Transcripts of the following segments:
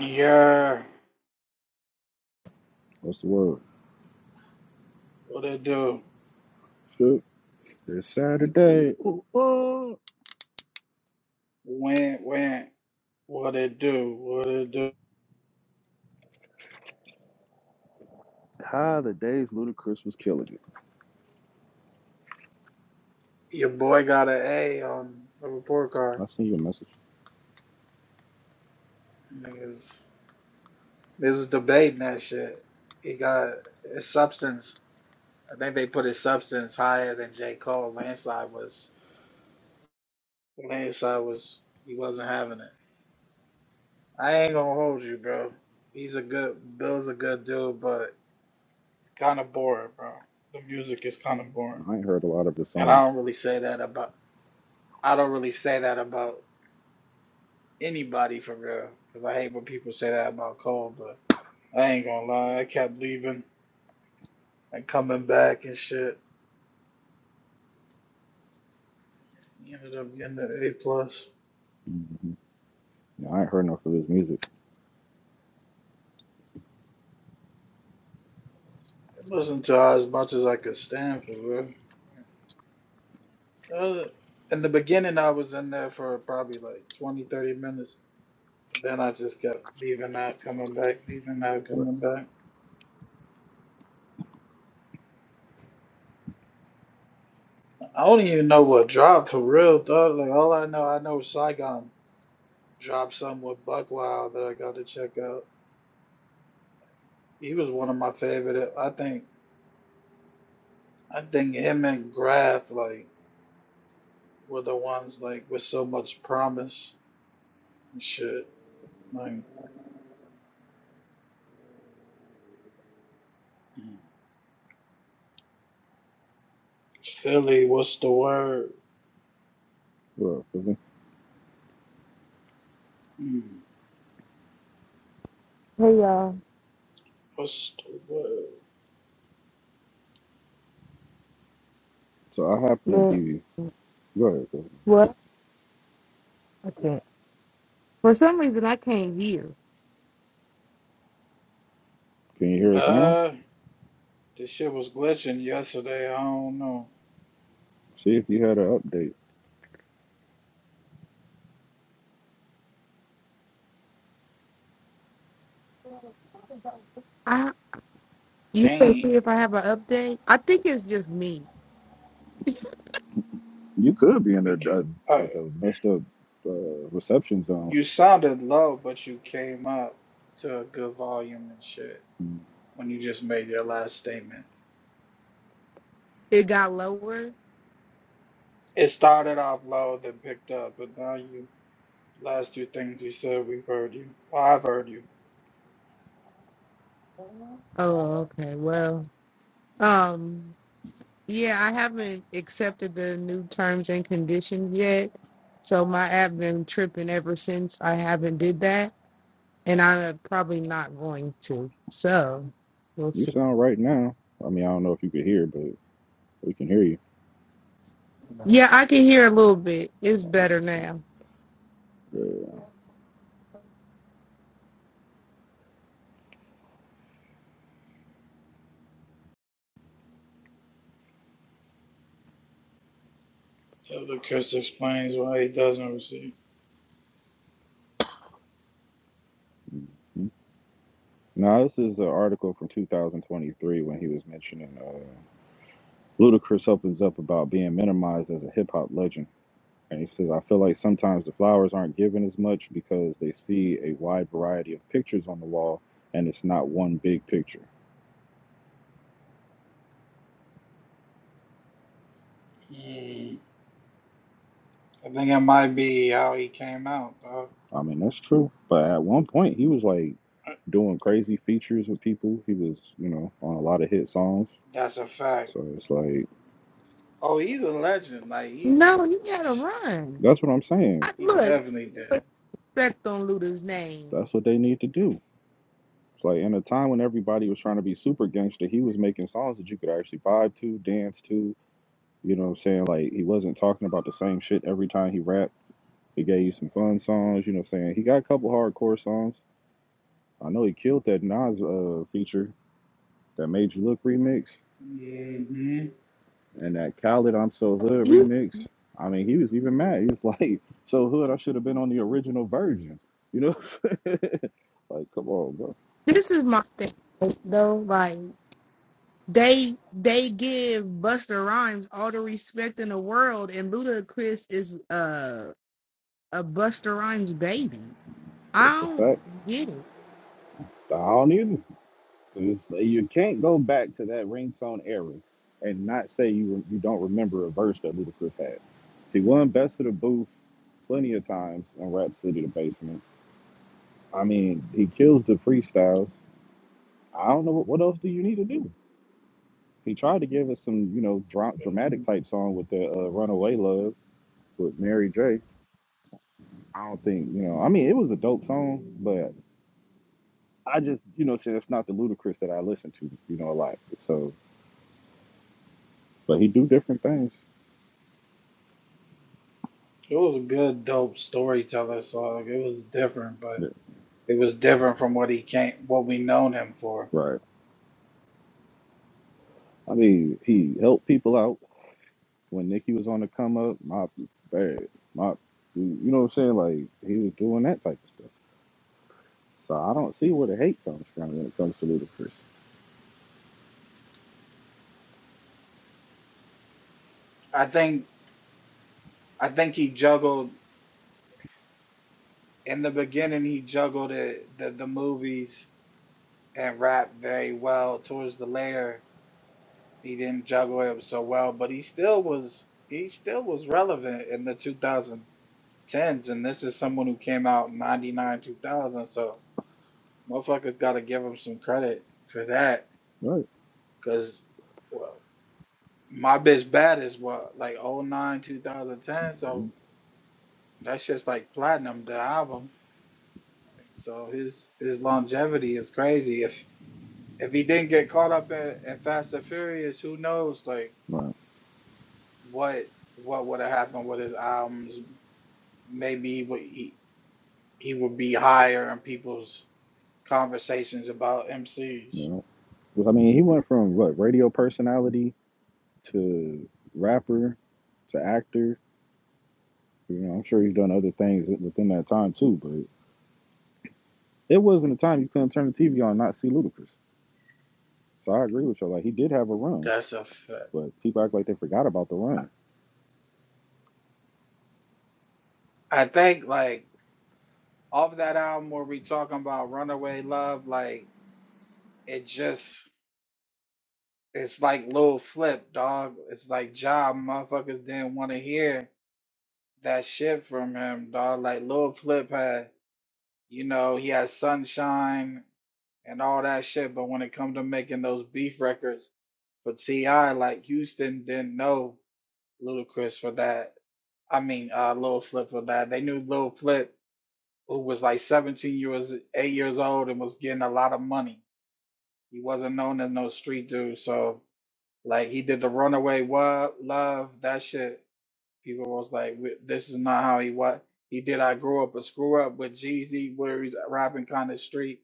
Yeah, What's the word? what it do? Shook. It's Saturday. Ooh, ooh. Went, went, what it do? What it do? Hi, the days Ludacris was killing it. Your boy got an A on the report card. I sent you a message. Niggas, this was debating that shit. He got his substance. I think they put his substance higher than J. Cole. Landslide was, landslide was, he wasn't having it. I ain't gonna hold you, bro. He's a good, Bill's a good dude, but it's kind of boring, bro. The music is kind of boring. I ain't heard a lot of his And songs. I don't really say that about. I don't really say that about anybody for real, because I hate when people say that about Cole. But I ain't gonna lie, I kept leaving and coming back and shit. He ended up getting an A plus. hmm Yeah, I ain't heard enough of his music. It wasn't to as much as I could stand for real. Uh, in the beginning, I was in there for probably like 20, 30 minutes. Then I just kept leaving out, coming back, leaving out, But, coming back. I don't even know what dropped for real, dog. Like all I know, I know Saigon dropped something with Buckwild that I got to check out. He was one of my favorite. I think I think him and Graf like were the ones like with so much promise and shit. Like mm. Philly, what's the word? well, feel me? Mm, Hey y'all, What's the word? so I happen to look, be. Go ahead, go ahead, go ahead. what? Okay. For some reason, I can't hear. Can you hear us now? Uh, this shit was glitching yesterday. I don't know. See if you had an update. I you can see Damn, if I have an update. I think it's just me. You could be in a, we could. a Uh, like a messed up uh, reception zone. you sounded low, but you came up to a good volume and shit Mm. when you just made your last statement. It got lower. It started off low, then picked up, but now you Last two things he said, we've heard you. Well, I've heard you. Oh, okay. Well, um, yeah, I haven't accepted the new terms and conditions yet, so my app been tripping ever since I haven't did that, and I'm probably not going to. So we'll You see. sound right now. I mean, I don't know if you could hear, but we can hear you. Yeah, I can hear a little bit. It's better Uh, now. So the kiss explains why he doesn't receive. yeah. Now, this is an article from 2023 when he was mentioning uh, Ludacris opens up about being minimized as a hip hop legend. And he says, I feel like sometimes the flowers aren't given as much because they see a wide variety of pictures on the wall and it's not one big picture. Hmm. I think it might be how he came out, dog. I mean, that's true. But at one point, he was like doing crazy features with people. He was, you know, on a lot of hit songs. That's a fact. So it's like, Oh, he's a legend. Like he, No, you gotta run. that's what I'm saying. I, he look, definitely did. respect on Luda's name. That's what they need to do. It's like in a time when everybody was trying to be super gangster, he was making songs that you could actually vibe to, dance to. You know what I'm saying? Like he wasn't talking about the same shit every time he rapped. He gave you some fun songs. You know what I'm saying? He got a couple hardcore songs. I know he killed that Nas uh, feature, that Made You Look remix, hmm and that Khaled I'm So Hood You, remix. I mean, he was even mad. He was like, "So Hood, I should have been on the original version." You know, like, come on, bro. this is my thing though. Like they they give Busta Rhymes all the respect in the world, and Luda Chris is uh a Busta Rhymes baby. I That's a fact. don't get it. I don't either. It's- You can't go back to that ringtone era and not say you you don't remember a verse that Ludacris had. He won Best of the Booth plenty of times in Rap City the Basement. I mean, he kills the freestyles. I don't know what, what else do you need to do. He tried to give us some, you know, dra- dramatic type song with the uh, Runaway Love with Mary J. I don't think, you know, I mean, it was a dope song, but I just, you know, said it's not the Ludacris that I listen to, you know, a lot. So, but he do different things. It was a good, dope storyteller song. It was different, but Yeah, it was different from what he came, what we known him for. Right. I mean, he helped people out when Nikki was on the come up. My bad. My, you know what I'm saying? Like he was doing that type of stuff. So I don't see where the hate comes from when it comes to Ludacris. I think, I think he juggled in the beginning. He juggled it, the the movies and rap very well. Towards the later, he didn't juggle it so well, but he still was he still was relevant in the 2010s. And this is someone who came out 99, 2000. So motherfuckers got to give him some credit for that, Right. because well, my bitch bad is what like oh nine two thousand ten. So Mhm. that's just like platinum the album. So his his longevity is crazy. If if he didn't get caught up in, in Fast and Furious, who knows? Like Right. what what would have happened with his albums. Maybe he would, he, he would be higher in people's conversations about MCs. You know. Well, I mean, he went from what radio personality to rapper to actor. You know, I'm sure he's done other things within that time too. But it wasn't a time you couldn't turn the TV on and not see Ludacris. So I agree with you. Like he did have a run, That's a fact. but people act like they forgot about the run. I think like off that album where we talking about Runaway Love, like it just it's like Lil Flip, dog. It's like job motherfuckers didn't want to hear that shit from him, dog. Like Lil Flip had, you know, he had Sunshine and all that shit, but when it comes to making those beef records But T.I., like Houston didn't know Ludacris for that. I mean, uh, Lil Flip for that. They knew Lil Flip, who was like 17 years, 8 years old and was getting a lot of money. He wasn't known as no street dude. So, like, he did the Runaway Wa- Love, that shit. People was like, this is not how he was. He did I Grew Up, a Screw Up with Jeezy, where he's rapping kind of street.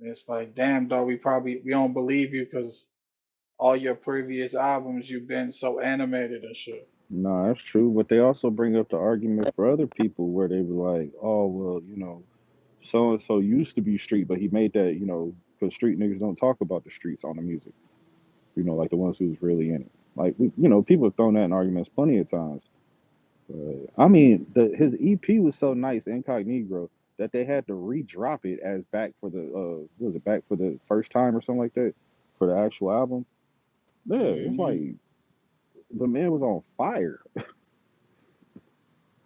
And it's like, damn, dog, we probably, we don't believe you because all your previous albums, you've been so animated and shit. No, that's true. But they also bring up the argument for other people where they were like, oh, well, you know, so and so used to be street, but he made that, you know, because street niggas don't talk about the streets on the music, you know, like the ones who's really in it. Like, we- you know, people have thrown that in arguments plenty of times. But I mean, the, his EP was so nice, Incognito, that they had to re-drop it as back for the, uh, what was it back for the first time or something like that for the actual album? Yeah, it's Mm-hmm. like the man was on fire.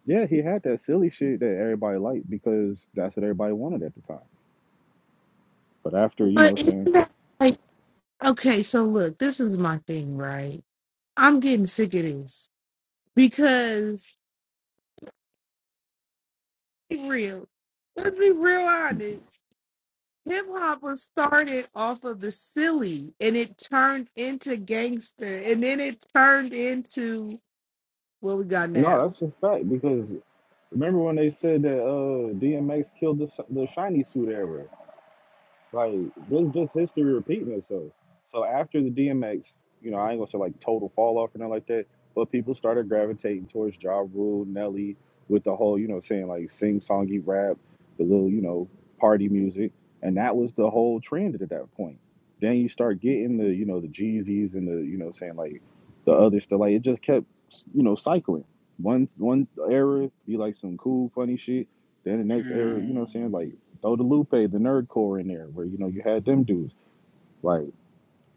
Yeah, he had that silly shit that everybody liked because that's what everybody wanted at the time. But after, you know, But what it's I'm saying not like okay, so look, this is my thing, right? I'm getting sick of this because be real. Let's be real honest Hip hop was started off of the silly and it turned into gangster and then it turned into what we got no, now. that's a fact because remember when they said that uh DMX killed the the shiny suit era? Like this is just history repeating itself. So after the DMX, you know, I ain't gonna say like total fall off or nothing like that, but people started gravitating towards Ja Rule, Nelly, with the whole, you know, saying like sing songy rap, the little, you know, party music. And that was the whole trend at that point. Then you start getting the, you know, the Jeezys and the, you know, saying like the other stuff. Like it just kept you know, cycling. One one era be like some cool, funny shit. Then the next era, you know what I'm saying? Like Throw the Lupe, the Nerdcore in there, where you know you had them dudes. Like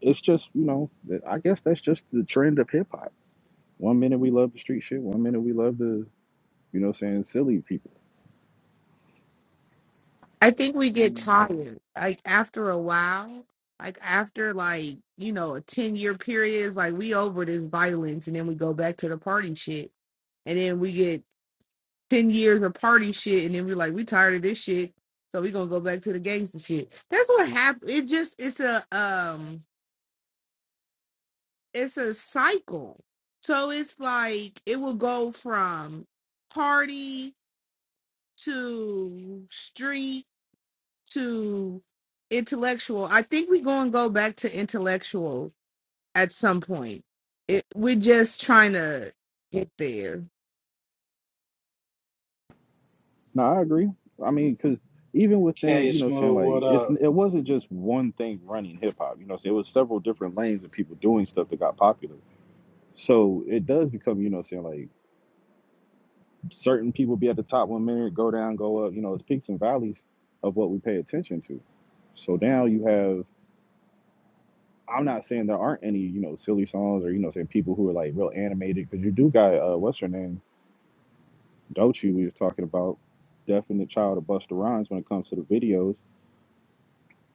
it's just you know, that- I guess that's just the trend of hip hop. One minute we love the street shit, one minute we love the you know what I'm saying silly people. I think we get tired. Like after a while, like after like, you know, a 10 year period, it's like we over this violence and then we go back to the party shit. And then we get 10 years of party shit and then we're like, we tired of this shit. So we gonna go back to the gangster shit. That's what happened. It just it's a um it's a cycle. So it's like it will go from party to street to intellectual. I think we're going to go back to intellectual at some point. It, we're just trying to get there. No, I agree. I mean, because even within K you know what I'm saying Smooth, what like it's up? it wasn't just one thing running hip hop. You know, what I'm saying? it was several different lanes of people doing stuff that got popular. So it does become you know what I'm saying like certain people be at the top one minute, go down, go up. You know, it's peaks and valleys of what we pay attention to. So now you have I'm not saying there aren't any, you know, silly songs or you know, saying people who are like real animated because you do got uh, what's her name, Dochi. We was talking about definite child of Busta Rhymes when it comes to the videos,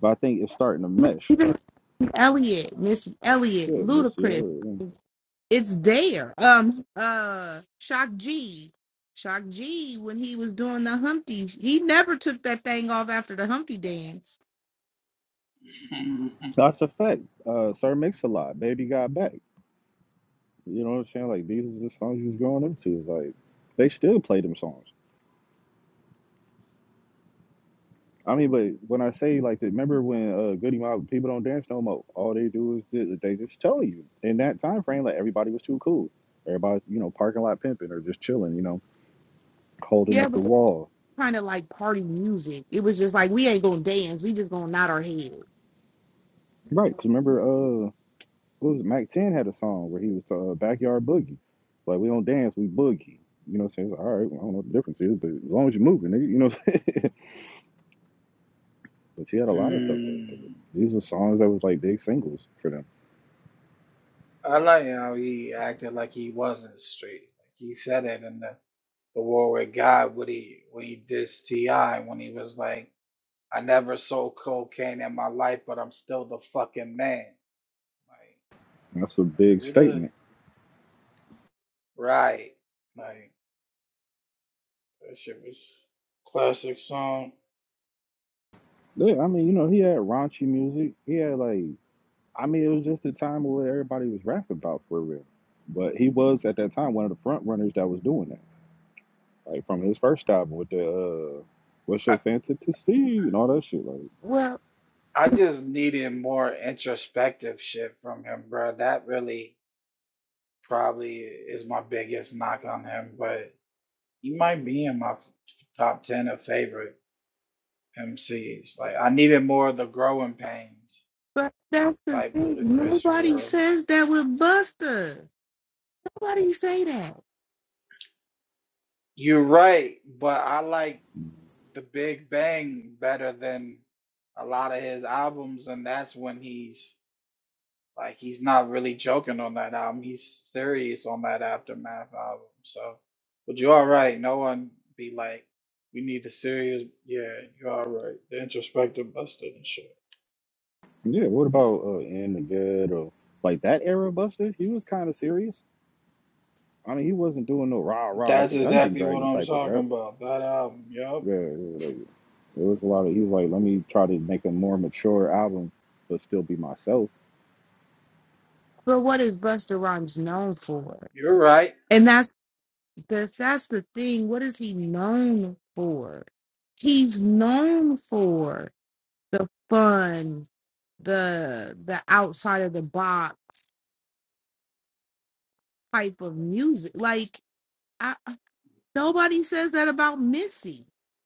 but I think it's starting to mesh. Even Elliot, Missy Elliott, Yeah, Miss Ludacris, Cielo. Yeah. it's there. Um, uh, Shock G, Shock G, when he was doing the Humpty, he never took that thing off after the Humpty dance. That's a fact. Uh, Sir Mix a Lot, Baby Got Back. You know what I'm saying? Like these are the songs you was growing up to. Like they still play them songs. I mean, but when I say like that, remember when uh, Goody Mob people don't dance no more. All they do is ju- they just tell you in that time frame like everybody was too cool. Everybody's you know parking lot pimping or just chilling, you know, holding Yeah, up but. the wall. kind of like party music. It was just like we ain't gonna dance. We just gonna nod our head. Right? Because remember, uh, what was it? Mac Ten had a song where he was uh, backyard boogie. Like we don't dance, we boogie. You know, what I'm saying It's like, all right, well, I don't know what the difference is, but as long as you're moving, nigga, you know. What I'm saying? but she had a lot of stuff like that. Mm. These were songs that was like big singles for them. I like how he acted like he wasn't straight. Like he said it in the, the War with God when he when he dissed T.I. when he was like, I never sold cocaine in my life, but I'm still the fucking man. Like, And that's a big who statement. the right? Like that shit was classic song. Yeah, I mean, you know, he had raunchy music. He had like, I mean, it was just a time where everybody was rapping about for real. But he was at that time one of the front runners that was doing that, like from his first album with the uh, "What's Your Fancy to See" and all that shit. Like, Well, I just needed more introspective shit from him, bro. That really probably is my biggest knock on him, but he might be in my f- top 10 of favorite MCs. Like, I needed more of the growing pains but that's the type thing. Ludacris for Nobody real. says that with Buster. Nobody say that. You're right, but I like the Big Bang better than a lot of his albums, and that's when he's Like he's not really joking on that album. He's serious on that Aftermath album. So, but you're all right. No one be like, we need the serious. Yeah, you're all right. The introspective busted and shit. yeah, what about uh, "In the Good" or like that era Buster? He was kind of serious. I mean, he wasn't doing no rah rah like That's a Dungeon exactly what Dragon I'm type of rap. talking about. That album. Yup. Yeah, yeah yeah, like, it was a lot of. He was like, let me try to make a more mature album, but still be myself But what is Buster Rhymes known for? You're right. And that's the that's the thing. What is he known for? He's known for the fun, the the outside of the box type of music. Like I, nobody says that about Missy.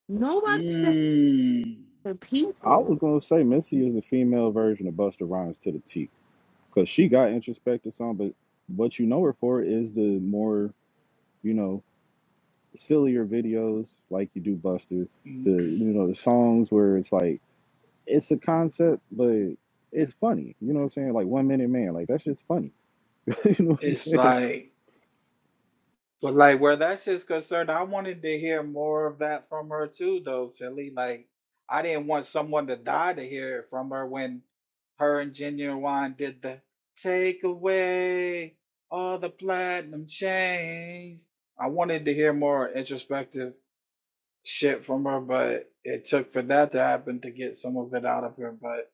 Nobody says. Mm. for I was people. gonna say Missy is the female version of Busta Rhymes to the T, because she got introspective song, but what you know her for is the more you know sillier videos like you do Buster, the you know the songs where it's like it's a concept, but it's funny. You know what I'm saying? Like One Minute Man, like that shit's funny. you know what I'm It's saying? like But like where that shit's concerned, I wanted to hear more of that from her too, though, Philly. Like I didn't want someone to die to hear it from her when her and Genuine did the take away all the platinum chains. I wanted to hear more introspective shit from her, but it took for that to happen to get some of it out of her. But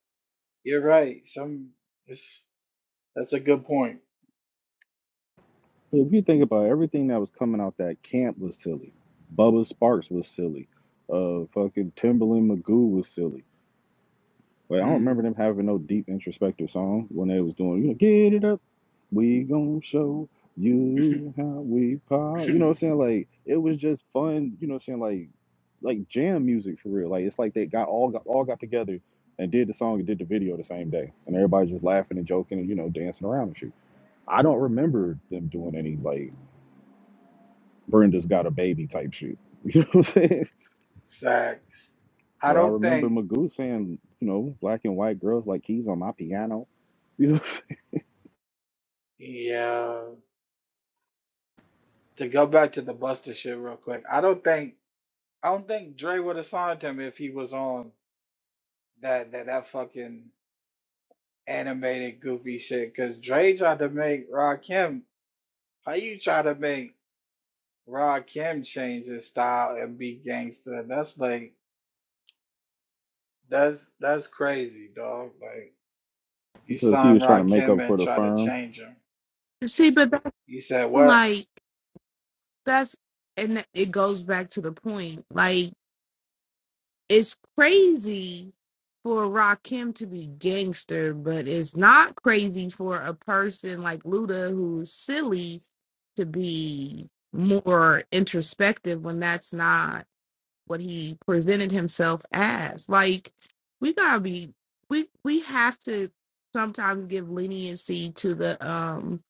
you're right. Some it's, that's a good point. But if you think about it, everything that was coming out that camp was silly. Bubba Sparks was silly. Uh, fucking Timberland McGoo was silly Like I don't remember Mhm. them having no deep introspective song when they was doing, you know, get it up. We gonna show you how we pop. You know what I'm saying? Like it was just fun, you know what I'm saying? Like like jam music for real. Like it's like they got all got all got together and did the song and did the video the same day. And everybody just laughing and joking and, you know, dancing around and shit. I don't remember them doing any like Brenda's got a baby type shit. You know what I'm saying? Facts. I But I don't remember think Magoo saying, you know, black and white girls like keys on my piano. You know. Yeah, to go back to the Buster shit real quick, I don't think I don't think Dre would have signed him if he was on that that that fucking animated goofy shit. Cause Dre tried to make Rakim. How you try to make Rakim change his style and be gangster? That's like that's that's crazy, dog. Like you because he signed was trying to make up Rakim for and the try to firm. change him. You See, but that's You said what? like that's and it goes back to the point. Like it's crazy for Rakim to be gangster, but it's not crazy for a person like Luda who's silly to be more introspective when that's not what he presented himself as. Like we gotta be we we have to sometimes give leniency to the um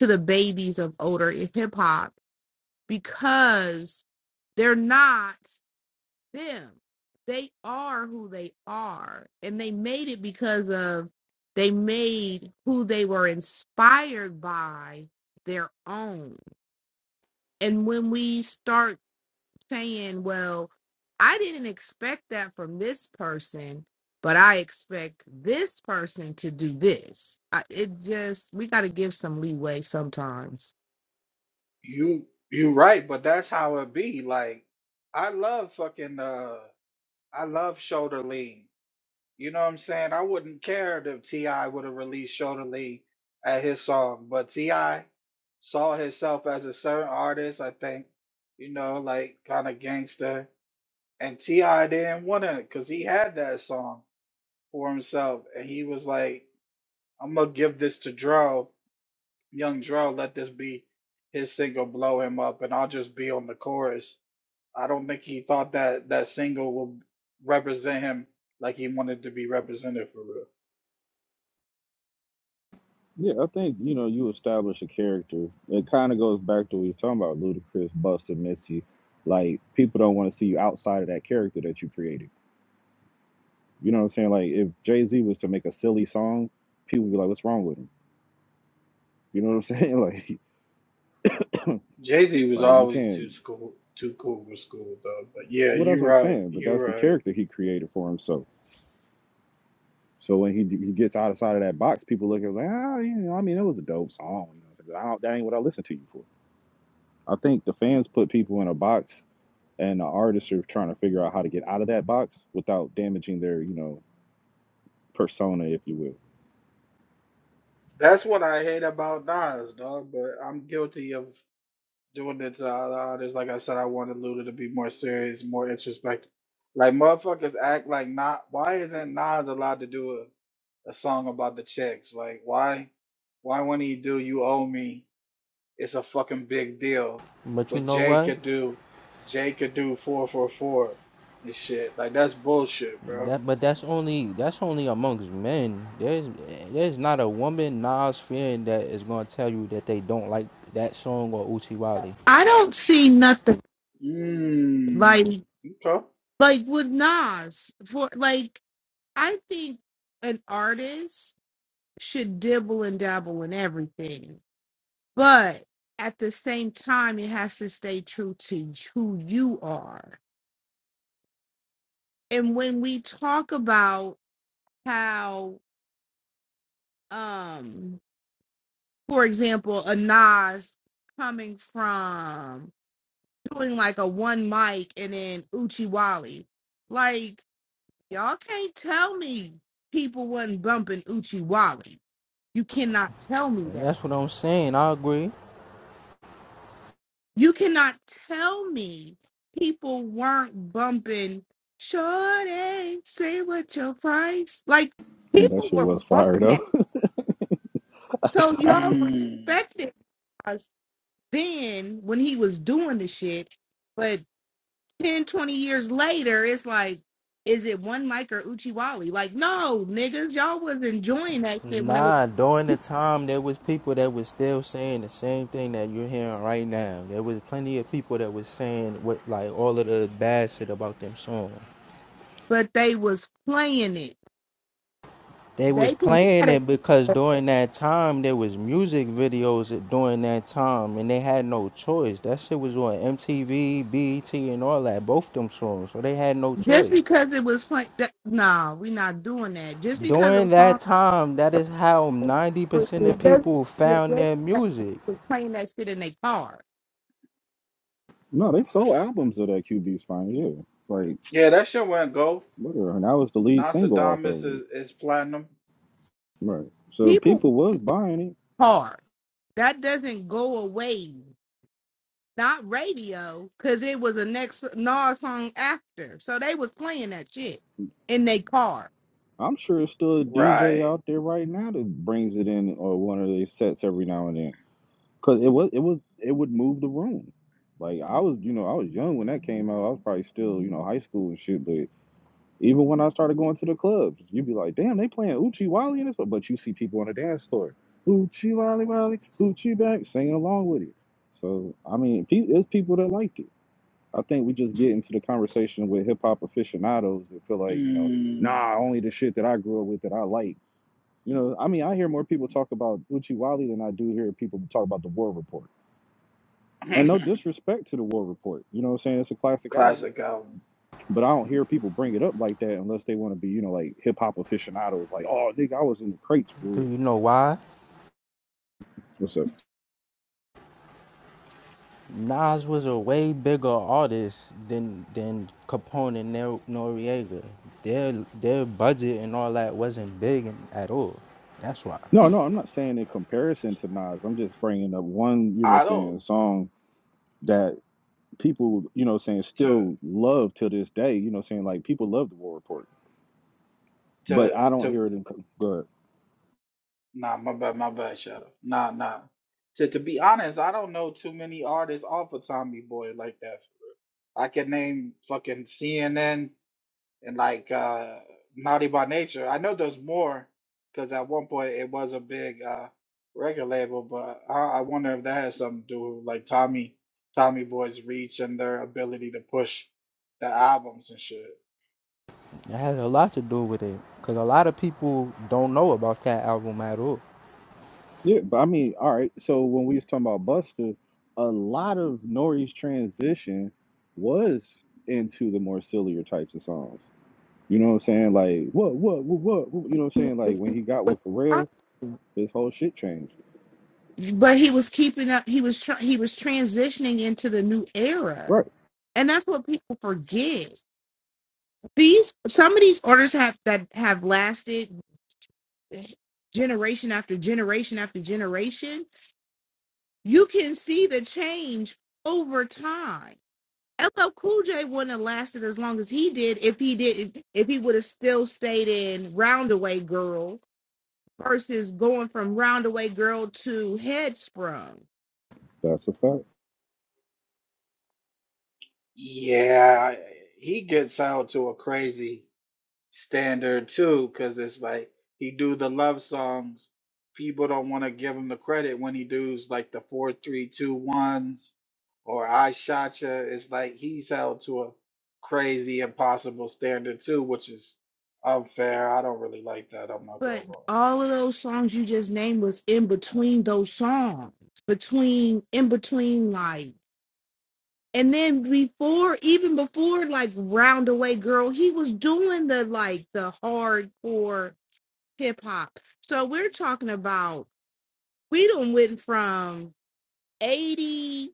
to the babies of older hip hop because they're not them. They are who they are. And they made it because of they made who they were inspired by their own. And when we start saying, well, I didn't expect that from this person, but I expect this person to do this. I, it just, we got to give some leeway sometimes. You you right, but that's how it be. Like I love fucking uh. I love Shoulder Lean. You know what I'm saying? I wouldn't care if T.I. would have released Shoulder Lean at his song, but T.I. saw himself as a certain artist, I think, you know, like kind of gangster. And T.I. didn't want it because he had that song for himself. And he was like, I'm going to give this to Dro, young Dro, let this be his single, blow him up, and I'll just be on the chorus. I don't think he thought that that single would represent him like he wanted to be represented for real. Yeah, I think you know you establish a character. It kind of goes back to what you're talking about, Ludacris, Busta, Missy. Like people don't want to see you outside of that character that you created. You know what I'm saying? Like if Jay Z was to make a silly song, people would be like, "What's wrong with him?" You know what I'm saying? Like, Jay Z was like you always can't. too school, too cool for school though. But yeah, Well, that's you're what I'm right. saying. But You're that's the right. character he created for himself. So when he he gets outside of that box, people look at him like, ah, you know, I mean, it was a dope song. You know, but I don't, that ain't what I listen to you for. I think the fans put people in a box and the artists are trying to figure out how to get out of that box without damaging their, you know, persona, if you will. That's what I hate about Nas, dog. But I'm guilty of doing it to other artists. Like I said, I wanted Luda to be more serious, more introspective. Like motherfuckers act like not. Why isn't Nas allowed to do a, a song about the checks? Like why? Why wouldn't he do "You Owe Me"? It's a fucking big deal. But you What know Jay what? could do, Jay could do four four four and shit. Like that's bullshit, bro. That but that's only that's only amongst men. There's there's not a woman Nas fan that is gonna tell you that they don't like that song or Uchi Wally. I don't see nothing like, Mmm. Okay. like with Nas, for like, I think an artist should dibble and dabble in everything, but at the same time, it has to stay true to who you are. And when we talk about how um for example a Nas coming from doing like a one mic and then Uchi Wally. Like y'all can't tell me people wasn't bumping Uchi Wally. You cannot tell me And that. that's what I'm saying. I agree. You cannot tell me people weren't bumping Shorty, say what your price. Like And that people shit were was bumping fired up. that. So y'all Mmm. respected then when he was doing the shit. But 10 20 years later, it's like, is it one Mike or Uchiwali? Like, no, niggas, y'all was enjoying that shit when it was, Nah, during the time there was people that was still saying the same thing that you're hearing right now. There was plenty of people that was saying what like all of the bad shit about them songs. but they was playing it. They was They can playing it because during that time there was music videos at- during that time and they had no choice. That shit was on MTV, BET and all that, both them songs. So they had no just choice. because it was playing. Nah, we not doing that. Just because a During that song time, that is how 90% of was just- people just found like their music. playing that shit in their car. no, they sold albums of that QB Spine, yeah. Like, Yeah, that shit went gold. whatever. And that was the lead single off Nostradamus of is, it. is platinum. Right. So People people was buying it. car that doesn't go away. not radio, because it was a next Nas song after. So they was playing that shit in their car. I'm sure it's still a DJ Right. out there right now that brings it in or one of their sets every now and then. Cause it was it was it would move the room. Like I was, you know, I was young when that came out. I was probably still, you know, high school and shit, but. Even when I started going to the clubs, you'd be like, damn, they playing Uchi Wally in this, but you see people on the dance floor, Uchi Wally Wally, Uchi Back, singing along with it. So, I mean, pe- there's people that like it. I think we just get into the conversation with hip hop aficionados that feel like, you know, Mm. nah, only the shit that I grew up with that I like. You know, I mean, I hear more people talk about Uchi Wally than I do hear people talk about the War Report. And no disrespect to the War Report. You know what I'm saying? It's a classic album Classic album. but I don't hear people bring it up like that unless they want to be, you know, like hip hop aficionados. Like, oh, nigga, I was in the crates for Do real. you know why? What's up? Nas was a way bigger artist than than Capone and Nor- Noriega. Their their budget and all that wasn't big at all. That's why. No, no, I'm not saying in comparison to Nas. I'm just bringing up one, you know, I don't saying song that people, you know, saying to still love to this day. You know, saying like people love the War Report, to but I don't to hear it in. co- Good. nah my bad my bad shadow. Nah nah. To to be honest, I don't know too many artists off of Tommy Boy like that I can name fucking CNN and like uh, Naughty by Nature. I know there's more because at one point it was a big uh, record label, but I, I wonder if that has something to do with like Tommy Tommy Boy's reach and their ability to push the albums and shit. It has a lot to do with it, cause a lot of people don't know about that album at all. Yeah, but I mean, all right. So when we was talking about Buster, a lot of Nori's transition was into the more sillier types of songs. You know what I'm saying? Like, what, what, what, what, what? You know what I'm saying? Like, when he got with I- Pharrell, his whole shit changed. But he was keeping up. He was tr- he was transitioning into the new era, Right. and that's what people forget. These some of these orders have that have lasted generation after generation after generation. You can see the change over time LL Cool J wouldn't have lasted as long as he did if he didn't if he would have still stayed in Roundaway Girl versus going from Roundaway Girl to Headsprung. That's a fact. Yeah, I- he gets out to a crazy. standard too, because it's like he do the love songs. People don't want to give him the credit when he does like the four, three, two, ones or I shot ya. It's like he's held to a crazy, impossible standard too, which is unfair. I don't really like that. I'm not gonna But lie. all of those songs you just named was in between those songs, between in between like, and then before even before like Roundaway Girl, he was doing the like the hardcore hip hop. So we're talking about we done went from eighty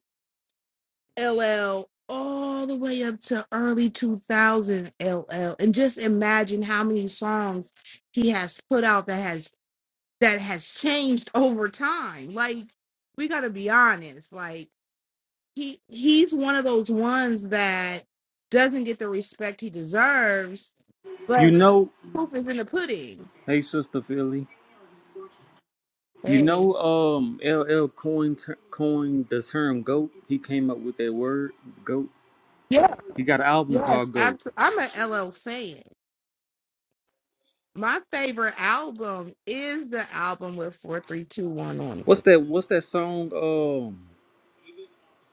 LL all the way up to early 2000 LL and just imagine how many songs he has put out that has that has changed over time like we got to be honest like he he's one of those ones that doesn't get the respect he deserves You but know, proof is in the pudding hey sister Philly. You hey know, um, LL coined ter- coined the term "goat." He came up with that word "goat." yeah He got an album yes called "Goat." abso- i'm an LL fan my favorite album is the album with 4321 on it What's that? What's that song? Um,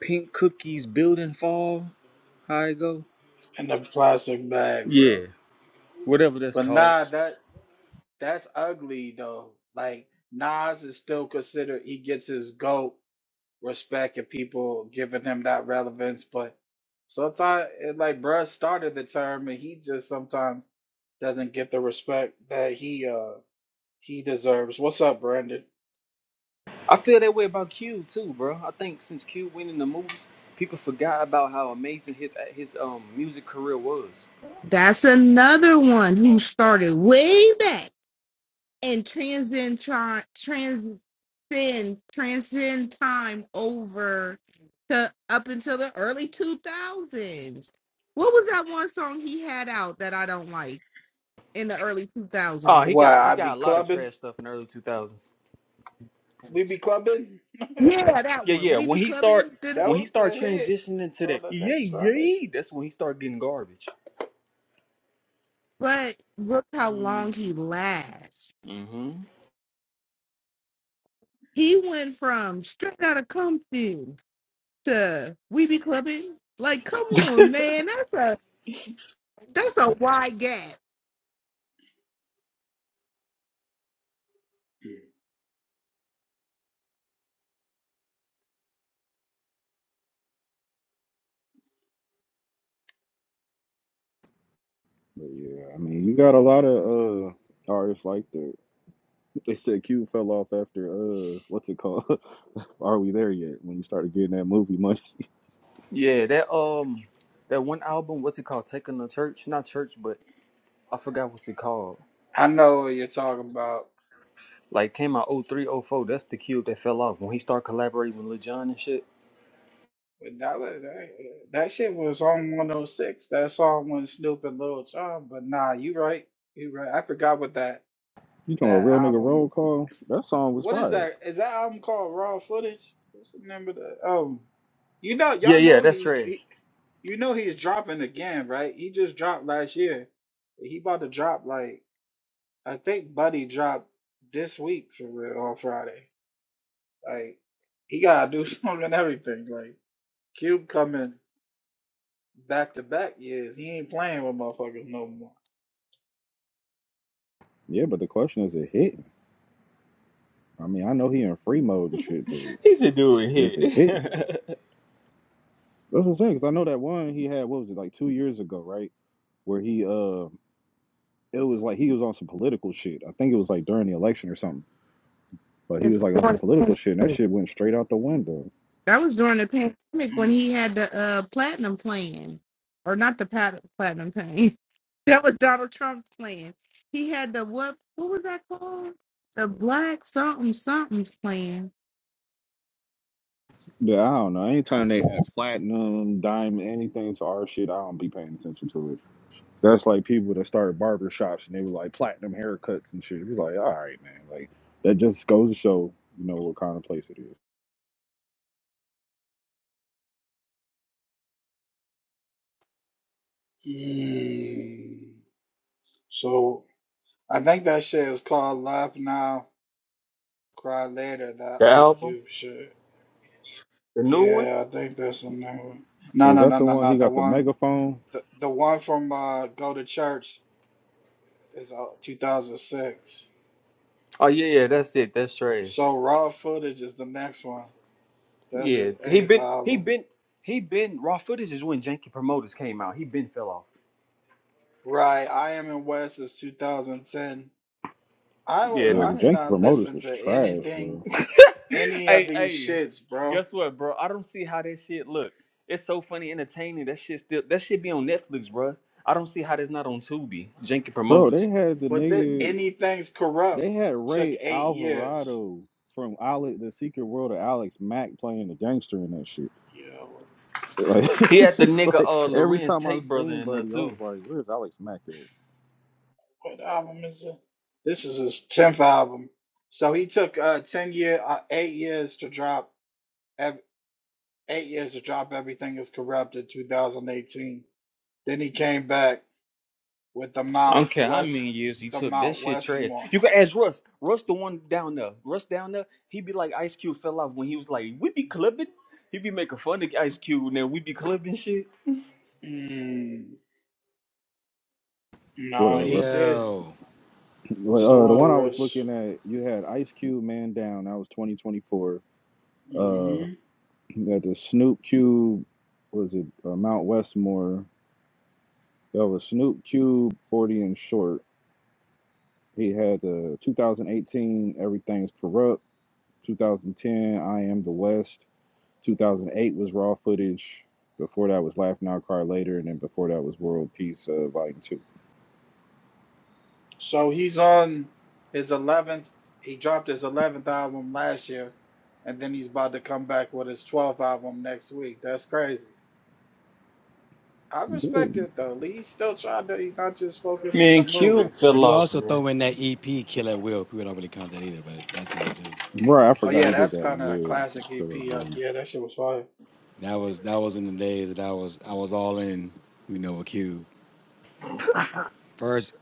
Pink Cookies, Building Fall. How it go? In the plastic bag, bro. Yeah, whatever that's But called. nah, that that's ugly though. Like Nas is still considered. He gets his goat respect and people giving him that relevance. But sometimes, like Bruh started the term, and he just sometimes doesn't get the respect that he uh he deserves. What's up, Brandon? I feel that way about Cube too, bro. I think since Cube went in the movies, people forgot about how amazing his his um music career was. That's another one who started way back and transcend tri- transcend transcend time over to up until the early two thousands. What was that one song he had out that I don't like in the early two Oh, he thousands? Why got he I be got a lot of clubbing? trash stuff in the early two thousands. We be clubbing. that Yeah, that Yeah, one. yeah. We When be he start clubbing. Did it, when he was start a hit transitioning to that on the yeah, next Friday. yeah, that's when he start getting garbage. but look how long Mm. he lasts. hmm He went from straight Outta Compton to we be clubbing. Like, come on, man. That's a That's a wide gap. But yeah, I mean, you got a lot of uh artists like that. They said Cube fell off after uh, what's it called? Are we there yet? When you started getting that movie money, Yeah, that um that one album, what's it called? Taking the Church? Not church, but I forgot what's it called. I know what you're talking about. Like came out o three, o four. That's the cube that fell off when he started collaborating with Lil Jon and shit. But that, was, that that shit was on 106. That song when Snoop and Lil Jon. But nah, you right. You right. I forgot what that. you know, a That real nigga album. roll call. That song was What is fire. that? Is that album called Raw Footage? What's the name of that? Um, you know, Yeah, y'all yeah, know that's he's trash. he, you know he's dropping again, right? He just dropped last year. He about to drop like I think Buddy dropped this week for real on Friday. Like he gotta do something and everything. Like Cube coming back to back years. He ain't playing with motherfuckers no more. Yeah, but the question is, it hitting? I mean, I know he in free mode and shit, but He's a dude here. is it hitting though? That's what I'm saying. Cause I know that one he had. What was it like two years ago, right? Where he uh it was like he was on some political shit. I think it was like during the election or something. But he That's was like on some during political the shit, and that pandemic. shit went straight out the window. That was during the pandemic when Mm. he had the uh, platinum plan, or not the pat- platinum plan. That was Donald Trump's plan. He had the what? What was that called? The black something something plan. Yeah, I don't know. Anytime they have platinum, diamond, anything to our shit, I don't be paying attention to it. That's like people that started barber shops and they were like platinum haircuts and shit. It was like, all right, man. Like that just goes to show, you know, what kind of place it is. Mm. So I think that shit is called Live Now Cry Later, that the Ice album? Cube shit. The new one? Yeah, I think that's the new one. No, Is no, that no, the no, one he no. The got the one, megaphone? the, the one from uh, Go to Church is uh, 2006. Oh yeah, yeah, that's it. That's trash. So Raw Footage is the next one. That's Yeah. his He eighth been he album. been he been raw footage is when Janky Promoters came out. He been fell off. Right. I Am in West is 2010. I Yeah. was, Yeah, No. because I did Janky not Promoters listen was to trash, anything, bro. any of hey, these hey. shits, bro. Guess what, bro? I don't see how that shit look. It's so funny, entertaining. That shit still. That shit be on Netflix, bro. I don't see how that's not on Tubi. Jenkins Bro, promoters. they had the But that nigga. anything's corrupt They had took Ray eight years. Alvarado from Alex, the Secret World of Alex Mack playing the gangster in that shit. Yeah. well, Like, He had the it's nigga like uh every Lorenz time I Tate brother seen in there Buddy, I was too. like, "Where's Alex Mack at?" What album is it? This is his tenth album. So he took uh ten year, uh, eight years to drop, ev- eight years to drop everything is corrupt in 2018. Then he came back with the I Mount don't care how West, many years he the took. That Mount shit trash. Westmore. You can ask Russ. Russ the one down there. Russ down there. He be like Ice Cube fell off when he was like, we be clipping. He be making fun of Ice Cube and then we be clipping shit. Mm, What no, up, he did. Yo. But, What's the uh, the word, one I was Russ? looking at, you had Ice Cube Man Down. That was 2024. Uh, hmm you had the Snoop Cube. Was it uh, Mount Westmore? That was Snoop Cube 40 and short. He had the 2018 Everything's Corrupt. 2010 I Am the West. 2008 was Raw footage. Before that was Laugh Now Cry Later, and then before that was World Peace uh, Volume Two. So he's on his eleventh. He dropped his eleventh album last year, and then he's about to come back with his twelfth album next week. That's crazy. I respect Dude, it though. Lee still trying to. He's not just focused on the Man, Cube movies. fell You off, also man. throw in that EP Killer Will. People don't really count that either, but that's in there too. Bro, I Oh forgot yeah, he did that's that kind one. of a Yeah, classic EP. Uh, yeah, that shit was fire. That was that was in the days that I was I was all in, you know, a Cube. First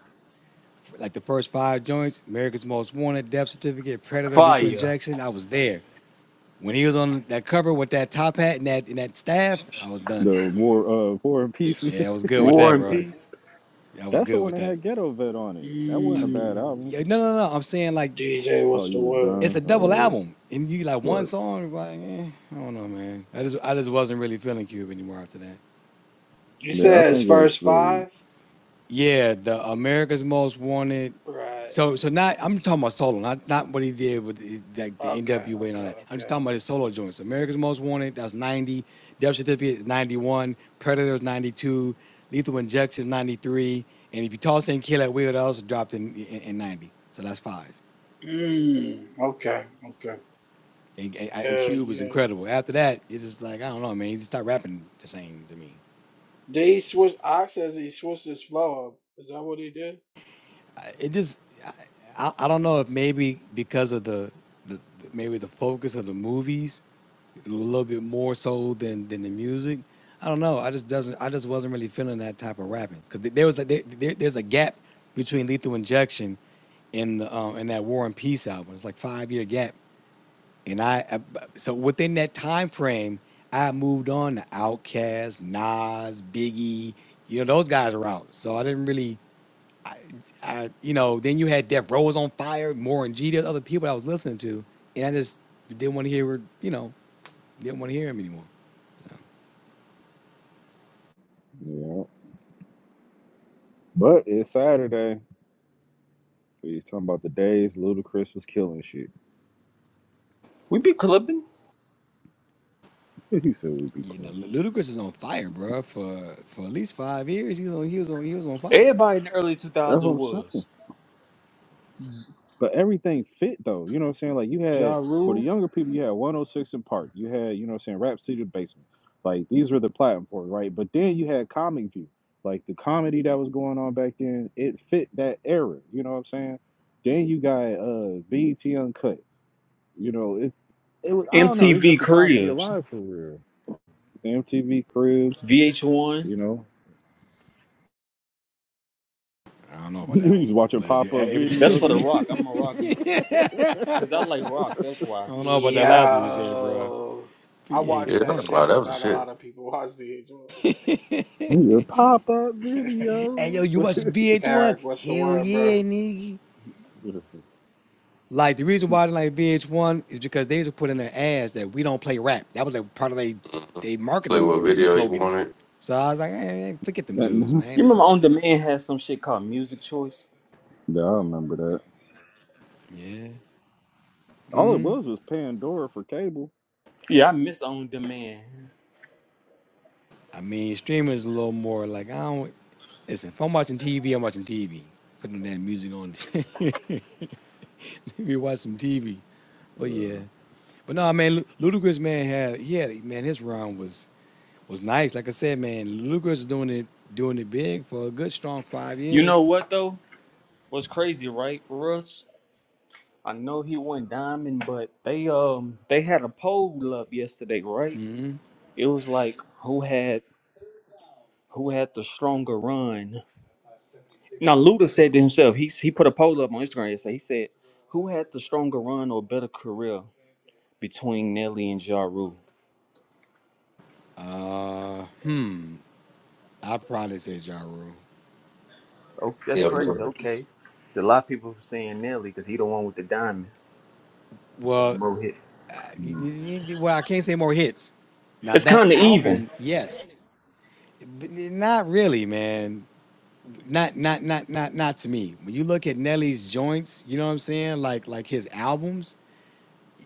like the first five joints, America's Most Wanted, Death Certificate, Predator, Lethal Fire. Injection, I was there. When he was on that cover with that top hat and that and that staff, I was done. the War uh, War and Peace. And shit. Yeah, I was good with War that, and bro. peace. I was That's the good one with that that. had Ghetto Vet on it. That wasn't I, a bad Mm, album. yeah, no, no, no. I'm saying like DJ, Oh, what's the you was word? it's a done. double Oh, yeah, album, and you like one but song is like, eh, I don't know, man. I just I just wasn't really feeling Cube anymore after that. You yeah, I said his think it was first really five, Yeah, the America's Most Wanted. right? So so not I'm talking about solo, not not what he did with the, like the Okay, NWA and all okay, that. I'm just okay. talking about his solo joints. America's Most Wanted, that's 90. Death Certificate is 91. Predators 92. Lethal Injections, 93. And if you toss in Kill at Will, that also dropped in, in in 90. So that's five. Mm, okay, okay. And, and, Yeah, Cube was yeah. incredible. After that, it's just like I don't know, man. He just stopped rapping the same to me. Did he switch? Ox says he switched his flow up. Is that what he did? I- It just, I, I, don't know if maybe because of the, the, the- maybe the focus of the movies a little bit more so than than the music. I don't know. I just doesn't. I just wasn't really feeling that type of rapping because there was a, there, there- there's a gap between Lethal Injection and the um, and that War and Peace album. It's like five year gap and I, I so within that time frame, I moved on to Outkast, Nas, Biggie. You know those guys are out, so I didn't really, I you know. Then you had Death Row was on fire, more G, there's other people I was listening to, and I just didn't want to hear, you know, didn't want to hear him anymore. yeah. But it's Saturday. You talking about the days Ludacris was killing shit. We be clipping. He said we'd be You know, cool. Lu- Ludacris is on fire, bro. For for at least five years, he was on, he was on, he was on fire. Everybody in the early That's what 2000 I'm saying. was. But everything fit though. You know what I'm saying? Like you Ja had for the Rule, younger people, you had 106 in Park. You had, you know what I'm saying, Rap City Basement. Like these were the platforms, right? But then you had Comic View. Like the comedy that was going on back then, it fit that era. You know what I'm saying? Then you got uh BET Uncut. You know, it it was I don't know, it was MTV just a time to be Cribs, alive for real. The MTV Cribs, VH1. you know. I don't know about that you one, just watch a but it- e-, pop up That's video, for The nigga. everything. Rock. I'm a rock because I like rock. That's why. I don't know about that last one you said, bro. Yo, I Yeah, watched that PH1. wow, shit, that but was the not a shit. lot of people watch the H Pop up one. Hey yo, video. you watch VH1? Eric, what's the Hell word, bro? yeah, nigga. Like the reason why I didn't like VH1 is because they used to put in their ads that we don't play rap. That was like part of their hmm they Play marketing what yeah. s- video you slogans. wanted. So I was like, hey, hey, forget them That- dudes, man. I ain't You remember listening to On that. Demand had some shit called Music Choice? yeah, I remember that. Yeah. All it hmm was was Pandora for cable. Yeah, I miss On Demand. I mean, streaming is a little more like I don't listen. If I'm watching TV, I'm watching TV. Putting that music on. we watch some TV. But yeah. Uh, But no, man, Lu- Ludacris man had he had man his rhyme was was nice. Like I said, man, Lucas doing it doing it big for a good strong five You years. know what though? What's crazy, right, Russ? I know he went diamond, but they um they had a poll up yesterday, right? hmm It was like who had who had the stronger run Now Luda said to himself, he he put a poll up on Instagram yesterday. He said, "Who had the stronger run or better career between Nelly and Ja Rule?" Uh, hmm. I probably say Ja Rule. Oh, that's Yeah, crazy. man. Okay, Stuck a lot of people were saying Nelly because he the one with the diamond and the Well, mo hit. uh, y- mm, y- y- well, I can't say more hits. Now It's that kind of even. album, yes, but not really, man. Not not not not not to me. When you look at Nelly's joints, you know what I'm saying? Like like his albums,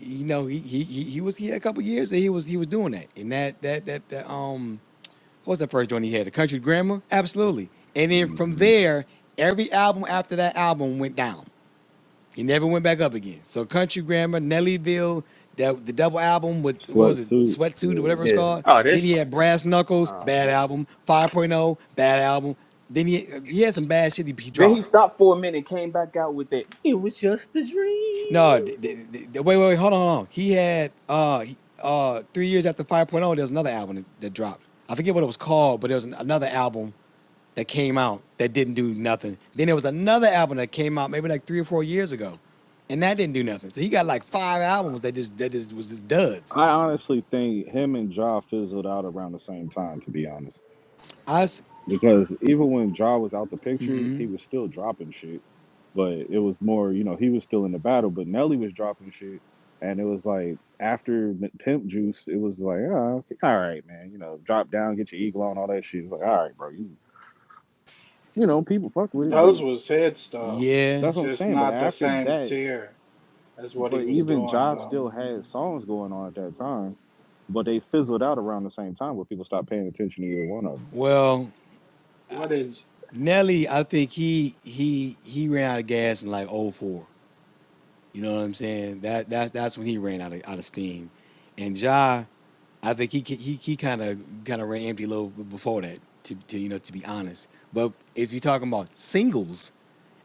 you know, he he he, he was he had a couple years that he was he was doing that. And that that that, that um what was that first joint he had? The Country Grammar? Absolutely. And then from mhm. there, every album after that album went down. He never went back up again. So Country Grammar, Nellyville, that the double album with what was it, Sweatsuit. Sweatsuit or whatever Yeah. it's Yeah. called. Oh, Then that's. he had Brass Knuckles, Oh bad man. album. 5.0, bad album. Then he he had some bad shit he, he Then he dropped. stopped for a minute, and came back out with it. It was just a dream. No, d- d- d- d- wait, wait, wait, hold on, hold on. He had uh he- uh three years after 5.0, there was another album that, that dropped. I forget what it was called, but there was an- another album that came out that didn't do nothing. Then there was another album that came out maybe like three or four years ago, and that didn't do nothing. So he got like five albums that just that just was just duds. I honestly think him and Ja fizzled out around the same time, to be honest. Us, Because even when Ja was out the picture, he was still dropping shit. But it was more, you know, he was still in the battle, but Nelly was dropping shit. And it was like after M- Pimp Juice, it was like, oh, all right, man, you know, drop down, get your eagle on, all that shit. It's like, all right, bro, you, you know, people fucked with it, but. Those was hits though, yeah. That's what I'm just saying. But not the after same that, tier as what he but was even doing Jive though. still had songs going on at that time, but they fizzled out around the same time where people stopped paying attention to either one of them. Well, What is Nelly, I think he he he ran out of gas in like '04. You know what I'm saying? That that's that's when he ran out of out of steam, and Ja, I think he he he kind of kind of ran empty a little b- before that. To, to you know to be honest, but if you're talking about singles,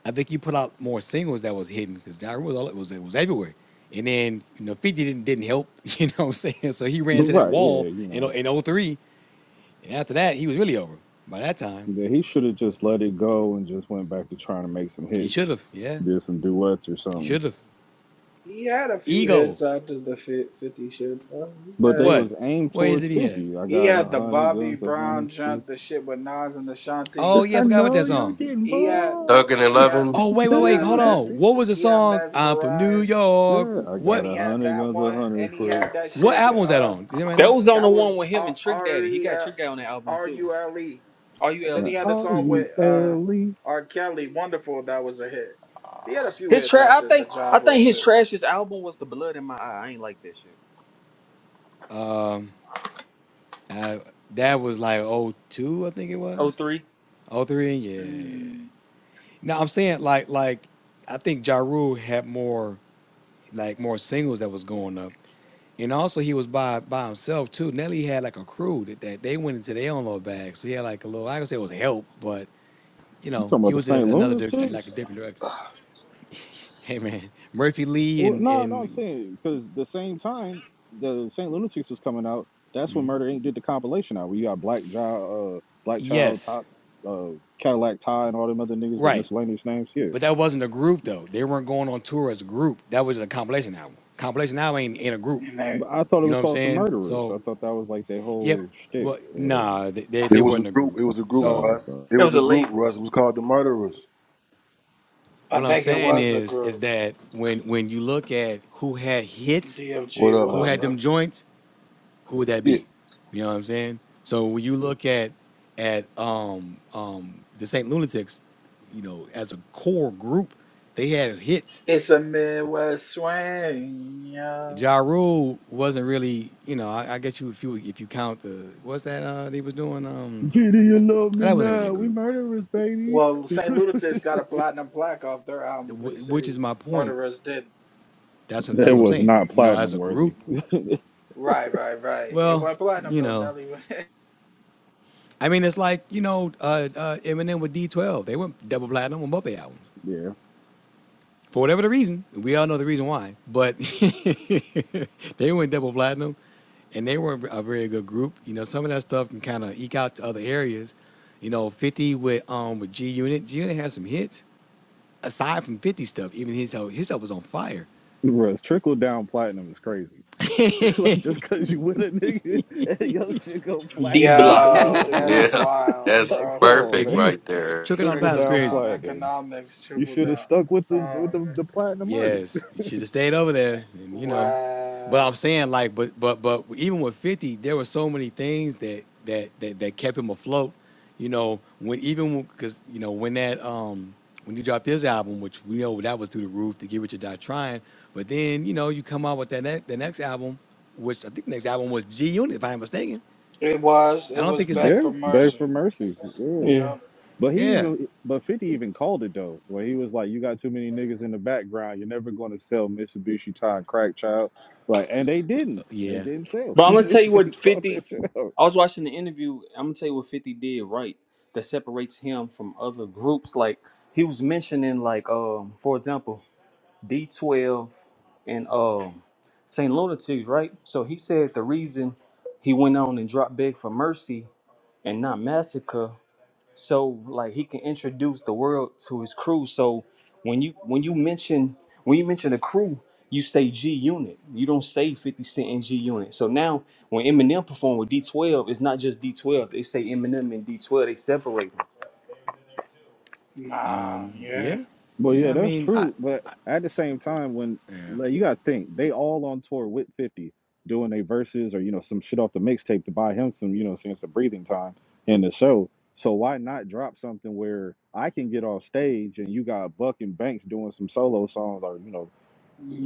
I think he put out more singles that was hidden because Ja Rule was all it was it was everywhere. And then you know 50 didn't didn't help. You know what I'm saying? So he ran But to that right, wall yeah, you in know, in '03, and after that he was really over. By that time, yeah, he should have just let it go and just went back to trying to make some he should hits, have. Yeah, did some duets or he something. should have. he had a few Ego. hits after the fi- Fifty shit though. He But had they What? was aimed What is towards it he had? fifty. I he got a had the hundred Bobby guns, a Brown hundred. guns. jump, the shit with Nas and Oh Ashanti. Yes, yeah, I I forgot about know that you're song. getting He had bored. in he yeah, had Eleven. Oh wait, wait, he wait, had hold mes on. What was the he had song? I'm from New mesmerized, York. I got and What he a had hundred that guns, a one, hundred and he had clips. that what shit with album was that uh on? Did anybody That know? was on the that was one with him and Trick R Daddy. He E got L Trick Daddy on that album R too. U L E. R U And then L Now, he E. had a are song with you uh L E? R. Kelly, Wonderful, that was a hit. So he had a few His hits trash. I after think. the Ja I Rule think his shit. trashiest album was the Blood in My Eye. I ain't like that shit. Uh, that was like '02, I think it was. Oh three, '03, yeah. Mm. No, I'm saying like like I think Ja Rule had more like more singles that was going up. And also he was by by himself too. Nelly had like a crew that, that they went into their own little bag. So he had like a little I can say it was help, but you You know, talking he about the was in Saint another di- like a Lunatics? different direction. Hey man, Murphy Lee Well, and no, no, I'm and saying because the same time the Saint Lunatics was coming out, that's when Murder Inc. did the compilation out. Where you got Black Child, uh, Black Child, yes, Top, uh, Cadillac Ty, and all them other niggas with right. miscellaneous names here. But that wasn't a group though. They weren't going on tour as a group. That was a compilation album. Compilation album ain't, ain't a group. And that, But I thought it You know was what I'm called the saying? Murderers. So I thought that was like their yep. whole shtick But or whatever. nah, they, they It they was a wasn't a group. group. It was a group, So No, Russ. no. It It was was a a group, label. Russ. It was called the Murderers. I what I'm think it saying was a is is group. that when when you look at who had hits, What DFG, up, what my who up, had G? bro? them joints, who would that Yeah, be? You know what I'm saying? So when you look at at um, um, the Saint Lunatics, you know, as a core group, they had hits. It's a Midwest swing, yeah. Ja Rule wasn't really, you know, I, I guess you if you if you count the what's that uh, they was doing, um, Gee, you love oh, me that wasn't really a now? We group. murderers, baby. Well, St. Lunatic's got a platinum plaque off their album Free Wh- Which is City. my point. Murderers did. That's what, that's that what I'm was saying. not You know, as platinum a group, worthy. Right, right, right. It well, went platinum you though, know, Nelly. I mean, it's like you know, uh, uh, Eminem with D12. They went double platinum on both their albums. Yeah, for whatever the reason, we all know the reason why, but they went double platinum and they were a very good group. You know, some of that stuff can kind of eke out to other areas. You know, 50 with um with G Unit. G Unit had some hits aside from 50 stuff. Even his stuff- his stuff was on fire. Russ, trickle down platinum is crazy. Like just cause you with a nigga and your shit go D platinum just Block. cause you in Yo, the that's group. Yeah, It's wild, that's like, come bro. on, If perfect man. you right there. tricking on the Trickle Trickle pounds down crazy, down platinum. economics, You triple should have down. stuck with the Oh with man. the, the platinum artist. Yes, you should have stayed over there, and you know. But Wow. I'm saying like, but but but even with 50, there were so many things that that that, that kept him afloat. You know, when even because you know when that um when he dropped his album, which we know that was through the roof to get rich or Die Trying, but then you know you come out with that ne- the next album, which I think the next album was G Unit, if I'm mistaken. It was. I It don't was think it's second. Back yeah, for beg for Mercy. mercy. Yeah. Yeah. Yup. But he Yeah, even but 50 even called it though, where he was like, You got too many niggas in the background, you're never gonna sell Mitsubishi Time Crack Child. Like, and they Uh, didn't. They yeah, didn't sell. But I'm You gonna yeah, know what tell you I'm saying? He what called 50. that shit out. I was watching the interview. I'm gonna tell you what 50 did right that separates him from other groups. Like he was mentioning, like um, for example, D12 and um Saint Lunatics, right? So he said the reason he went on and dropped Big for Mercy and not Massacre so like he can introduce the world to his crew. So when you when you mention when you mention a crew, you say G Unit. You don't say 50 Cent and G Unit. So now when Eminem performed with D12, it's not just D12. They say Eminem and D12. They separate them. Nah, um, yeah. yeah, Well, yeah. yeah, I that's mean, I true. But at the same time, when like you gotta think, they all on tour with Fifty doing their verses or you know some shit off the mixtape to buy him some you know saying some breathing time in the show. So why not drop something where I can get off stage and you got Buck and Banks doing some solo songs or you know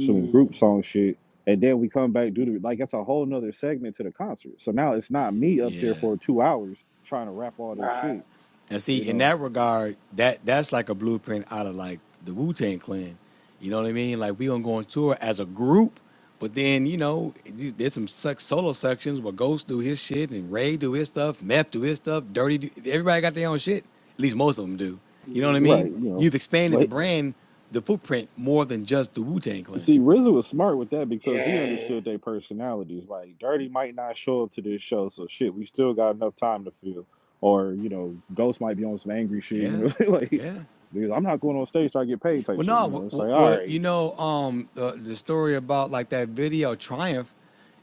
some group song shit, and then we come back do the like that's a whole nother segment to the concert. So now it's not me up there yeah. for two hours trying to rap all this right. shit, And see, you in know? that regard, that that's like a blueprint out of like the Wu Tang Clan. You know what I mean? Like we gonna go on tour as a group, but then you know you- there's some suck solo sections where Ghost do his shit and Ray do his stuff, Meth do his stuff, Dirty. Do, everybody got their own shit. At least most of them do. You know what I Mm, mean? Right, you You've know. expanded the brand, the footprint more than just the Wu Tang Clan. See, RZA was smart with that because he yeah. understood their personalities. Like, Dirty might not show up to this show, so shit, we still got enough time to feel. Or, you know, Ghost might be on some angry shit, you Yeah, know, like, yeah. dude, I'm not going on stage till I get paid type Well, shit, no, you w- know. It's w- like, all what you right, know, um, uh, the story about like that video triumph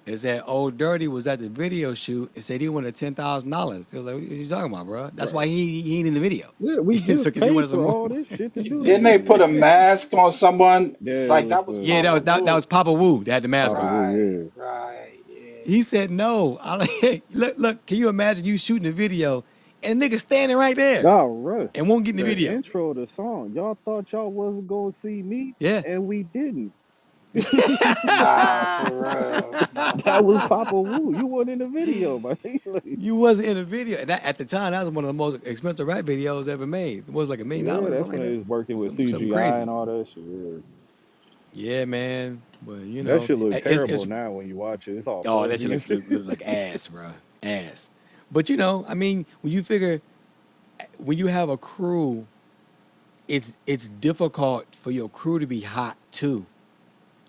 is that Old Dirty was at the video shoot and said he wanted ten thousand dollars. They was like, "What are you talking about, bro?" well, That's why right. he he ain't in the video, Yeah, we so just because he paid wanted some for more. all this money. shit to do the Didn't they put a video. mask on someone? Yeah, it Like, was that was yeah, that Papa was uh, that, that was Wu. Papa Wu that had the mask Papa on. Wu, Right, yeah. right, yeah. He said, "No, I, do look, look, can you imagine you shooting a video and nigga standing right there Nah, Russ, and won't get in the the video?" intro to the song, y'all thought y'all wasn't going to see me, Yeah. and we didn't. It was like, Nah, for real. Nah, That for was real. Papa Wu. You weren't in the video, my nigga. Like, You wasn't in a video. And that, at the time, that was one of the most expensive rap videos ever made. It was like a million yeah, dollars or that's when something like that. they was working with Something, something CGI crazy. and all that shit. Yeah. Yeah, man. But you That know, shit look a- it's terrible it's now when you watch it. It's all oh that shit fuzzy and looks shit. look, look like ass, bro, Ass. But you know, I mean, when you figure when you have a crew, it's it's difficult for your crew to be hot too.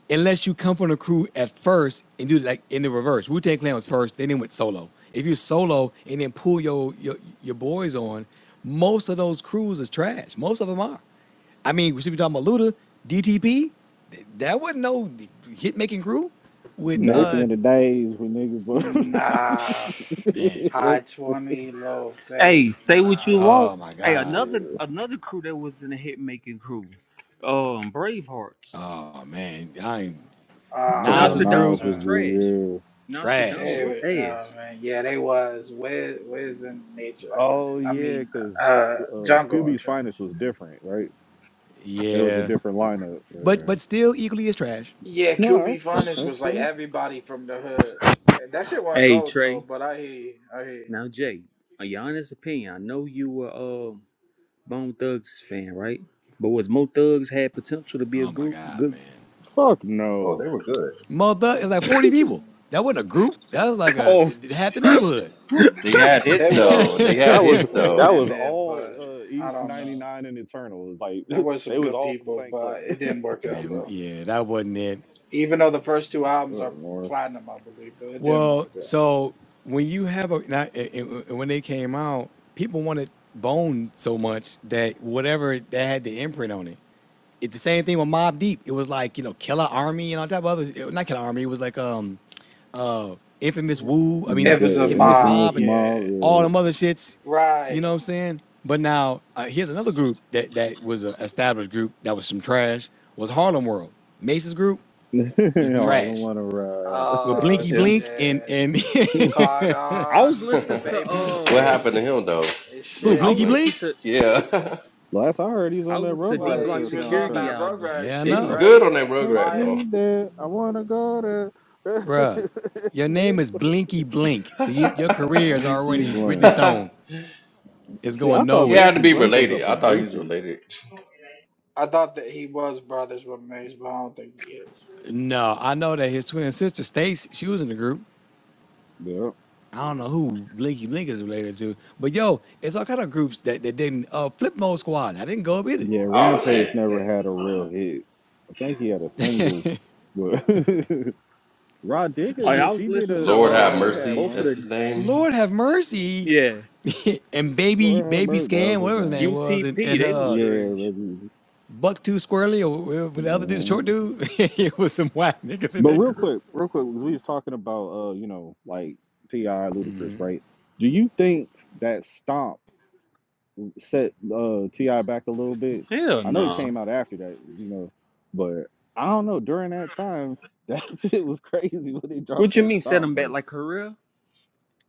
unless you come from the crew at first and do like in the reverse. Wu Tang Clan was first, then they went solo. If you solo and then pull your, your your boys on, most of those crews is trash. Most of them are. I mean, we should be talking about Luda, DTP. That wasn't no hit making crew with Back Nope. uh in the days when niggas were Nah. man. that, High 20, low Hey, fate. say what Nah. you want. Oh my Hey, god. another another crew that was in the hit making crew, um, Bravehearts. Oh man, I ain't come on Nas's Nostradamus group was Nas's Ah, trash. group, Nostradamus trash. yeah. was They, oh ass. man, yeah, they was. Where, where's in nature? Oh I yeah, mean, because uh, uh, jungle or QB's church. finest was different, right? It was a Yeah, different lineup. but Yeah. but still equally as trash. Yeah, No, that's QB true. funnest That's was like true. everybody from the hood. That shit wasn't Hey gold Trey. though, but I hear, you, I hear. Now, Jay, in your honest opinion, I know you were a uh, Bone Thugs fan, right? But was Mo Thugs had potential to be a Oh my group god, good? man. Fuck Oh, no. they were good. mother. you. It was like 40 people. Mm, That wasn't a group. That was like a Oh, th- half the neighborhood. They had hits there was though. some They had good That was hits people though. that in was there, all but uh, I East don't ninety know. nine and Eternal. It was There Like was some they was good all from people, St. but Clair. it didn't work out, Man, bro. yeah, that wasn't it. Even though the first two albums are What, Morris? platinum, I believe, but it didn't Well, work so when you have a not, it, it- when they came out, people wanted bone so much that whatever that had the imprint on it. it's the same thing with Mob Deep. It was like you know Killer Army and all type of others. It, not Killer Army. It was like um, uh, Infamous out. Wu. I mean, uh, If it's a The Infamous mom, Mob infamous and yeah, mob. all them other shits. You know right. what I'm saying? But now uh, here's another group that that was an established group that was some trash. Was Harlem World Mace's group Yeah. hmm Harlem trash? wanna ride. With Oh Blinky yeah. Blink and shit. and Cardon, I was what listening to baby uh, happened to Stace him though? and who I Blinky shit. was Blinky blink. listening Blink? to Yeah, Last I heard, he's I on was that listening to D Well, Rugrats he Block uh, was on Security soundtrack. that album. Rugrats Yeah, I he shit, was know, good right? on that With Take Rugrats Maya. song. me there. I wanna go there. bruh. Your name Man, is Blinky Blink, so you, your career is Blinky already written in Blank. stone. It's See, I going he thought nowhere. had to Blinky be Blank was a related. I thought he was producer. related. I thought that he was brothers with Mace, but I don't think he is. No, I know that his twin sister Stace, she was in the group. Yeah. I don't know who Blinky Blink is related to, but yo, it's all kind of groups that, that didn't uh, flip mode squad. I didn't go up either. Yeah, Oh Rampage shit. never had a real hit. I think he had a single, but Rod Digger Oh, Yo, yeah. I did. was She did listening to Lord a. Uh, have uh she had mercy. both of one. That's his the name. Lord have mercy. yeah and baby, Lord have baby mercy, that was scan, his whatever his name. name was, and UTP. and They was uh, Yeah, trash. maybe. Buck Two Squirrely or whatever the other dude, the Yeah. short dude, it was some whack niggas in But that real group. quick, real quick, because we was talking about, uh, you know, like Ti Ludacris, right? Do you think that stomp set uh Ti back a little bit? Hell I know he no. came out after that, you know, but I don't know. During that time, that shit was crazy when they dropped What you that mean set stomp him verse. back like career?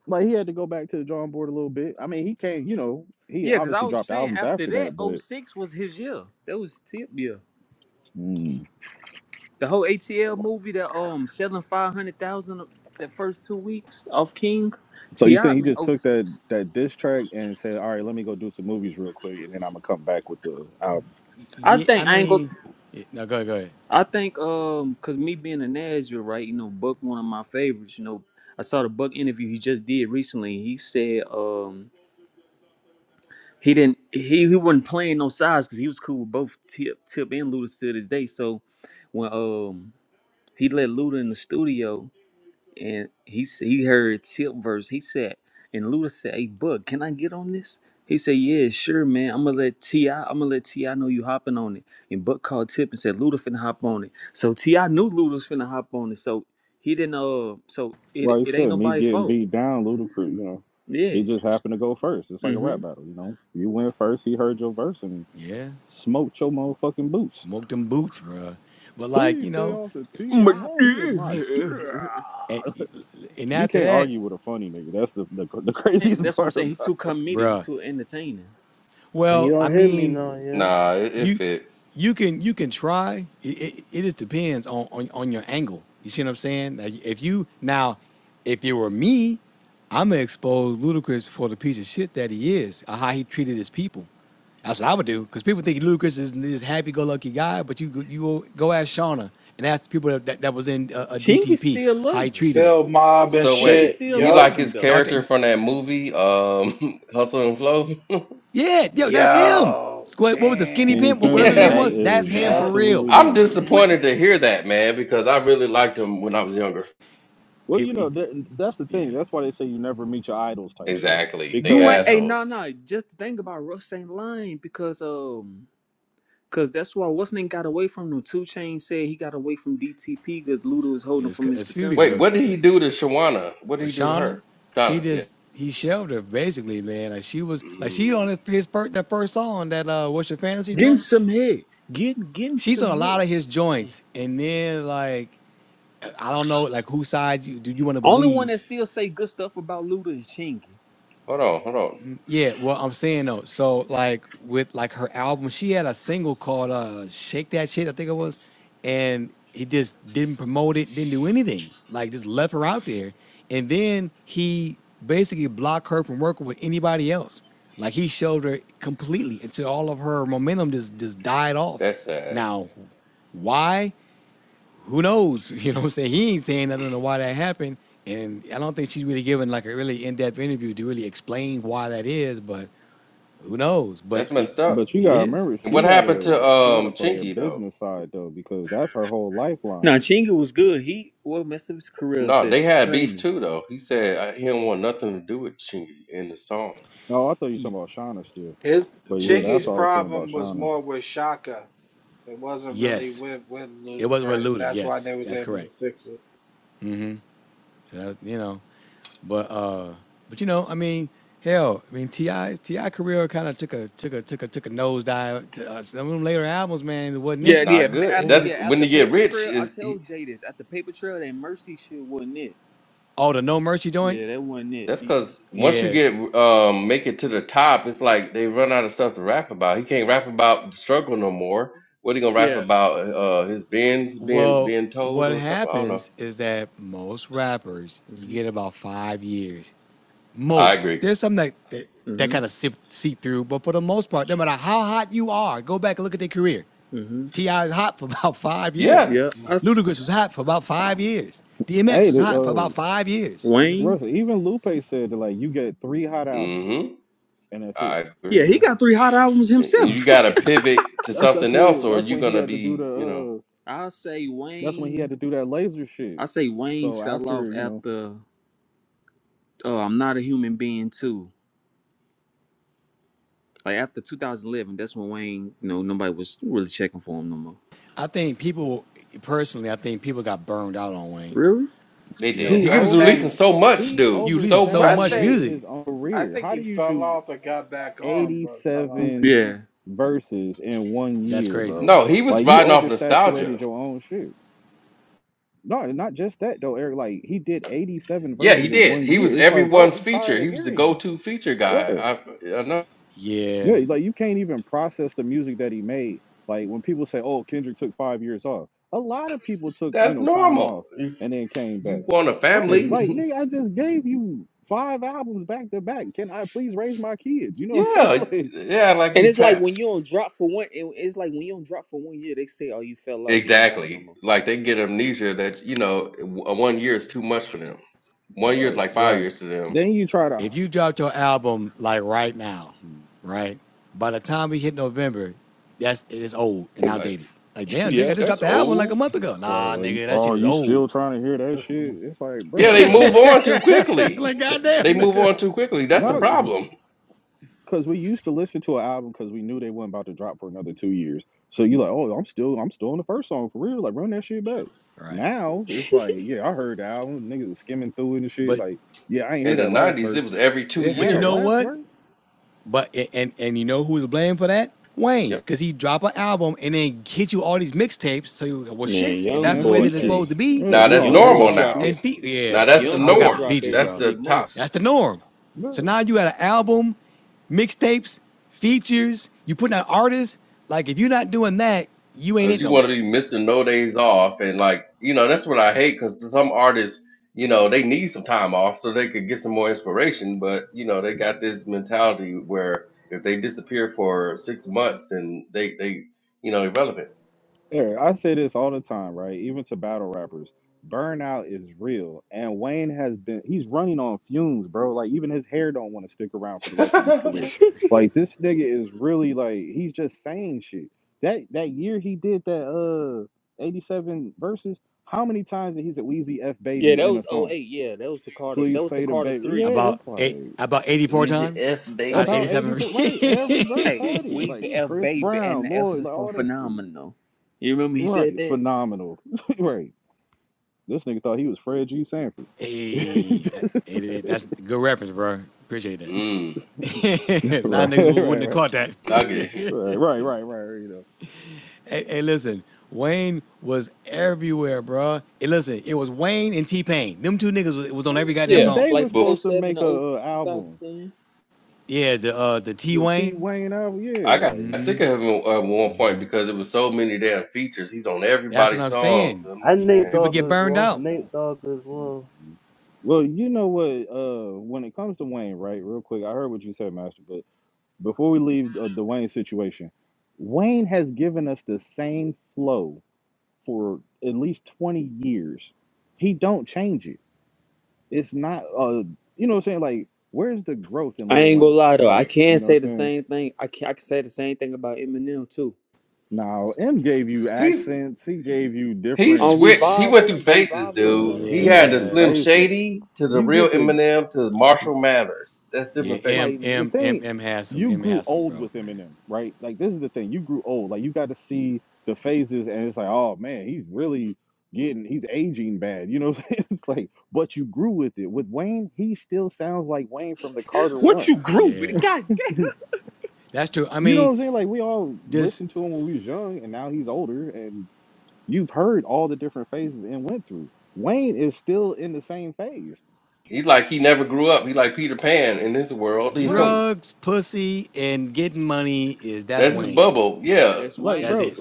Like he had to go back to the drawing board a little bit. I mean, he can't. You know, he Yeah, cause I obviously was dropped saying albums after after that, that. But '06 was his year. That was his tip year. Mm. The whole ATL movie that um selling five hundred thousand the first two weeks off King so you T.I. think he man just oh took that six. that diss track and said, "All right, let me go do some movies real quick, and then I'm gonna come back with the album." I Yeah, I think I ain't go. mean, yeah, no, go ahead, go ahead. I think um cause me being a Nashville right, you know Buck one of my favorites. You know I saw the Buck interview he just did recently. He said um he didn't he he wasn't playing no sides because he was cool with both Tip Tip and Luda to this day. So when um he let Luda in the studio and he s- he heard Tip verse. He said, and Luda said, "Hey, Bud, can I get on this?" He said, "Yeah, sure, man. I'm gonna let Ti. I'm gonna let Ti know you hopping on it." And Buck called Tip and said, "Luda finna hop on it." So Ti knew Luda was finna hop on it. So he didn't. Uh, so That's it why he it ain't said me nobody's getting fault. beat down, Ludacris. You know, Yeah. he just happened to go first. It's like a rap Mm-hmm. battle. You know, you went first. He heard your verse and Yeah, smoked your motherfucking boots. smoke them boots, bruh. But like you Please stay know, off the But tip of my and, dick. and, and You after can't that, argue with a funny nigga. That's the the, the craziest that's what I'm part saying. about. He too comedic. He bruh. too entertaining. Can Well, you I all hear me mean, now? Yeah. Nah, it, it you fits. you can you can try. It, it, it just depends on, on on your angle. You see what I'm saying? Like, if you now, if it were me, I'ma expose Ludacris for the piece of shit that he is, or how he treated his people. That's what I would do, because people think Ludacris is this happy-go-lucky guy, but you go- you go go ask Shauna and ask the people that, that, that was in uh, a Chingy DTP still how he love him. treated them. Phil Mob and So Chingy wait, shit. still he Yup. like love him his though. Dog- character from that movie, um, Hustle and Flow. Yeah, yo, that's him. Yo. Squ- What was the skinny Skinny pimp? Damn. Wh- Whatever Skinny pimp, his yeah, name that was, man. that's is him for Yup. real. absolutely I'm ludicrous. hmm disappointed to hear that, man, because I really liked him when I was younger. Well, you People- know that that's the Yeah, thing. That's why they say you never meet your idols type shit. Exactly, they You ain't Because, hey no assholes. no. Just think about Russ ain't lying because um because that's why what's name got away from him. Two Chain said he got away from DTP because Luda was holding him it's from his it's few potential. people Wait, what that did he said do to that. Shawana? What did he do to her? Oshana, he Donna, yeah. just he shelved her basically, man. Like she was like she Mm, on his, his first that first song that uh what's your fantasy Getting joint. some head. Getting getting She's some on a head. lot of his joints, and then like I don't know like whose side you do you want to Only one believe, that still say good stuff about Luda is Chingy. hold on, hold on. Yeah, well, I'm saying though, so like with like her album, she had a single called uh Shake That Shit, I think it was, and he just didn't promote it, didn't do anything. Like just left her out there. And then he basically blocked her from working with anybody else. Like he showed her completely until all of her momentum just just died off. That's sad. Now, why? Who knows? You know what I'm saying? He ain't saying nothing to why that happened. And I don't think she's really given like a really in-depth interview to really explain why that is, but who knows? But That's it messed up. but you it gotta is. remember, And what she happened to gotta she um gotta play her Chinky though? business side though, because that's her whole lifeline. Now Chingy was good. He well messed up his career is No, that they had beef training. too though. He said uh, he don't want nothing to do with Chinky in the song. Oh, I thought you were E- talking about Shauna still, His but oh, yeah, Yeah. that's Chingy's all I was saying about problem was Shauna. more with Shaka. It wasn't really Yes. with with It wasn't with Ludacris. Luda. That's why Yes, they was that's able correct. to fix it. So that, you know, but uh, but you know, I mean, hell, I mean, Ti Ti career kind of took a took a took a took a nosedive. To, uh, some of them later albums, man, wasn't it? Yeah, yeah. Not ma- good. What After was That's it? yeah, when you after get Paper rich. Trail, I Is tell Jay this. After Paper Trail, that Mercy shit wasn't it. Oh, the No Mercy joint. Yeah, that wasn't it. That's because once you Yeah. get um make it to the top, it's like they run out of stuff to rap about. He can't rap about the struggle no more. What he gonna rap Yeah. about? Uh, his bins being Well, being told what or something. I don't know. happens is that most rappers, you hmm get about five years, I most. agree. There's some that that, that hmm kind of sip, seep through, but for the most part, no matter how hot you are, go back and look at their career. hmm T.I. was hot for about five years. Yeah. yeah, Ludacris was hot for about five years. DMX Hey, was the, hot for about uh, five years. It just, Wayne. Russell, even Lupe said that like you get three hot albums Mm-hmm. and that's it. I agree. Yeah, he Alright. got three hot albums And and you himself. gotta pivot to That's that's something else, when or that's you when he gonna had to do be, the you know, uh, I say that's when he had Wayne. to do that laser I shit. say Wayne So fell off after you know after uh, I'm Not a Human Being too. Like after 2011, that's when Wayne, you know, nobody was really checking for him no more. I think people, personally, I think people got burned out on Wayne. Really? they You did. He know, He I was over releasing think. so much, he dude. you releasing So so I much much. think. oversaturated music. his own I career. think How do he you fell do off and got back on, but fell off 87 Yeah. again. verses in one That's year, crazy, bro? bro. No, he was Like you riding off nostalgia. oversaturated your own shit. No, and not just that though, Eric. Like he did 87 Yeah, he verses in did. one He year. was It's like, bro, everyone's we feature. tired He of was the hearing you. go-to feature guy. I, I know. Yeah, Yeah, like you can't even process the music that he made. Like when people say, "Oh, Kendrick took five years off," a lot of people took you That's know time normal. off If and then came back. you want a Right? hmm Like, family, nigga, I just gave you five albums back to back. Can I please raise my kids? You know what yeah, I'm saying? yeah, like And you it's like when trapped. you don't drop for one, it- it's like when you don't drop for one year, they say, "Oh, you fell off, you ain't got it no Exactly. more." Like they get amnesia that, you know, w- one year is too much for them. Like, One year is word. like five bro. years to them. Then you try to, if you dropped your album like right now, right? By the time we hit November, that's it is old and Like, outdated. Like damn, nigga, I Yep. just that's dropped the album like a old. month ago. right, Nah, like, nigga, that oh, shit is you old. still trying to hear that Just shit? gonna- It's like, Yeah, they bro, move mm, on too what quickly. the- like Th- They goddamn, move nigga. on too quickly. That's the Facts. no. problem. because we used to listen to an album because we knew they weren't about to drop for another two years. So you're like, oh, I'm still, I'm still on the first song for real. Like, run that shit back. Right. Now it's like, yeah, I heard the album. Niggas are skimming through it and shit. But Like, yeah, I ain't hear In the that last 90s, verse. it was every two It but had you a know years. last what? verse But and and, you know who was blamed for that? Wayne, Yep. because he drop an album and then hit you all these mixtapes. So you, well, Man, shit, if young that's the and way boy, that it's supposed hey, to features. be, Yeah, Now he that's on young boy, normal everybody drop now. features. And it. fe- yeah, Now that's the Young I Right. boy, forgot what's norm. drop features, every That's bro. three the top. months. That's the norm. So Yeah. now you got an album, mixtapes, features. You putting out artists. Like if you're not doing that, you ain't it Cause you no want more. to be missing no days off, and like you know, that's what I hate. Cause some artists, you know, they need some time off so they could get some more inspiration. But you know, they got this mentality where if they disappear for six months, then they they you know irrelevant. Eric, I say this all the time, right? Even to battle rappers, burnout is real. And Wayne has been he's running on fumes, bro. Like even his hair don't want to stick around for the rest of his career. Like this nigga is really like he's just saying shit. That that year he did that uh 87 verses, how many times did he say Wheezy F Yeah, baby that in a was song? '08. Yeah, that was the Carter. That Please was the say the Carter baby. three. Yeah, About it's eight, like about 84 Easy times F, out of about baby. 87. 84. hey, Right. Every verse Hey, had it. Weezy Like F Chris Baby and Brown, the F Lloyd, is like for all that shit. phenomenal. You remember he said Right. that? Phenomenal. right. This nigga thought he was Fred G. Sanford. that- right, hey, that's a good reference, bro. Appreciate that. Mm, a lot of right, niggas wouldn't right, have right, caught that. I get it. right, right, right. You Hey, hey, listen, Wayne was everywhere, bro. Hey, listen, it was Wayne and T Pain. Them two niggas was, was on know, every goddamn and Yeah, song. they like was from But supposed to '07 to make a, 0- a album, 2010. Yeah, the uh the T the T Wayne. Wayne album. Yeah, I got like, sick of him at one Mm. point because it was so many damn features. He's on That's what everybody's I'm songs. saying. I'm like, And You, Nate man. people Dogg get as burned well. out. Nate Dogg as well. well, you know what? Uh, when it comes to Wayne, right? Real quick, I heard what you said, Master. But before we leave uh, the Wayne situation, Wayne has given us the same flow for at least twenty years. He don't change it. It's not uh you know what I'm saying? Like, where's the growth in I Lil ain't gonna Wayne? lie though. I Pause. can You know what say the I'm saying? same thing. I can I can say the same thing about Eminem too. Now M gave you he's. accents, he gave you He different On switched. He went through revival, phases, revival and dude. stuff. er, He he had went the through Yeah, Slim phases. Shady to the You real get to Eminem to Marshall Mathers. That's yeah. different phases. M like the M M thing M has some you M grew has some old growth, with man. Eminem, right? Like this is the thing. You grew old. Like you got to see the phases and it's like, oh man, he's really getting he's aging bad. You know what I'm saying? It's like, but you grew with it. With Wayne, he still sounds like Wayne from the Carter What one. you grew with it? Yeah, God damn. that's true. I You know what mean, I'm saying? Like we all just listened to him when we was young, and now he's older, and you've heard all the different phases and went through. Wayne is still in the same phase, He like he never grew up. He like Peter Pan in this world, you know. right? drugs, pussy, and getting money is that's That's his Wayne. bubble. Yeah, That's Like, That's Wayne. bro, it.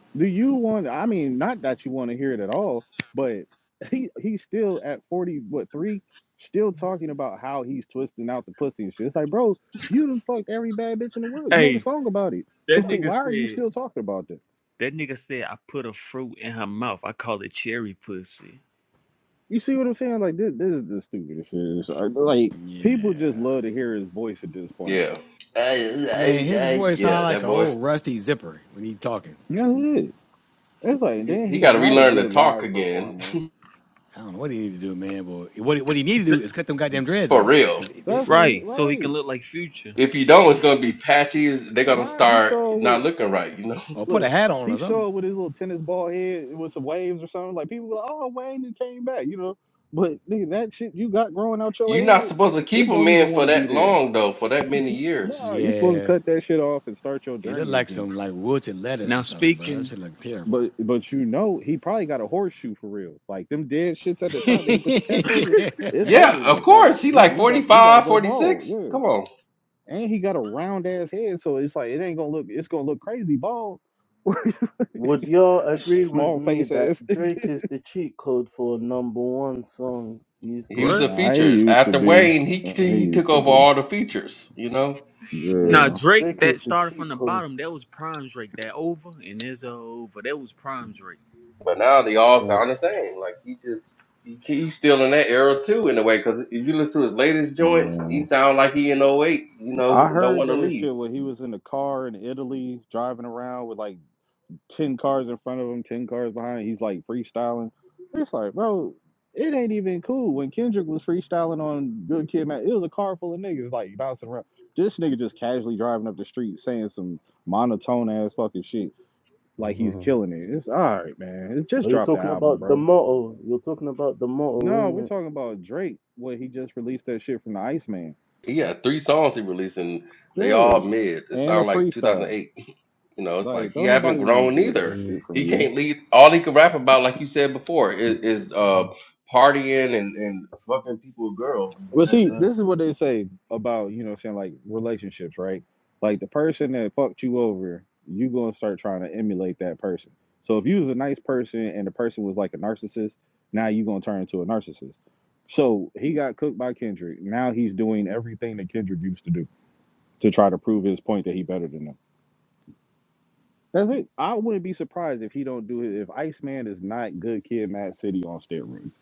do you want? I mean, not that you want to hear it at all, but he he's still at forty, what three? Still talking about how he's twisting out the pussy and shit. It's like, bro, you done fucked every bad bitch in the world. You made a Hey, song about it. that Like, nigga why are you said still talking about that? that nigga said I put a fruit in her mouth. I call it cherry pussy. You see what I'm saying? Like this, this is the stupidest shit. Like like, Yeah, people just love to hear his voice at this point. yeah, I, man. I, His I, voice sound yeah. That like an voice. old rusty zipper when he talking. That's it. It's like He, then he got he's to not a relearn to good talk live again performer. I don't know what he need to do, man. But what what he need to do S- is cut them goddamn dreads for off, real. cause it, it- That's what you Right, need, so he can right? look like future. If you don't, it's gonna be patchy. Is They're gonna Nah, he start showed not with looking right, you know. or put a look. hat on or He something. showed with his little tennis ball head with some waves or something. Like people, were like, oh Wayne just came back, you know. But nigga, that shit you got growing out your You're not head, supposed to keep it a don't even man for want to be that there. long though, for that many years. Nah, you're supposed to Yeah, cut that shit off and start your It looked journey like again. some like wilted lettuce or Now something, bro. That speaking, shit looked terrible. But but you know he probably got a horseshoe for real. Like them dead shits at the top that he put the cap over, yeah. it's over Yeah, of with. Like course. He he like he forty got he got to five, go 46. bald, yeah. Come on. And he got a round ass head, so it's like it ain't gonna look it's gonna look crazy bald. Would y'all agree with Small me face ass. that nigga. Drake is the cheat code for a number one song these He was a What? days? Nah, he feature. used to After be. Wayne, he, Uh, He he took used to over be. all the features, you know? Yeah, now Yeah, Drake Drake is that the started from cheat the code. bottom. That was prime Drake. That over and there's a over. That was prime Drake. But now they all sound the Facts. same. Like, he just, he, he's still in that era too, in a way, because if you listen to his latest joints, he yeah. sound like he in '08. you know, I don't heard want to that leave. shit when he was in the car in Italy driving around with like ten cars in front of him, ten cars behind. He's like freestyling. It's like, bro, it ain't even cool. When Kendrick was freestyling on Good Kid, man, it was a car full of niggas like bouncing around. This nigga just casually driving up the street saying some monotone ass fucking shit like he's Mhm. killing it. It's all right, man. It just Are you dropped the talking album, about the bro. motto? You're talking about the motto, No, isn't we're it? talking about Drake. What he just released that shit from the Iceman. He had three songs he released, and they all Yeah, mid. It and a sound like freestyle. 2008. You know, it's like Like, he don't haven't nobody want to grown hear that either. shit Mhm. He from you. can't lead. All he can rap about, like you said before, is, is uh partying and and fucking people with girls. Well, That's see, it. Facts. this is what they say about, you know, saying like relationships, right? Like the person that fucked you over, you gonna start trying to emulate that person. So if you was a nice person and the person was like a narcissist, now you gonna turn into a narcissist. So he got cooked by Kendrick. Now he's doing everything that Kendrick used to do to try to prove his point that he better than them. That's it. I wouldn't be surprised if he don't do it. If Iceman is not good kid, Mad City on steroids.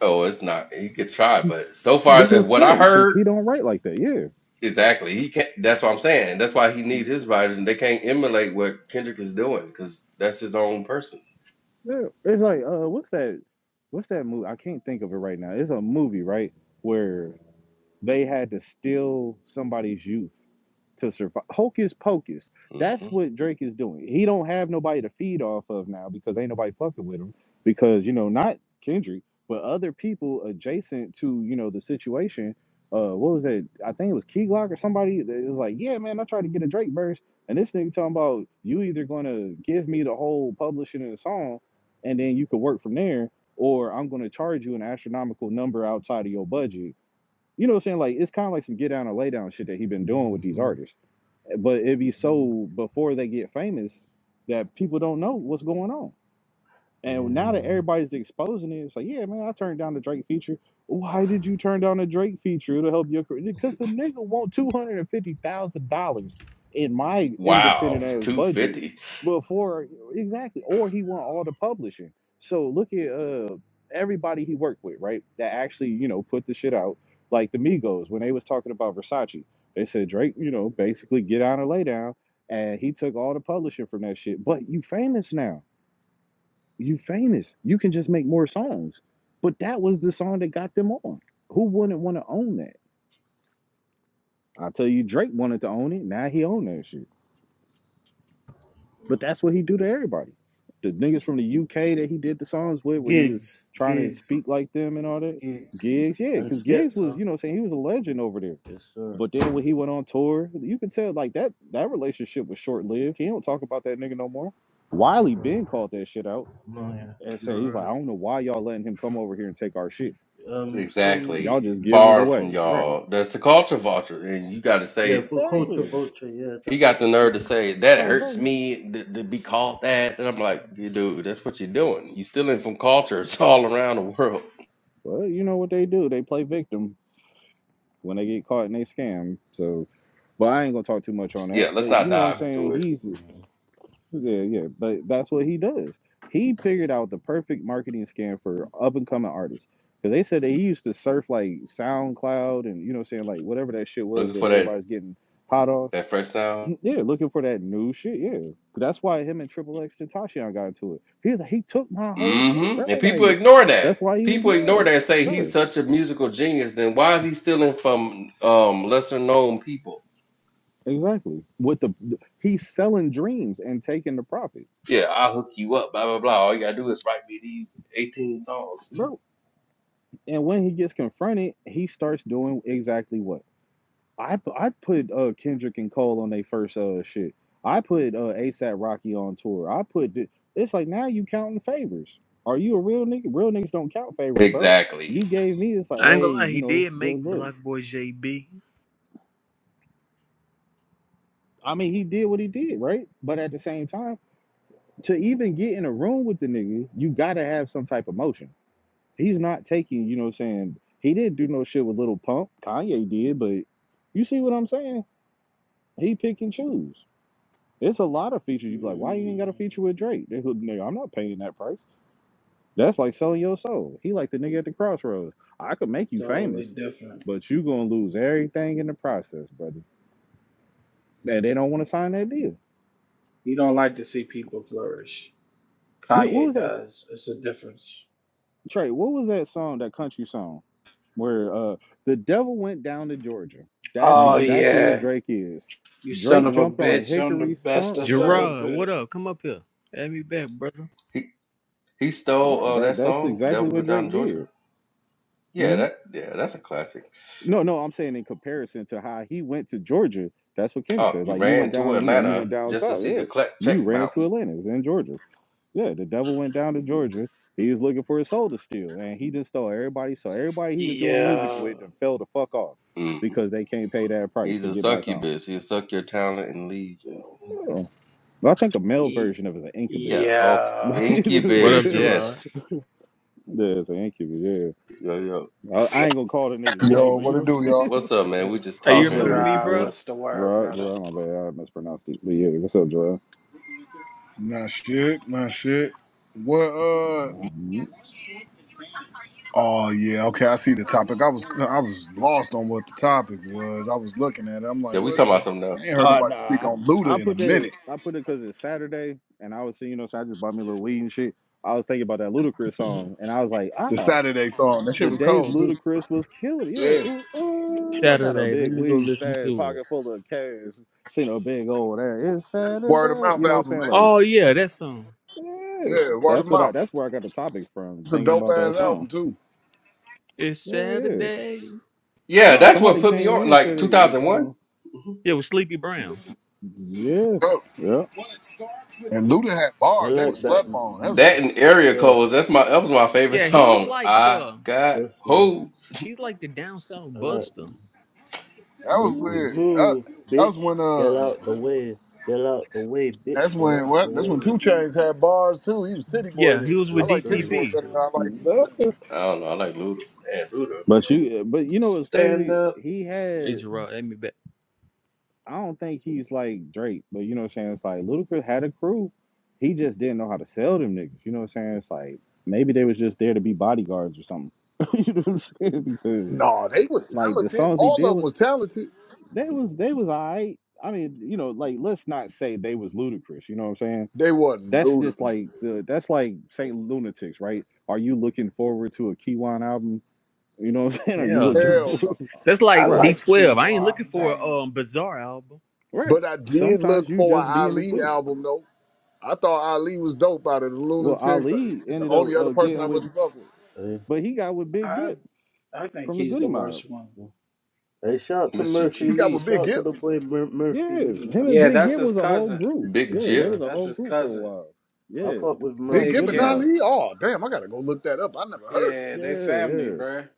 Oh, it's not. He could try, but so That's far, uh, what what I'm I saying because heard he don't write like that. Yeah. exactly, he can't. That's what I'm saying. That's why he needs his writers, and they can't emulate what Kendrick is doing because that's his own person. Yeah, it's like uh, what's that? What's that movie? I can't think of it right now. It's a movie, right, where they had to steal somebody's youth to survive. Hocus pocus. hmm That's what Drake is doing. He don't have nobody to feed off of now because ain't nobody fucking with him. Because you know, not Kendrick, but other people adjacent to you know the situation. Uh, what was that? I think it was Key Glock or somebody. It was like, yeah, man, I tried to get a Drake verse, and this nigga talking about you either gonna give me the whole publishing of the song, and then you could work from there, or I'm gonna charge you an astronomical number outside of your budget. You know what I'm saying? Like it's kind of like some get down and lay down shit that he been doing with these Mhm. artists but it be so before they get famous that people don't know what's going on. And Yeah, now that man. everybody's exposing it, it's like, yeah, man, I turned down the Drake feature. Why did you turn down the Drake feature? It'll help your career. Because the nigga want two hundred and fifty thousand dollars in my Wow, independent ass two budget fifty before exactly, or he want all the publishing. So look at uh everybody he worked with, right? That actually, you know, put the shit out. Like the Migos when they was talking about Versace, they said Drake, you know, basically get on and lay down, and he took all the publishing from that shit. But you famous now you famous. You can just make more songs. But that was the song that got them on. Who wouldn't want to own that? I tell you, Drake wanted to own it. Now he own that shit. But that's what he do to everybody. The niggas from the UK that he did the songs with, where he was Gigs, trying to gigs, speak like them and all that. gigs, Gigs, yeah, and because Gigs was, Skepta. you know, saying he was a legend over there. Yes, sir. But then when he went on tour, you can tell like that that relationship was short lived. He don't talk about that nigga no more. Wiley Ben called that shit out No, yeah, and said he's like, I you're don't know why y'all letting him come over here and take our shit right. Um, some, exactly. Y'all just giving it Borrowing from away. Right. y'all. That's the culture vulture, and you got to yeah, say. for culture Exactly. vulture, yeah, He that's what got the they call nerve to it. say that Like, bro, hurts you me to, to be called that, and I'm like, "You dude, that's what you're doing. You stealing from cultures all around the world. well, you know what they do. They play victim when they get caught and they scam. So but I ain't gonna talk too much on that. Yeah, But let's not you know what I'm dive into saying? it. He's yeah, yeah. But that's what he does. He figured out the perfect marketing scam for up and coming artists. Cause they said that he used to surf like SoundCloud and you know what I'm saying, like whatever that shit was Looking that for that everybody's getting hot off. that fresh sound. Yeah, looking for that new shit. Yeah, that's why him and Triple X and Tashion got into it. He was like, he took my whole shit, bro. Mm-hmm. And people Like, ignore that. that's why he was People ignore mad. that and say he's Sure, such a musical genius. Then why is he stealing from um lesser known people? exactly. With the he's selling dreams and taking the profit, Yeah, I'll hook you up. Blah blah blah. All you gotta do is write me these 18 songs. bro. And when he gets confronted, he starts doing exactly what I I put uh Kendrick and Cole on their first uh shit. I put uh ASAP Rocky on tour. I put th- it's like now you counting favors. Are you a real nigga? Real niggas don't count favors, bro. exactly. You gave me it's like, I ain't hey, gonna lie, you he know, did make good look. Black Boy JB. I mean, he did what he did, right? But at the same time, to even get in a room with the nigga, you gotta have some type of motion. He's not taking, you know, what I'm saying he didn't do no shit with Little Pump. Kanye did, but you see what I'm saying? He pick and choose. It's a lot of features. You be like, why you ain't got a Mm, feature with Drake? They look, nigga, I'm not paying that price. That's like selling your soul. He like the nigga at the crossroads. I could make you totally famous, different. but you gonna lose everything in the process, brother. That they don't want to sign that deal. You don't like to see people flourish. Yeah, what Kanye was that does. It's a difference. Trey? What was that song? That country song where uh the devil went down to Georgia. That's Oh Mm. exactly what yeah, Drake is. you son Drake of a jumped on a bitch. I'm the hickory stunt. bestest of a Right. Gerard, what bitch. up? Come up here. Have me back, brother. He he stole No, uh, that that that's song, exactly "Devil what Down Drake in Georgia." did. Yeah, Mm-hmm. that yeah, that's a classic. No, no, I'm saying in comparison to how he went to Georgia. That's what Kendrick Oh, said. you Like you ran went to down, you know, you Atlanta went down just to south. see Yeah, the cl- you check ran to bounce. Atlanta. It's in Georgia. Yeah, the devil went down to Georgia. He was looking for a soul to steal, and he just stole everybody. So everybody he was doing music Yeah, with and fell the fuck off Mm. because they can't pay that price He's to a get back on. succubus. He'll suck your talent and leave. Yeah. I think a male E- version of it is an Yeah, incubus. okay. yeah, yeah. it's What up, Incubus, Gerard? yes. an incubus. Yeah, Yo, yo. I, I ain't gonna call the nigga gay, Yo, but you what it know. do, y'all? What's up, man? We just Hey, you What's What's it up talking. remember do? with me, you, Gerard, bro? Jared? what's the word, Gerard, brother? Gerard, my bad, I mispronounced it. But yeah, what's up, Gerard? Nah, shit, nah, shit. What? Uh, Mhm. oh yeah, okay. I see the topic. I was I was lost on what the topic was. I was looking at it. I'm Yeah, like, we what? talking Yeah. about something else. I ain't heard Uh, nobody speak nah, on Luda I in a put that, minute. I put it because it's Saturday, and I was seeing, you know, so I just bought me a little weed and shit. I was thinking about that Ludacris song, and I was like, The ah, Saturday song. That shit the was days cold too. Ludacris was killing, it. yeah. Yeah, Ooh, ooh, I got a Saturday. Let big me go weed listen stash, to it. pocket full of cash, seen a big old ass. It's Word of Saturday, mouth you know what album, I'm saying? man. Like, Oh yeah, that song. yeah, yeah. Word of that's what I, mouth. that's where I got the topic from, It's a thinking dope about that ass album song. too. It's Yeah, yeah. Saturday. Yeah, No, that's what somebody put me came in on. and Like said it, it got 2001. him. Mhm. Yeah, with Sleepy Brown. Yeah, Yup. yeah. And Luda had I bars. They was like that. slept mm, on. That mm, was That and area codes. Facts. That's my that was my favorite Yeah, he was song. like I the got Trust me. hopes. he's like the down south I like. buster. that was Trust me. Mhm. weird. That, Move, that was bitch. when Get uh out the way. Get out the way, bitch. That's Get when out the what? That's way. when Two Chains had bars too. He was Titty Boy Yeah, he then. was I with Yes, like Titty sir. Yes, Boy DTP. better than sir. I like Two Yeah. Chains. I don't know. I like Luda. Man, Luda, But man. you, but you know what's Stand crazy? up, He Hey, had. Gerard, add me back. I don't think he's like Drake, but you know what I'm saying. It's like Ludacris had a crew. He just didn't know how to sell them niggas. You know what I'm saying? It's like maybe they was just there to be bodyguards or something. you know what I'm saying? Because No, they was like the talented. songs he All did of them with, was talented. they was they was alright. I mean, you know, like let's not say they was Ludacris. You know what I'm saying? They wasn't That's new to just them. like the that's like Saint Lunatics, right? Are you looking forward to a Kiwan album? You know what I'm saying? Are you Hell looking no. Hell for no. That's like I Right. like D12. I ain't looking Keywan. for a Damn, um, Bizarre album. right? But I did Sometimes look you for an just be in a Ali group. album though. I thought Ali was dope out of the Well, Lunatics. Ali He's the ended up only other uh, person getting I with, really fuck with. Hey. but he got with Big I Git I think from the he's the Goody Mob. worst one. yeah. Hey, shout to Mr. Murphy He got Lee. with Cheeks, Big Shout to Gip. the boy Mur- Murphy Yeah, Lee. him That's and Yeah, what's Big that's Git up. his was a whole cousin. group. Big Yes, Yeah, there Jip. sir. was a That's whole his group for a cousin. while. I Yeah, fuck with Big from Big Murphy Gip Goody and Gip. Mob. Ali. Lee. Oh damn, I gotta go look that up. I never heard it. Yeah, Yeah, they family, yeah, bruh.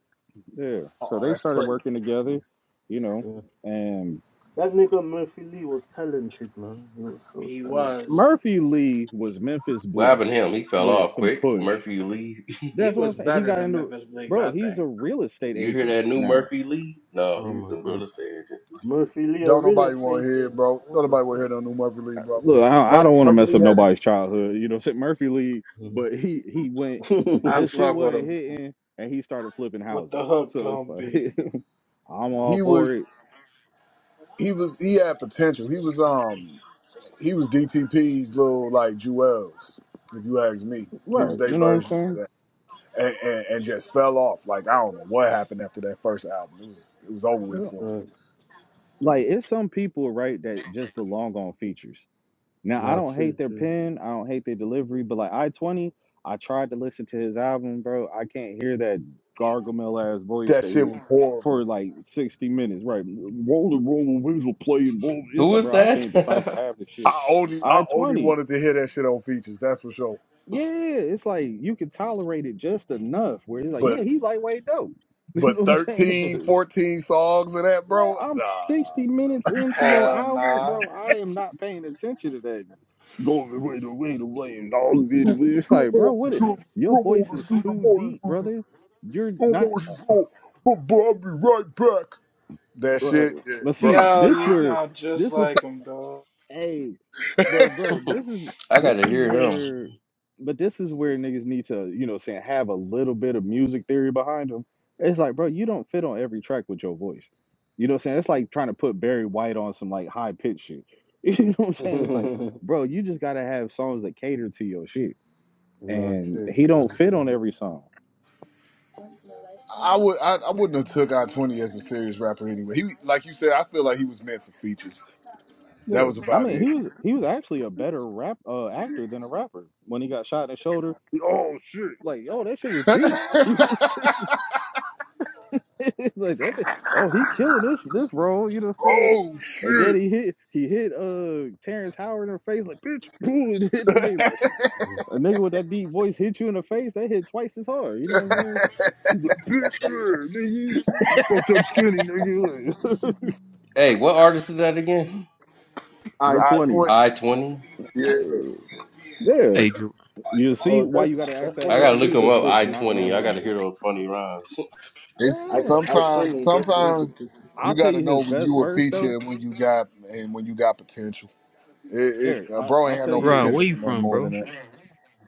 yeah. So Oh, they that's started crazy. working together, you know, Mm, and That nigga Murphy Lee was talented, man. He was so He was. talented. Murphy Lee was Memphis What Bleak. happened to him? He fell with off some quick. push. Murphy Lee. He That's what I'm was saying. He better got Mhm. than into Memphis Bleak, bro. I He's think. a real estate you hear agent that new now. Murphy Lee? No, Oh he's my a real god. estate agent. Murphy Lee, a Don't real nobody want estate to hear, it, agent bro. now. Don't What the nobody want to hear fuck? no new Murphy Lee, bro. Look, I, I don't Murphy, want to Murphy mess Lee up had his. nobody's childhood. You know, Sid Murphy Lee, Mhm. but he he went I his shit fuck with wasn't him. hitting, and he started flipping What the houses. hook So it's gonna like be? I'm Mm, all He was for it, he was he had potential. He was um he was DTP's little like Jewels, if you ask me. He was right? their You know what I'm version of saying? that, and, and and just fell off. Like I don't know what happened after that first album. It was it was over with Yeah. for him. Thanks. Like it's some people right that just belong on features. Now I Nah, don't true, hate their true. pen, I don't hate their delivery, but like I twenty, I tried to listen to his album, bro. I can't hear that gargamel ass voice That that shit he was for horrible. like sixty minutes, right? Rolling, rolling, wheels will play and roll. It's Who like, is bro, I that? can't decipher half the I shit. only I I only twenty, wanted to hear that shit on features. That's for sure. yeah, it's like you can tolerate it just enough where it's like, But yeah, he lightweight dope. You but know what I'm 13, saying? 14 songs of that, Man, bro. I'm Nah. 60 minutes into your Hell album, nah. bro. I am not paying attention to that. Going away, the way, the way, and all of it. It's Two like, bro, more, two, what? Is, two your more, two voice more, is two too more, deep, brother. You're two not. more, two more. But I'll be right back. That Right. shit, yeah, Let's bro. I see. Yo, This you where sound just this where like him, dog. Hey, but bro, this is I this gotta is hear him. where, but this is where niggas need to, you know, saying have a little bit of music theory behind them. It's like, bro, you don't fit on every track with your voice. You know what I'm saying? It's like trying to put Barry White on some like high pitch shit. You know what I'm saying? It's like, bro, you just gotta have songs that cater to your shit, nah, and true, he don't fit on true. every song. I would, I, I wouldn't have took I twenty as a serious rapper anyway. He, like you said, I feel like he was meant for features. That Yeah. was I about mean, it. he was he was actually a better rap uh, actor than a rapper when he got shot in the shoulder. Oh shit! Like, yo, that shit was deep. You know like that. thing- Oh, he killing this this role. You know what I'm saying? oh And then shit, he hit he hit uh Terrence Howard in the face like bitch boom and hit the nigga like Mm, a nigga with that deep voice hit you in the face. That hit twice as hard. You know what I'm mm. saying? He's like bitch yeah, nigga. You fucked up skinny nigga. Like, Hey, what artist is that again? it's I I twenty. twenty. I twenty. Yeah, Uh, yeah, Hey, Ger- you see Oh, why you got that's to ask that's that one I of gotta question look him because up. he was I Ludacris's not twenty. I gotta artists. hear memorable. those funny rhymes. I it's Yeah. I sometimes, twenty. That's sometimes Ludacris's you I'll tell got to you artist. know his when best you a verse feature though, and when you got and when you got potential. It, it Eric. uh, I, bro ain't I'll had tell no Gerard, you. potential where you for nothing from, more bro? than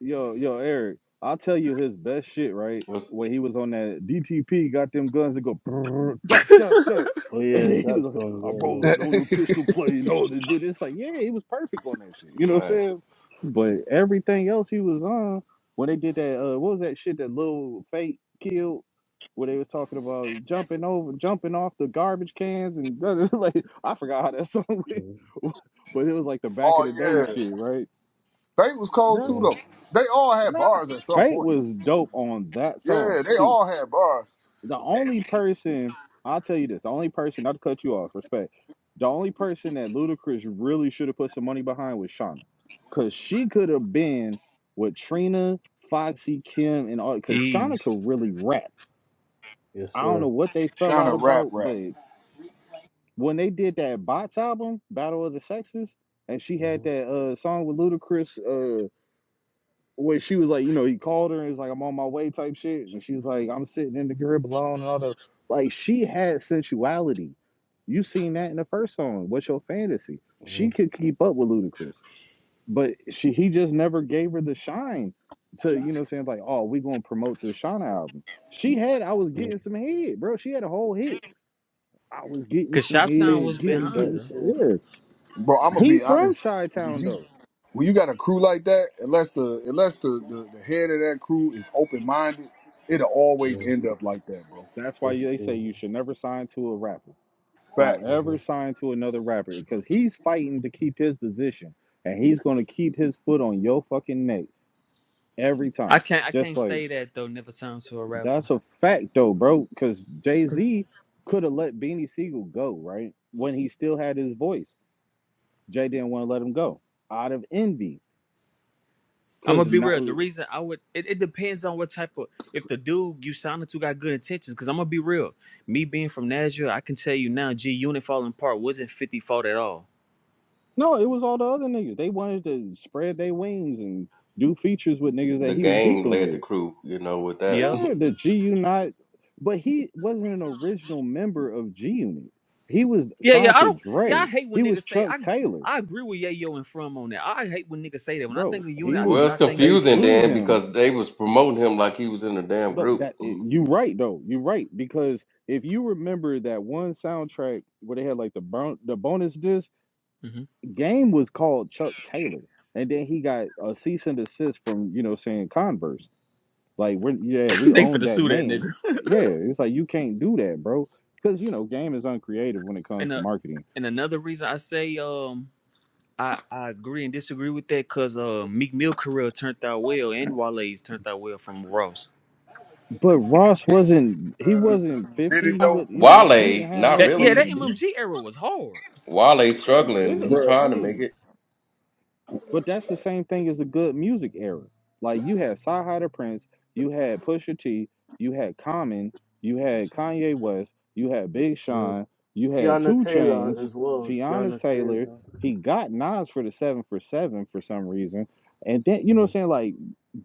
Yo, yo, Eric, I'll tell you his best shit, right? What's When he was on that DTP, got them guns that go brrr, da da da. Oh And yeah, then he that was like, song. I'm Yeah, rolling on the that. pistol play and all that. But it's like, yeah, he was perfect on that shit. You know what I'm like, saying? But everything else he was on, when they did that, uh, what was that shit that Lil Fate killed? Where they was talking about jumping over, jumping off the garbage cans and like I forgot how that song yeah. went, mm but it was like the back of oh the day yeah, shit, right? they was cold too mm. though. They all had Nah, bars at some Fate point. was dope on that song. Yeah, they See, all had bars. the only person I'll tell you this, the only person not to cut you off, respect. The only person that Ludacris really should have put some money behind was Shauna, cause she could have been with Trina, Foxy, Kim, and all. Cause Eve. Shauna could really rap. Yes, I don't know sir. what they fell Kind out of rap about, rap. but when they did that Bots album, Battle of the Sexes, and she had Mm-hmm. that uh, song with Ludacris. uh, where she was like, you know, he called her and was like, I'm on my way type shit. And she was like, I'm sitting in the crib alone and all the like she had sensuality. You seen that in the first song. What's your fantasy? She Mm-hmm. could keep up with Ludacris. But she he just never gave her the shine to, you know what I'm saying, like, oh, we gonna promote this Shauna album. She had I was getting some head, bro. She had a whole hit. I was getting Cause some Shottown Shake, head, was getting shake behind that getting her. some shit. yeah. Bro, I'm gonna He be from honest. Chi When Town you though. when you got a crew like that, unless the unless the, the, the head of that crew is open minded, it'll always Yeah, end up like that, bro. That's why that's they say true. you should never sign to a rapper. Don't Facts. hmm ever sign to another rapper because he's fighting to keep his position and he's going to keep his foot on your fucking neck every I time. can't I Just can't like say that though, never sounds to a rapper. that's a fact though, bro. Because Jay Cause Z could have let Beanie Siegel go, right? When he still had his voice, Jay didn't want to let him go out of envy. I'm gonna Because be not, real. The reason I would it, it depends on what type of if the dude you sounded to got good intentions. Cause I'm gonna be real. Me being from Nashville, I can tell you now G Unit falling apart wasn't 50 fault at all. no, it was all the other niggas. They wanted to spread their wings and do features with niggas that the he was game beefing led with. the crew? You know with that. Yeah, the G Unit, but he wasn't an original member of G Unit. He was Yeah, yeah. signed I to don't. Yeah, I Dre. hate when He was niggas say Chuck I. Taylor, I agree with Yayo and From on that. I hate when niggas say that. When I think bro. of unit, He I do well, was. it's not think of the They confusing game, threw then bro. him. because they was promoting him like he was in a damn No, group. that eh, you right though. You right because if you remember that one soundtrack where they had like the bon- the bonus disc, Mm-hmm. game was called Chuck Taylor, and then he got a cease and desist from you know saying Converse. Like we're yeah, we they for own the that sue that name. nigga. Yeah, it's like you can't do that, bro. Because you know, game is uncreative when it And comes to uh, marketing. and another reason I say um I I agree and disagree with that because uh Meek Mill career turned out well and Wale's turned out well from Ross. But Ross wasn't he Uh, wasn't did it fifty. Uh, He was though, you know he Wale, ain't had not no That yeah, really. that fucking beefs. MMG era was hard. Wale struggling. Yeah, He bro? I trying to mean make it. But that's the same thing as a good music era. Like you had Sci-Hi the Prince, you had Pusha T, you had Common, you Two had Chainz. Kanye West, you had Big Yeah, Sean, you had Tiana Two Taylor Chains, as well. Tiana Tiana Taylor. Taylor. He got Nas for the seven for seven for some reason, and then you know hmm what I'm saying? Like,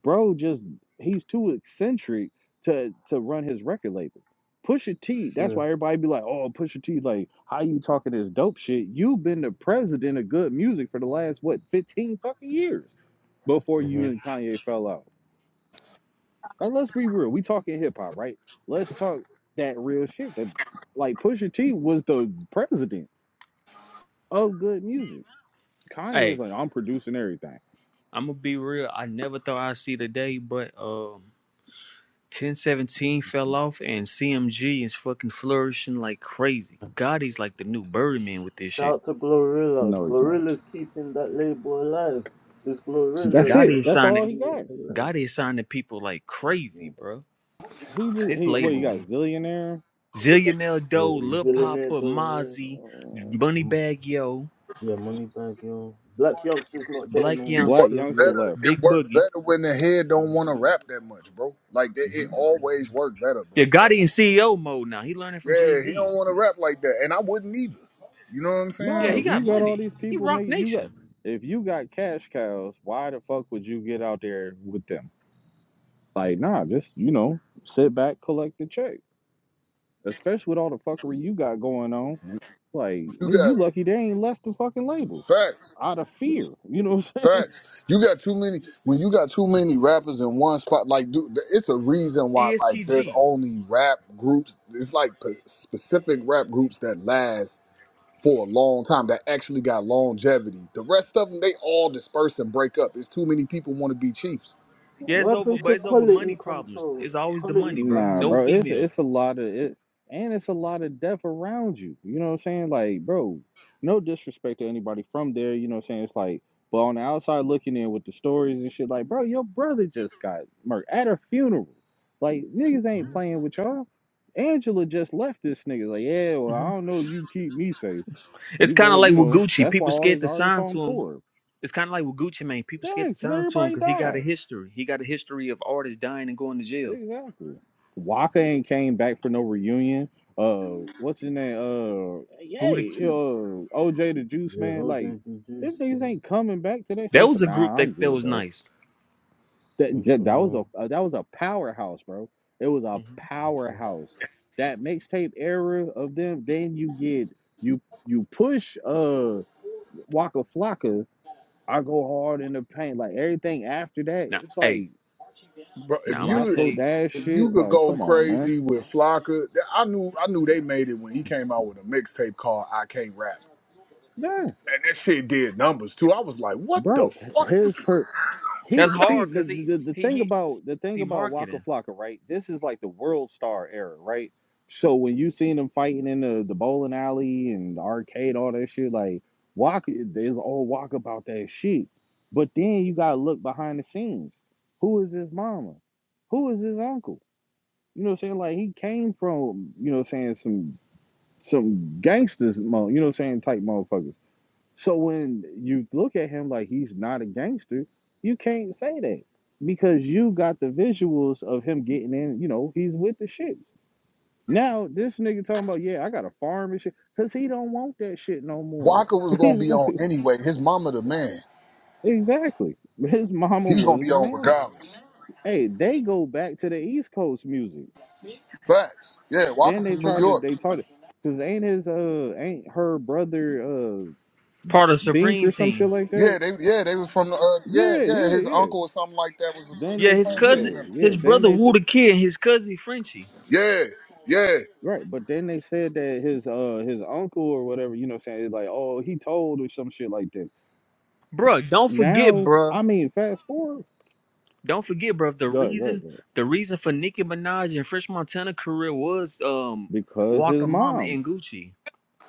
bro, just he's too eccentric to to run his record label. Pusha T, that's Sure. why everybody be like, oh, Pusha T, like, how you talking this dope shit? You've been the president of good music for the last, what, 15 fucking years before hmm you and Kanye fell out. Like, let's be real. We talking hip hop, right? Let's talk that real shit. That, like, Pusha T was the president of good music. Kanye Hey, is like, I'm producing everything. I'm gonna be real. I never thought I'd see the day, but um. 1017 fell off, and CMG is fucking flourishing like crazy. Gotti's like the new Birdman with this Shout shit. out to Glorilla. No, he's not. Glorilla's keeping that label alive. It's That's Glorilla it. Gotti that's is That's keeping all signing. he it got. alive. Gotti is signing people like crazy, Yeah, bro. He just, His he, what, you got? okay. labels: Zillionaire? Zillionaire Doe, yeah Lil Zillionaire Papa, though, yeah. Mozzie, Uh, Bunny Mm. Bag Yo, Yeah, money bag, yo. Black youngster's not there Black no It more. Black worked Youngster, He youngster left. better. left. It Big worked Boogie. better when the head Yeah. don't want to rap that much, bro. Like that, it hmm always Mhm. worked better, Yeah, bro. Gotti in CEO mode now. He learning from Jay Yeah, he Z. don't want to rap like that, and I wouldn't either. You know what I'm Yeah, No, he saying? if got you got all money. these He people make Rock you got Nation. if you got cash cows, why the fuck would you get out there with them? Like, nah, just you know, sit back, collect the check. Especially with all the fuckery you got going on. Like, You nigga, got you lucky they ain't left the fucking label facts. out of fear. You know, Facts. You got too many. When you got too many rappers in one spot, like, dude, th- it's a reason why, like, there's ESTG. only rap groups. It's like p- specific rap groups that last for a long time that actually got longevity. The rest of them, they all disperse and break up. It's too many people want to be chiefs. Yeah, What it's over, happened to but it's over quality money problems. control? It's always the Quality money, bro. Nah, No control. bro, it's females. it's a lot of it, and it's a lot of death around you. You know what I'm saying? Like, bro, no disrespect to anybody from there. You know what I'm saying? It's like, but on the outside looking in with the stories and shit, like, bro, your brother just got murdered at a funeral. Like, niggas ain't playing with y'all. Angela just left this nigga. Like, yeah, well, I Mhm. don't know. You keep me safe. It's You kind of better, like you with know. Gucci. That's why People all scared his to artists sign on to him. tour. It's kind of like with Gucci Mane. People Yeah, scared to because sign to him everybody because he got died. a history. He got a history of artists dying and going to jail. Exactly. Waka ain't came back for no reunion. Uh, what's his name? Uh, Who the yay. cute? Uh, OJ the Juice Yeah, Man. all Like, day the them juice. niggas man. ain't coming back today. That Since was a group nah, that I'm that good, was bro. nice. That Went that, that was from, a uh, that was a powerhouse, bro. It was a Mhm. uh, powerhouse. That mixtape era of them. Then you get you you push uh Waka Flocka. I go hard in the paint. Like everything after that, Now, it's hey, like Bro, now if I'm gonna you tell Roscoe you Dash if you shit. could Like, go come on, man. crazy with Flocka, th- I knew I knew they made it when he came out with a mixtape called "I Can't Rap," Nah. and that shit did numbers too. I was like, "What the bro. fuck?" His per he that's see hard the, because he the the he thing he about the thing he about Waka marketing Flocka, right? This is like the world star era, right? So when you seen him fighting in the, the bowling alley and the arcade, all that shit, like Waka, there's all Waka about that shit. But then you gotta look behind the scenes. Who is his mama? Who is his uncle? You know what I'm saying? Like he came from, you know what I'm saying, some some gangsters, mo- you know what I'm saying, type motherfuckers. So when you look at him like he's not a gangster, you can't say that because you got the visuals of him getting in. You know, he's with the shits. Now this nigga talking about yeah, I got a farm and shit because he don't want that shit no more. Walker was gonna be on anyway. His mama the man. exactly. His mama He's gonna was be the on man. regardless. Hey, they go back to the East Coast music. Facts. Yeah, Walker Then they from New tried to York. they taught it because ain't his uh ain't her brother uh part of Bink Supreme or some shit Team. like Yeah, that. they yeah, they was from the uh, yeah, Yeah, yeah, yeah, his yeah. uncle or something like that was Then Yeah, they a his playing cousin, team yeah, member. yeah. his Then brother they Woo said the Kid, and his cousin Frenchie. Yeah, yeah. right, but then they said that his uh his uncle or whatever, you know, what I'm saying it's like, oh, he told or some shit like that. Bruh, don't forget, Now, bruh. I mean, fast forward, Don't forget, bro. The Go ahead, good, reason good, good. the reason for Nicki Minaj and Fresh Montana career was um Because his Walker Mama mom, and Gucci.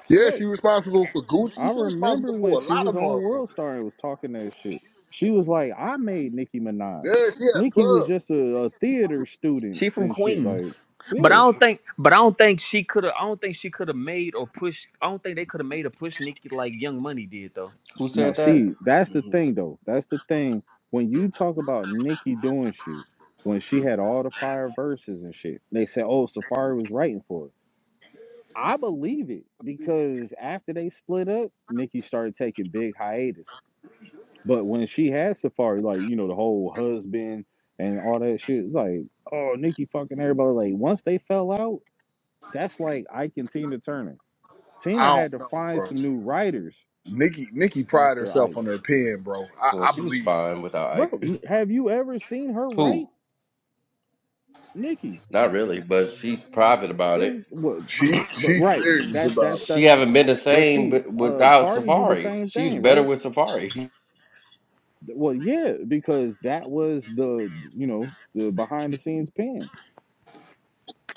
Yeah, right? she responsible for I Gucci. She remember responsible when for a she lot of was on World motherfuckers. Star and was talking that shit. She was like, I made Nicki Minaj. Yeah, she had a Nicki was club. just a, a theater student She from and shit, like, Queens, but I yeah. don't think but I don't think she could have. I don't think she could have made or pushed. I don't think they could have made a push Nicki like Young Money did though. Who No, said that? see, that's the Mhm. thing though. That's the thing. When you talk about Nikki doing shit, when she had all the fire verses and shit, they said, "Oh, Safari was writing for it." I believe it because after they split up, Nikki started taking big hiatus. But when she had Safari, like you know, the whole husband and all that shit, it's like, oh, Nikki fucking everybody. Like once they fell out, that's like Ike and Tina Turner. I Tina had don't to know, find bro. some new writers Nikki Nikki pride after herself Ike. on her pen, bro. I, Well, I she was believe her. fine without Ike. Bro, n- have you ever seen her right, Who? Nikki? Not really, but she private about it. It, what, She but she's right, but serious that's that's about it. She that's. haven't been the But same see, wi- uh, without Cardi do the Safari. same She's thing, better right? with Safari. Well, yeah, because that was the you know the behind the scenes pen.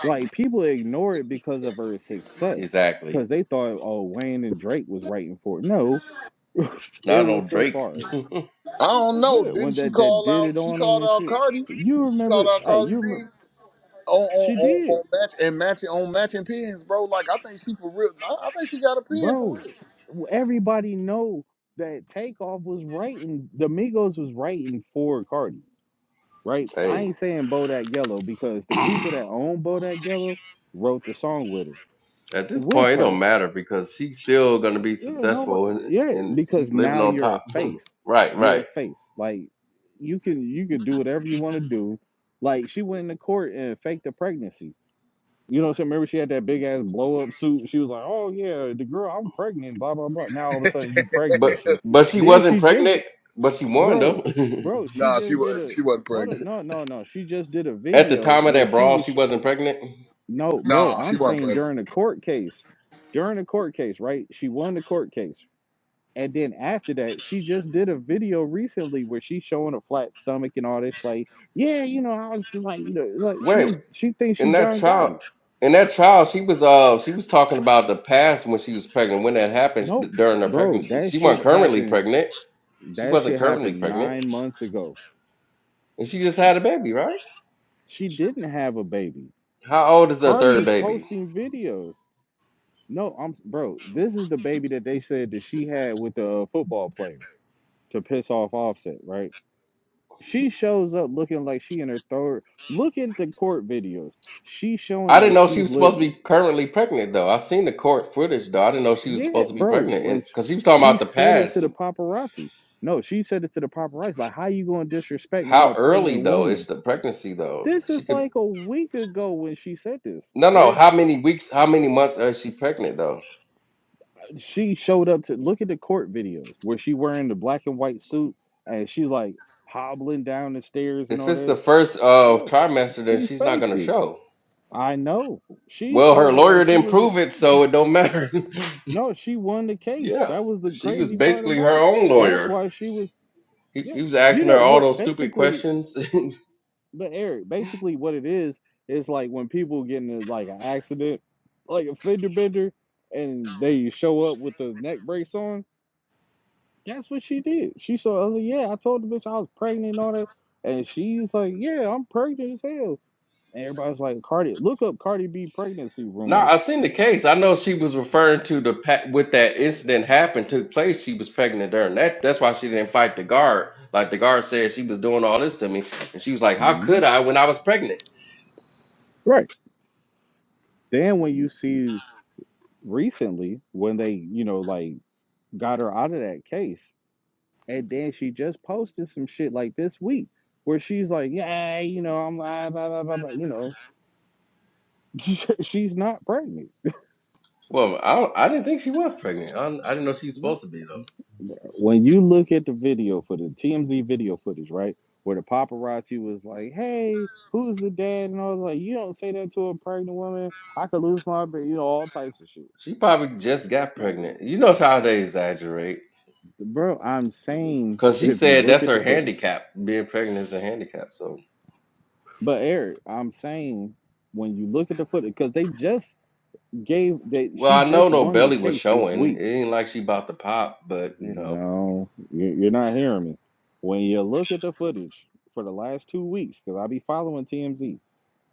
Like people ignore it because of her success, exactly. because they thought oh Wayne and Drake was writing for it. No, it Not was on Drake. Safari. I don't know. Yeah, when Didn't she that that call did it out she on them called and out shit. Cardi? You She called remember? out Hey, you Cardi B. remember? on She on on, did. on match and matching on matching pins, bro. Like I think she for real. I, I think she got a pin for bro. real. Everybody know that Takeoff was writing, the Migos was writing for Cardi, right? I Hey, ain't saying Bodak Yellow because the people that at own Bodak Yellow wrote the song with her, this with point, it don't her. matter because she's still gonna be Yeah, nobody. successful and yeah, and she's because living now on you're a top. face, right, you're right. a face. Like you can you can do whatever you want to do. Like she went into court and faked a pregnancy. You know what I'm saying? Remember she had that big ass blow up suit. She was like, "Oh yeah, the girl, I'm pregnant." Blah blah blah. Now all of a sudden you pregnant and But shit. but she Then wasn't she just, pregnant. But she won bro, though. bro, she nah, she just did was a she wasn't hold up, pregnant. no no no. She just did a at the video time of where that she brawl, was she sh- wasn't pregnant. no, bro. Nah, she I'm wasn't saying pregnant. during the court case, during the court case, right? She won the court case, and then after that, she just did a video recently where she's showing a flat stomach and all this. Like, yeah, you know, I was just like, you know, like Wait. she's she thinks in she that John child Gotti. in that child she was uh she was talking about the past when she was pregnant when that happened No, during her bro, pregnancy that she wasn't shit currently happened. pregnant she That wasn't shit currently happened pregnant nine months ago. and she just had a baby right She didn't have a baby. how old is her Cardi third is baby posting videos. No, I'm bro. This is the baby that they said that she had with the football player to piss off Offset, right? She shows up looking like she in her third. Look at the court videos. She showing i didn't like know she she's was supposed lit. to be currently pregnant though i seen the court footage though i didn't know she was Yeah, supposed to be bro. pregnant and When sh- because she was talking she about the said it to past the paparazzi. No, she said it to the paparazzi. Like, how you gonna disrespect me? I'm how a early pregnant though is woman the pregnancy though This she is could like a week ago when she said this. no no Eric, how many weeks how many months is she pregnant though she showed up to look at the court videos where she wearing the black and white suit and she like hobbling down the stairs and if all it's the that. first uh Yeah, trimester then she she's not faked gonna it. show I know. She Well, showed her up like lawyer she didn't was at prove it, so it don't matter. no, she won the case. yeah, That was the she was crazy part basically her about it. own That's lawyer. why she was He, yeah. he was You asking her know all what those stupid basically questions. But Eric, basically what it is, is like when people get into like an accident, like a fender bender, and they show up with the neck brace on. That's what she did. She saw, I was like, yeah, I told the bitch I was pregnant and all that. And she's like, yeah, I'm pregnant as hell. And everybody's like, Cardi, look up Cardi B pregnancy no, I rumors. seen the case. I know she was referring to the pa- with that incident happened took place. She was pregnant during that. That's why she didn't fight the guard. Like the guard said, she was doing all this to me, and she was like, "How could Mhm. I when I was pregnant?" Right. Then when you see recently when they, you know, like got her out of that case, And then she just posted some shit like this week where she's like, yeah, you know, I'm blah, blah, blah, blah, blah," you know, she's not pregnant. Well, I don't, I didn't think she was pregnant. I, don't- I didn't know she was No. supposed to be though. When you look at the video for the TMZ video footage, right, where the paparazzi was like, hey, who's the dad? And I was like, you don't say that to a pregnant woman. I could lose my, ba-" you know, all types of shit. She probably just got Like, pregnant. You know how they exaggerate. bro, I'm saying Because she if you said look that's at the her footage, handicap. Being pregnant is a handicap. So, but Eric, I'm saying when you look at the footage, because they just gave that well, she I know just no won the belly was case this showing. It week. ain't like she about to pop, but you know. No, you- are not hearing me. When you look at the footage for the last two weeks, because I be following TMZ,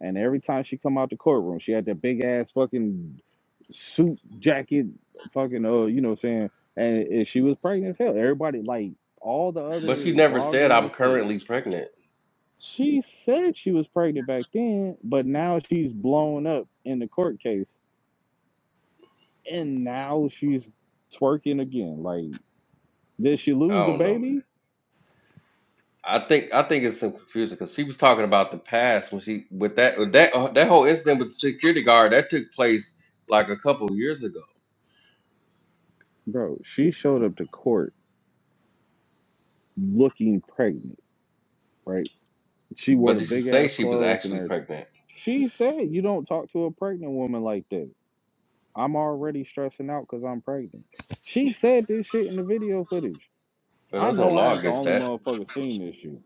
and every time she come out the courtroom, she had that big ass fucking suit jacket, fucking uh, you know what I'm saying? And, and she was pregnant as hell. Everybody like all the But she other never bloggers said I'm and shit. currently pregnant. She said she was pregnant back then, but now she's blown up in the court case and now she's twerking again. Like, did she I lose the don't know, man. baby? I think I think it's some confusion because she was talking about the past when she with that with that uh, that whole incident with the security guard that took place like a couple years ago. Bro, she showed up to court looking pregnant, right? She wore But the did she big say ass she was clothes and actually everything. pregnant? She said, You don't talk to a pregnant woman like that. I'm already stressing out because I'm pregnant. She said this shit in the video footage. But I there's no know I law ain't the against only that. motherfucker seen this shit.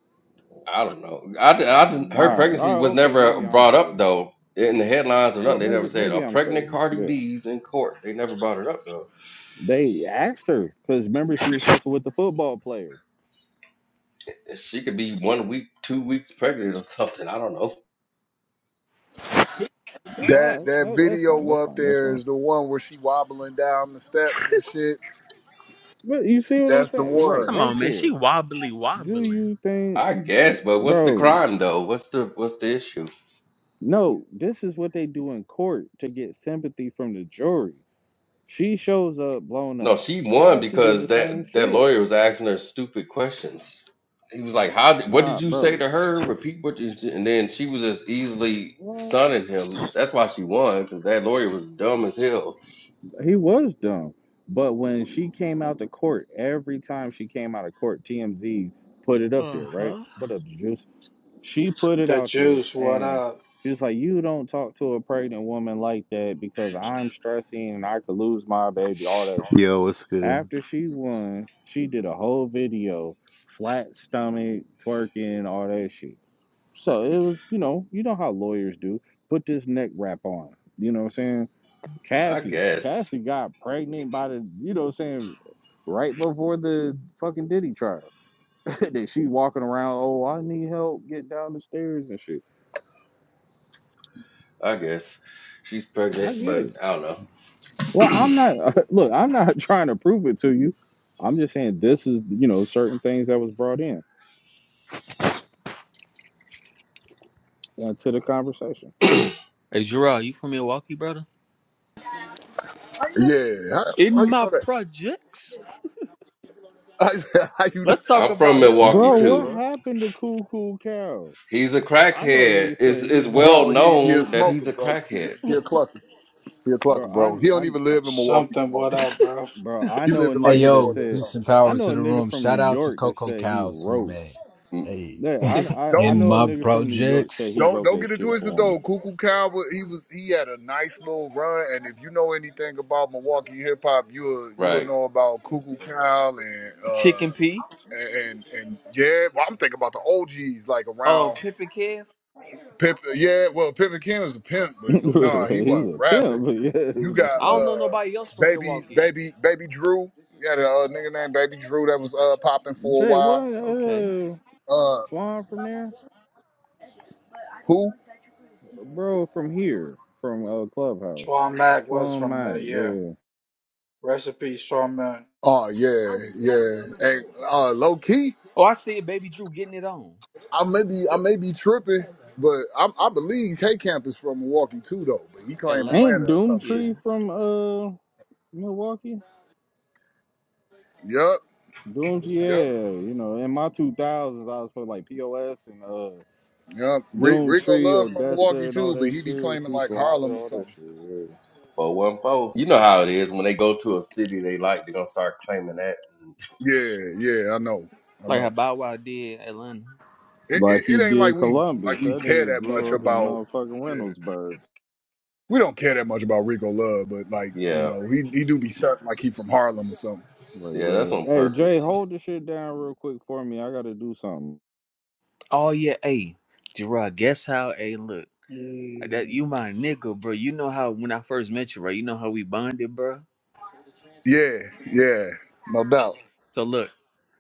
I don't know. I, I All just, her right, all pregnancy right, was okay, never maybe I'm brought up crazy. though in the headlines or nothing. Well, They never maybe said maybe a I'm pregnant crazy. Cardi Yeah, B's in court. They never brought it up though. they asked her because remember she was fucking with the football player. She could be one week, two weeks pregnant or something. I don't know. That All right, that that, that's fine. video That's up fine. That's there fine. is the one where she wobbling down the steps and shit. But you see what I'm That's the saying? Right, one. Come right on, man. there. She wobbly Do wobbling. you think, I guess, that, but what's the bro? crime though? What's the what's the issue? No, this is what they do in court to get sympathy from the jury. She shows up blown up. No, she won Cassie did because the same that that shit. lawyer was asking her stupid questions. He was like, "How? Did, what did Nah, you say bro. to her? Repeat what?" You, said." and then she was just easily Well, sunning him. That's why she won because that lawyer was dumb as hell. he was dumb. But when she came out to court, every time she came out of court, TMZ put it up Uh there, right? huh. Put up the juicy. She put it The out there, juice, what and up? it's like you don't talk to a pregnant woman like that because I'm stressing and I could lose my baby, all that shit. Yo, what's good? After she won, she did a whole video, flat stomach, twerking, all that shit. So it was, you know, you know how lawyers do. Put this neck wrap on. You know what I'm saying? I Cassie, guess. Cassie got pregnant by the, you know what I'm saying, right before the fucking Diddy trial. that she walking around, oh, I need help, get down the stairs and shit. I guess she's I pregnant, get but it. I don't Well, I'm not. Look, I'm not trying to prove it to you. I'm just saying this is, you know, certain things that was brought in uh, to the conversation. know. Hey, Gerard, you from Milwaukee, brother? Yeah, how, In how you know my that? projects, How, you know, let's talk I'm from about his Milwaukee Bro, career, what too. bro. happened to Cool Cool Cow? He's a I know a crackhead. nigga It's said it's he well helped, bro? He he a known that smoker, he's a bro. crackhead. He a clucker. He a clucker, bro. I, bro. He I, don't even I live in Milwaukee no Something, more what either, up, bro. bro? bro, I He know live a in Hey like nigga that Florida yo, or said, peace something. and I power know to a the nigga room. from New Shout out to York that Coco said he Cow too, wrote. man. Mm, Hey, Yeah, I, I, I Don't. in know a my nigga from New York said projects, he Don't wrote don't that get it shit twisted for though. Cuckoo Cowboy, he was he had a nice little run, and if you know anything about Milwaukee hip hop, you'll you'll Right. know about Cuckoo Cal and uh Chicken P. and and yeah. Well, I'm thinking about the OGs like Uh, around Pippin Kev. Pip. Yeah, well, Pimpin' King was a pimp, but him. He's no, Okay. nah, he wasn't a rapping. pimp, but yeah. You he got I don't just- know uh nobody else from baby Milwaukee. baby baby Drew. You had a uh, nigga named Baby Drew that was uh popping for a Jay, while. what? Okay. Uh, Uh, Twan from there? who? Bro, from here, from uh Clubhouse. Mac was Twin from there, Mike, yeah. yeah. Recipe Mac. Oh yeah, yeah. And uh, low key. Oh, I see Baby Drew getting it on. I may be I may be tripping, but I, I believe K Camp is from Milwaukee too, though. But he claimed Atlanta. Atlanta Ain't or some shit. Yeah. Doomtree from uh Milwaukee? Yup, Dooms, yeah. yup, You know, in my two thousands I was playing like POS and uh yup. Re- Rico Doomtree, Love from Odessa Milwaukee and all too, but that he be shit, claiming C like Slaughter, Harlem or all that something. shit, yeah. Four one four. You know how it is when they go to a city they like, they're gonna start claiming that. Yeah, yeah, I know, I Like how know. Bow Wow did Atlanta. It, Like he it, it ain't like did we like Columbus. we That care nigga that much grew up in about. motherfucking Yeah, Reynoldsburg. we don't care that much about Rico Love, but like you Yeah. know, he he do be stuck like he from Harlem or something. But Yeah, that's yeah. on Hey Jay, purpose. hold this shit down real quick for me. I gotta do something. Oh, yeah. Hey, Gerard, guess how? Hey, look. That Mmm. you my nigga, bro. You know how when I first met you, bro. You know how we bonded, bro. Yeah, yeah, no doubt. So look,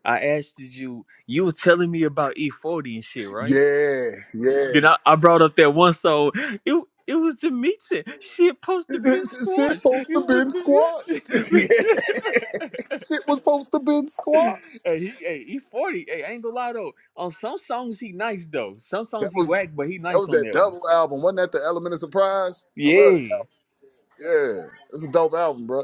I asked you. You was telling me about E40 and shit, right? Yeah, yeah, Then I, I brought up that one song. It it was the meeting. She supposed to It been it- Shit squashed. It supposed to was been squashed. the yeah, meeting. shit was supposed to been hey, squashed. he hey, he 40. Hey, I ain't gonna lie though. On some songs he nice though. Some That songs he was that whack, but he was nice on that that one. double album. Wasn't that the Element of Surprise? I love that Yeah. album. Yeah, it's a dope album, bro.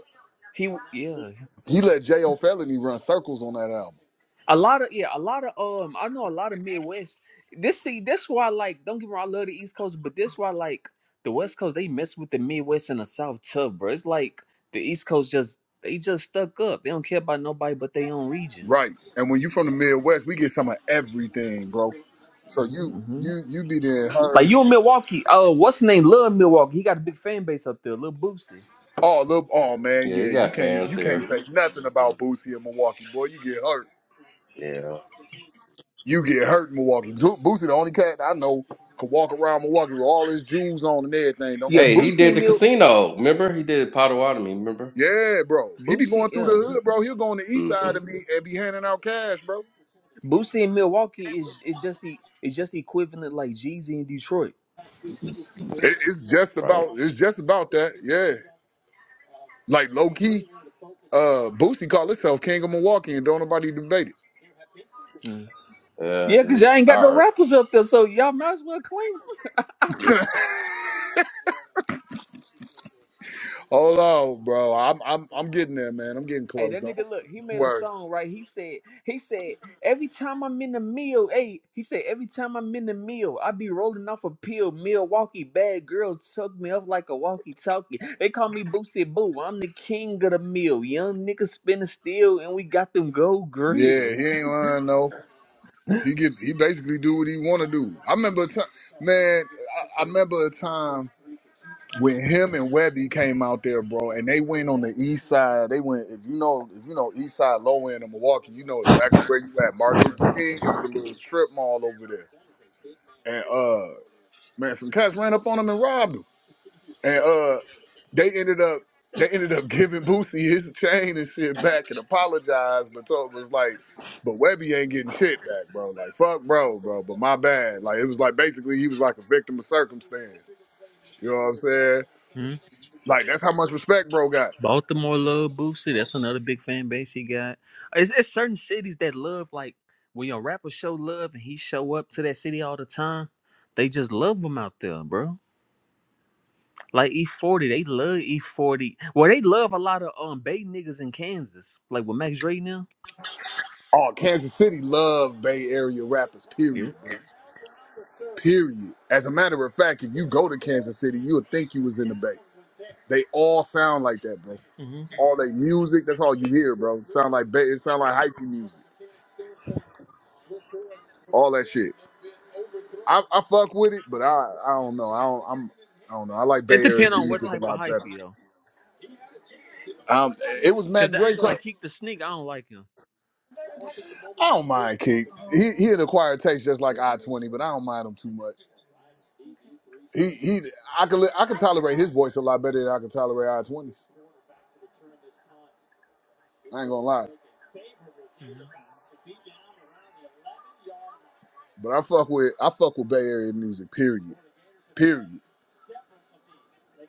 He yeah. He let J.O. Felony run circles on that album. A lot of yeah, a lot of um I know a lot of Midwest. This see, this why I like, don't get me wrong, I love the East Coast, but this why I like the West Coast, they mess with the Midwest and the South tough, bro. It's like the East Coast just they just stuck up. They don't care about nobody but their own region. Right. And when you from the Midwest, we get some of everything, bro. So you hmm you you be there in her. Like you in Milwaukee, uh, what's his name? Love Milwaukee. He got a big fan base up there. Little Boosie. Oh look, oh man, Yeah, he yeah, you got can't fans you can't here. say nothing about Boosie in Milwaukee, boy. You get hurt. Yeah. You get hurt in Milwaukee. Ju- Boosie, the only cat I know, could walk around Milwaukee with all his jewels on and everything. Don't Yeah, get Hey, he touched. did Boosie Bro. the Mil- casino. Remember? He did Potawatomi, remember? Yeah, bro. He be Boosie, going through yeah, the hood, bro. He'll go on the east Mm-hmm. side and be and be handing out cash, bro. Boosie in Milwaukee is is just the is just the equivalent like Jeezy in Detroit. It, it's just Right. about it's just about that. Yeah. Like low key, uh, Boosie called himself King of Milwaukee, and don't nobody debate it. Mm. Yeah, Yeah, then cause he y'all can ain't got no start. rappers up there, so y'all might as well claim. 'em. Hold on, bro. I'm I'm I'm getting there, man. I'm getting Hey, close. that Don't nigga, look, he don't made a worry. song, right? He said, he said, every time I'm in the mill, hey, he said, every time I'm in the mill, I be rolling off a pill. Milwaukee bad girls tuck me up like a walkie-talkie. They call me Boosie Boo. I'm the king of the mill. Young niggas spinning steel, and we got them gold Yeah, he grills. ain't lying though. He get he basically do what he want to do. I remember a time, man. I, I remember a time when him and Webby came out there, bro, and they went on the east side. They went if you know if you know east side low end of Milwaukee, you know exactly where you at. Martin Luther King. It was a little strip mall over there, and uh, man, some cats ran up on him and robbed him. And uh, they ended up they ended up giving Boosie his chain and shit back and apologized, but told was like, but Webby ain't getting shit back, bro. Like fuck, bro, bro. But my bad. Like it was like basically he was like a victim of circumstance. You know what I'm saying? Like that's how much respect, bro, got. Baltimore love Boosie. That's another big fan base he got. It's, it's certain cities that love like when your rapper show love and he show up to that city all the time. They just love him out there, bro. Like E40, they love E40. Well, they love a lot of um Bay niggas in Kansas, like with Max Dre now. Oh, Kansas City love Bay Area rappers. Period, Yeah. bro. Period. As a matter of fact, if you go to Kansas City, you would think you was in the Bay. They all sound like that, bro. hmm All they music, that's all you hear, bro. Sound like Bay. It sound like hype music. All that shit. I, I fuck with it, but I I don't know. I don't I'm I don't know. I like It Bay Area depends on what music a type of lot hyphy better. though, Um, it was cause Mac the Drake. angle like Keek the Sneak, I don't like him. I don't mind Keith. He he an acquired taste just like I twenty, but I don't mind him too much. He he I could li- I could tolerate his voice a lot better than I could tolerate I twenties. I ain't gonna lie. hmm But I fuck with I fuck with Bay Area music, period. Period.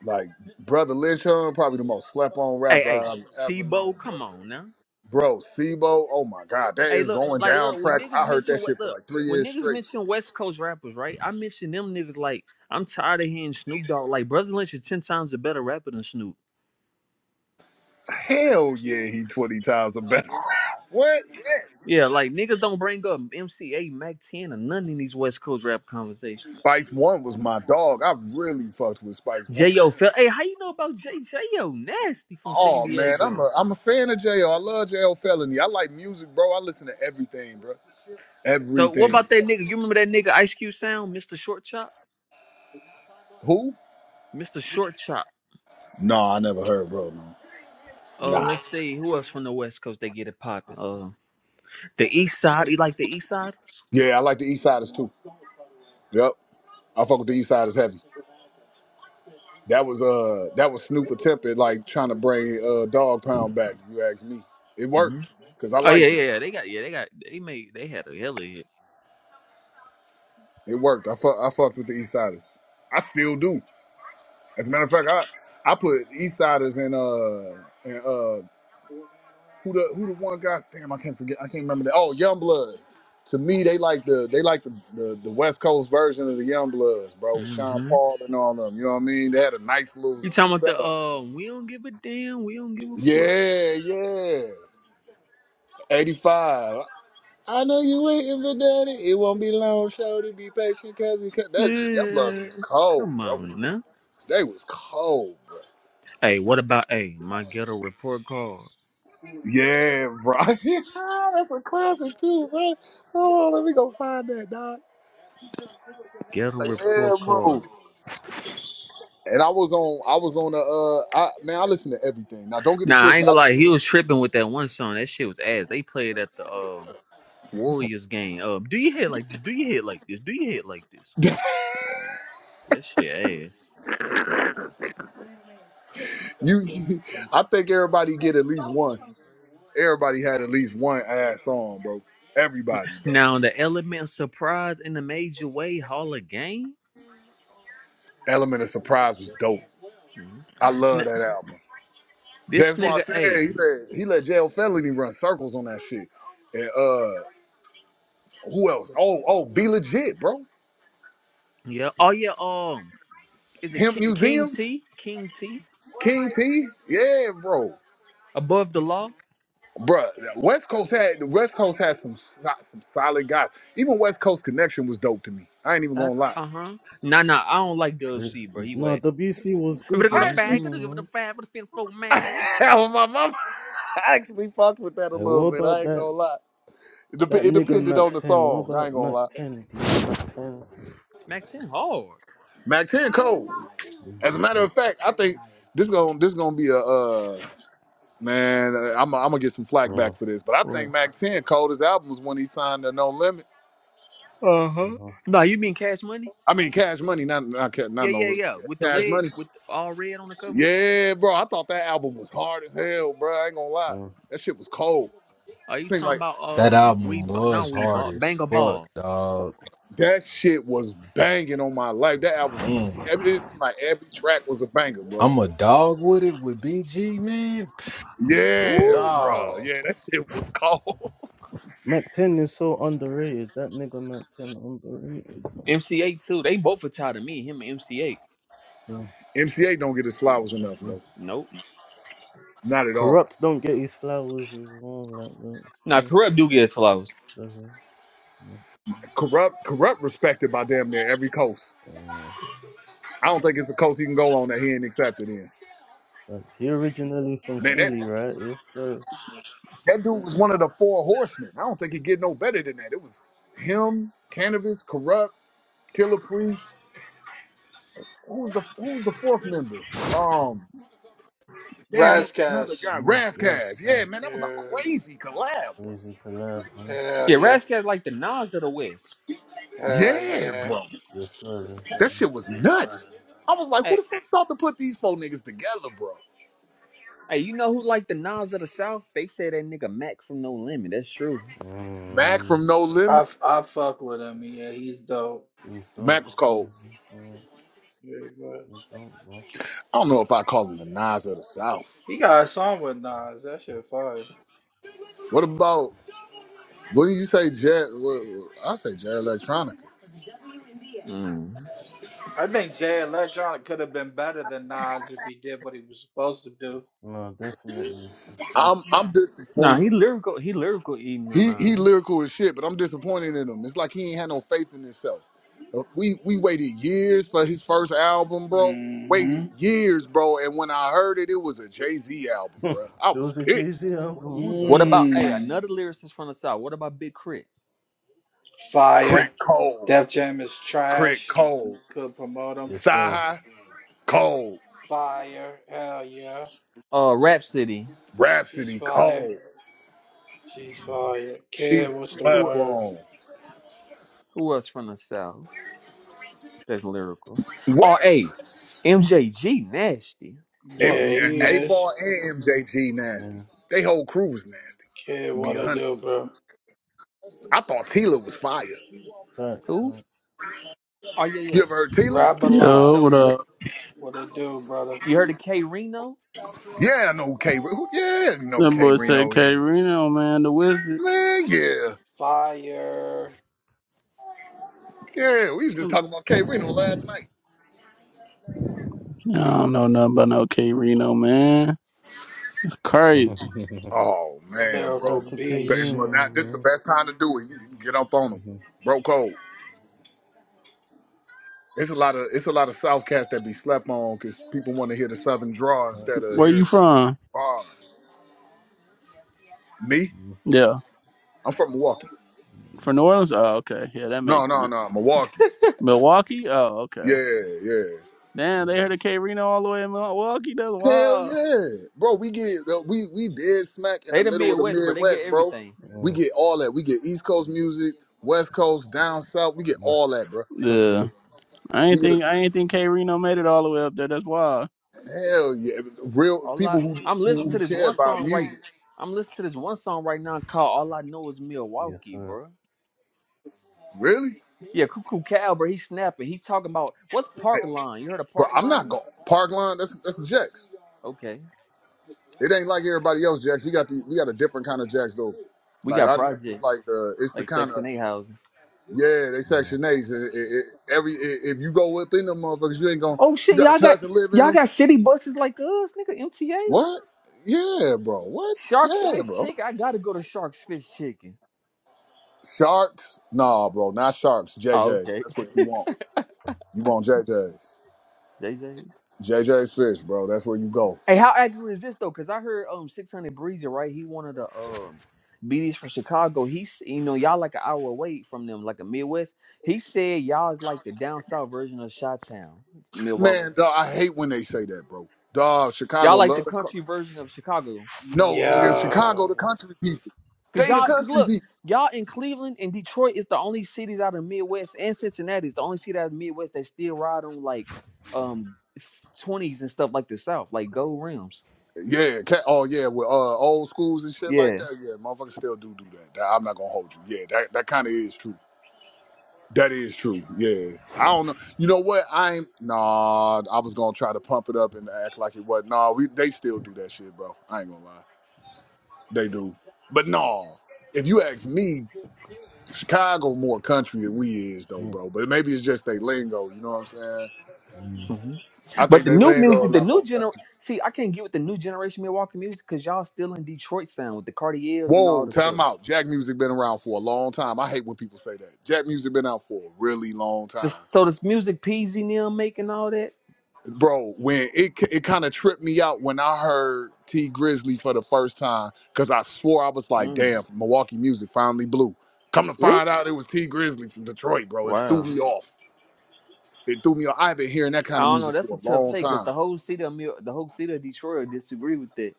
Like Brother Lynchum, probably the most slept on Hey, rapper hey, I've ever known, Sebo, bro. come on now. Bro, Sibo, oh my god, that Hey, is look, going like, down look, when track. niggas I heard mention that what, shit for look, like three when years niggas straight. mention West Coast rappers, right? I mention them niggas like I'm tired of hearing Snoop Dogg. Like, Brother Lynch is ten times a better rapper than Snoop. Hell yeah, he 20 times a better. what? Yes. Yeah, like niggas don't bring up MCA, Mac Ten, or none in these West Coast rap conversations. Spice One was my dog. I really fucked with Spice One. J.O. Fel, hey, how you know about J.J.O. Nasty from San Oh man, I'm a Diego? I'm a fan of J. L. I love JL Felony. I like music, bro. I listen to everything, bro. So what Everything. about that nigga? You remember that nigga Ice Cube sound, Mr. Short Chop, Who? Mr. Short Chop. No, I never heard, bro. No. Uh, Nah. let's see who else from the West Coast they get it popping. Uh, the East Side, you like the East Siders? Yeah, I like the East Siders too. Yep. I fuck with the East Siders heavy. That was uh that was Snoop attempt at like trying to bring uh Dog Pound back, if you ask me. It Mm-hmm. worked. Cause I Oh yeah, liked him. yeah, yeah. They got yeah, they got they made they had a hell of a hit. It worked. I fuck, I fucked with the East Siders. I still do. As a matter of fact, I I put East Siders in uh in uh who the who the one guy? Damn, I can't forget. I can't remember that. Oh, Young Bloods. To me, they like the they like the, the the West Coast version of the Young Bloods, bro. With Sean hmm Paul and all them. You know what I mean? They had a nice little You talking about the setup. um? We don't give a damn. We don't give a fuck. Yeah, yeah. Eighty five. I know you waiting for daddy. It won't be long, shorty. Be patient, cause he cut. That the Young Bloods was Yeah. cold, Come bro. on now. They was cold, bro. Hey, what about hey my ghetto report card? Yeah, bro. That's a classic too, bro. Hold on, let me go find that, dog. Ghetto yeah, report card. bro. And I was on, I was on the, uh, I, man, I listen to everything. Now, don't get it Nah, I twisted. ain't I, gonna lie. He was tripping with that one song. That shit was ass. They played at the uh, Warriors game. Um, do you hit like this? Do you hit like this? Do you hit like this? That shit ass. you, I think everybody get at least one. Everybody had at least one ass song, bro. Everybody, bro. Now the element surprise in the major way hall of game. Element of Surprise was dope. I Mhm. love that album. This That's why I nigga said A. he let he let Jail Felony run circles on that shit. and uh. Who else? Oh, oh, be legit, bro. Yeah. Oh yeah. Um. Is it Hemp Ki- King Museum, T? King T? King T, yeah, bro, Above the law? bro. West Coast had the West Coast had some so- some solid guys. Even West Coast Connection was dope to me. I ain't even Uh gonna lie. huh. Nah, nah. I don't like Dub I- C, bro. He Nah, whack. WC was If it good, go to I man. actually, bag, Come I on, give it a man. five for the fin four mag. hell, my mama, I actually fucked with that a Hey, what little bit. about I ain't gonna that lie. It, dep- that it nigga depended Mac on the Ten? What song. I about ain't gonna Mac lie. Ten? Mac Ten. Max ten hard. Mac 10 Cole. As a matter of fact, I think this gonna this gonna be a uh Man, I'm, I'm gonna get some flack Yeah, back for this, but I think Mac Ten called his albums when he signed to No Limit. Uh huh. yeah, Nah, you mean Cash Money? I mean, Cash Money, not not, Ca- Yeah, not No yeah, Limit. yeah. Yeah, With the Cash red, Money. with all red on the cover. Yeah, bro, I thought that album was hard as hell, bro. I ain't gonna lie, yeah. that shit was cold. Are It you seemed talking like about that um we? album Ba- was Not we hard ball. as Banger fuck, ball. dog. that shit was banging on my life. That album was. Man, every- It seemed like every track was a banger, bro. I'm a dog with it with BG, man. Psh, Yeah, Ooh. bro. Dog. Yeah, that shit was cold. Mac Ten is so underrated. That nigga Mac Ten underrated. Man. MC8 too. They both are tired of me. Him and MC8. Yeah, MCA don't get his flowers that's enough, it. bro. Nope. Not at all. Corrupt don't get his flowers as well. Like that, Nah, still, corrupt do get flowers. does he? Yeah. Corrupt, corrupt, respected by damn near every coast. Mm. I don't think it's a coast he can go on that he ain't accepted in. Like, he originally from Man, that Philly, right? Yes, sir. that dude was one of the four horsemen. I don't think he get no better than that. It was him, Cannabis, Corrupt, Killer Priest. Who was the who was the fourth member? Um, damn, it was another Razzcast. guy, Yes, Rathcash. Yeah, right. man, that was a Yeah. crazy collab, bro. Crazy collab, huh? Hell Yeah, yeah. Rascal's like the Nas of the West. Hell Yeah, yeah. bro, Yes, sir. Yes, sir. that shit was nuts. I was like, who Hey, the fuck thought to put these four niggas together, bro? hey, you know who like the Nas of the South? They say that nigga Mac from No Limit. That's true. Mac Mm, from No I, Limit. f- I fuck with him, yeah. He's dope. Please don't. Mac was cold. don't, don't, Very You much. don't, bro. I don't know if I call him the Nas of the South. He got a song with Nas. That shit fire. What about? What do you say, jazz? Well, I say jazz electronica. Mm. I think Jay Electronic could have been better than Nas if he did what he was supposed to do. No, definitely, for sure. I'm I'm Nah, he disappointed. lyrical. He lyrical eating on. He Uh... he lyrical as shit, but I'm disappointed in him. It's like he ain't had no faith in himself. Uh, We we waited years for his first album, bro. Waited hmm years, bro. And when I heard it, it was a Jay Z album, bro. I it was was a Jay-Z pissed. album. What the What fuck? about hey Mm. another lyricist from the South? What about Big Crit? Crit Fire. cold, Def Jam is Crit trash. cold, Could promote him. Yes, sir. sigh, cold, Fire. Hell yeah. Uh, Rap City. She's Rhapsody fire. cold, She's Mm, fire. She Kid, what's the Who slept word? on. who else from the South that's lyrical? Where? Oh, hey, MJG nasty. M- What? Yeah, mm, he A mm, is. Ball and MJG nasty. Yeah, They whole crew was nasty. Kid, Be what a it hundred. do, bro? I thought Tila was fire. facts, Who? huh? Oh yeah You yeah ever heard Tila? Rap a yeah yeah. Yo, lot. Show what enough. up? What it do, brother? You heard of K Reno? Yeah, I know who K. Who, yeah, I know who That K. boy said Reno K is. Reno, man, the wizard. Man, yeah, Fire. yeah. We was just talking about K. Reno last night. Nah, I don't know nothing about no K Reno, man. It's crazy. Oh man, Shout bro. Lyrical out to K But- it's- Beast. Well, now Reno, this is the man. best time to do it. You can get up on them, Mhm. bro. Cold. It's a lot of it's a lot of South cats that be slept on because people want to hear the Southern draw instead of Where Mm, hearing you some from? bars. Me, Yeah. I'm from Milwaukee. From New Orleans? Oh, okay. Yeah, that No, makes no, sense. no, Milwaukee. Milwaukee? Oh, okay. Yeah, yeah. Damn, they heard of K Reno all the way in Milwaukee. That's Hell wild. yeah, bro. We get uh, we we dead smack in the They the middle of the Midwest, bro. They get Midwest, bro. everything. We mm, get all that. We get East Coast music, West Coast, down south. We get mm. all that, bro. Trust me. Yeah. I We ain't get a think I ain't think K Reno made it all the way up there. That's wild. hell yeah, real All people I who I'm listening who who to this care one about song right. music. I'm listening to this one song right now called "All I Know Is Yes, Milwaukee," sir. bro. Really, Yeah, Cuckoo Cal, bro. He's snapping. He's talking about what's park line. You heard of bro. park I'm not line? going Parkline. That's that's the Jacks. Okay, It ain't like everybody else Jacks. We got the we got a different kind of Jacks though. we Like got our Jacks is projects like the it's the like kind of Section Eight houses. Yeah, they Uh, Section Eights. And it, it, every i- if you go within them motherfuckers, you ain't gonna. Oh You shit, got a y'all got cousin live in y'all them. got city buses like us, nigga. MTA. What? Yeah, bro. What? Sharks Yeah, Fish bro. Chicken. I gotta go to Sharks Fish Chicken. Sharks? Nah, bro. Not sharks. Oh JJ's. okay. That's what you want. You want JJ's. JJ's. JJ's fish, bro. That's where you go. Hey, how accurate is this though? Because I heard um 600 Breezer, right? He one of the um BDs from Chicago. He's you know y'all like an hour away from them, like a Midwest. He said y'all is like the down south version of Chi-Town, Milwaukee. Man, dawg, I hate when they say that, bro. Dog, Chicago Y'all like the love the. cou- country version of Chicago. No, nigga, Chicago the Yo. country people. Cause They the y'all, cause country look, people. y'all in Cleveland and Detroit is the only cities out of the Midwest and Cincinnati is the only city out of the Midwest that still ride on like um 20s and stuff like the South, like gold rims. Yeah, cat. Oh yeah, with uh old schools and shit like Yeah. that. Yeah, motherfuckers still do do that. That- I'm not gonna hold you. Yeah, that that kind of is true. That is true. Yeah, I don't know. You know what? I ain't. Nah, I was gonna try to pump it up and act like it was. Nah, we they still do that shit, bro. I ain't gonna lie. They do. But nah, if you ask me, Chicago more country than we is though, bro. But maybe it's just they lingo. You know what I'm saying? Mm. I But think the they new lingo a music, the lot new more. gener see, I can't get with the new generation Milwaukee music because y'all still in Detroit sound with the Cartiers and all Whoa, the time stuff. out. Jack music been around for a long time. I hate when people say that. Jack music been out for a really long This- time. so this music PZ Neil making all that. Bro, when it it kind of tripped me out when I heard T Grizzly for the first time cuz I swore I was like, Mm, "Damn, Milwaukee music finally blew." Come to really? find out it was T Grizzly from Detroit, bro. It threw Wow. me off. It threw me off. I've been hearing that I kind of don't music know. That's a for a tough long take time. because the whole city of Mil- the whole city of Detroit will disagree with that.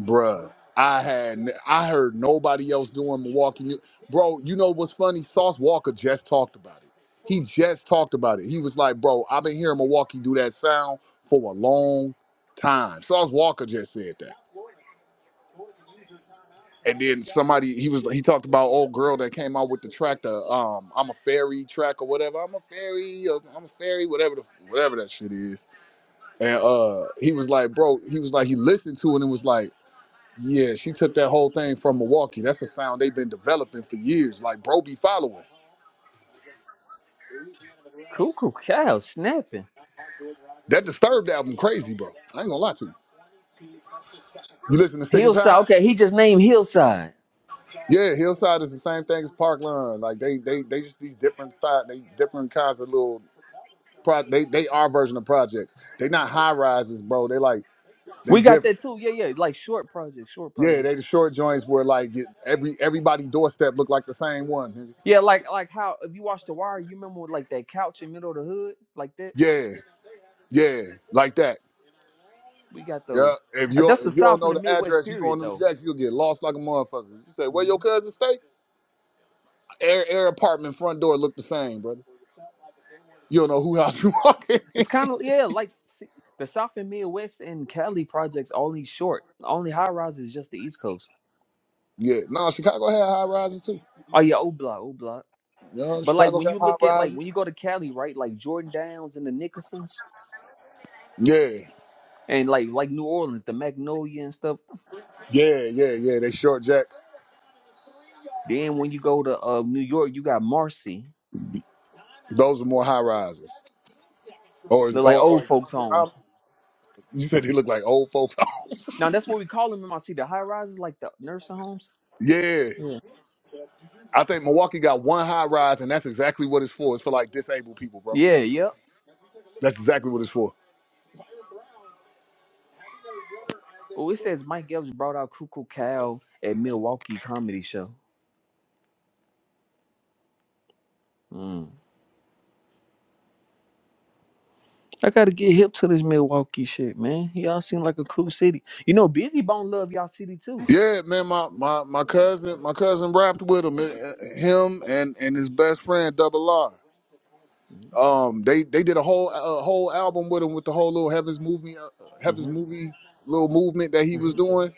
bruh. I had I heard nobody else doing Milwaukee music. Bro, you know what's funny? Sauce Walker just talked about it. He just talked about it. He was like, bro, I've been hearing Milwaukee do that sound for a long time. Sauce Walker just said that. And then somebody he was he talked about old girl that came out with the track the um I'm a fairy track or whatever. I'm a fairy, uh, I'm a fairy, whatever the whatever that shit is. And uh he was like, bro, he was like, he listened to it and was like, Yeah, she took that whole thing from Milwaukee. That's a sound they've been developing for years. Like, bro, be following. Cuckoo cow snapping. That Disturbed album, crazy, bro. I ain't gonna lie to you. You listen to Sick and Hillside. Tide? Okay, he just named Hillside. Yeah, Hillside is the same thing as Parkland. Like, they they they just these different side, they different kinds of little pro. They they our version of projects. They not high rises, bro. They like they We got different. that too. Yeah, yeah. Like short project, short Yeah, project. they the short joints where like every everybody doorstep look like the same one. nigga. Yeah, like like how if you watch The Wire, you remember like that couch in middle of the hood, like that. Yeah, yeah, like that. We got those. Yeah, if Uh, you That's the if you don't South and know the the Midwest address, you go period, on them though. jacks, you'll get lost like a motherfucker. You say where your Mhm. cousin stay? Air air apartment front door look the same, brother. You don't know who house you walk in. It's kind of yeah, like see, the South and Midwest and Cali projects only short. Only high rise is just the East Coast. yeah, no, Chicago had high rises too. Oh yeah, O block, O block. You know, But like Chicago when got you high look at like when you rises. go to Cali, right? Like Jordan Downs and the Nickersons, Yeah, and like like New Orleans, the Magnolia and stuff. yeah, yeah, yeah. They short jacks. Then when you go to uh New York, you got Marcy. Those are more high rises. Or is- They're like or or old folks' homes. I'm- you said they look like old folks. Now that's what we call them in my city. The high rises, like the nursing homes. yeah, Yeah. I think Milwaukee got one high rise, and that's exactly what it's for. It's for like disabled people, bro. Yeah, yep. That's exactly what it's for. Oh, it says Mike Epps brought out Cuckoo Cow at Milwaukee Comedy Show. Mm. I gotta get hip to this Milwaukee shit, man. Y'all seem like a cool city. You know, Busy Bone love y'all city too. Yeah, man, my, my, my cousin my cousin rapped with him, uh, him and, and his best friend Double R. Um, they they did a whole a whole album with him with the whole little Heaven's movie uh, Heaven's Mm-hmm. movie little movement that he was hmm doing.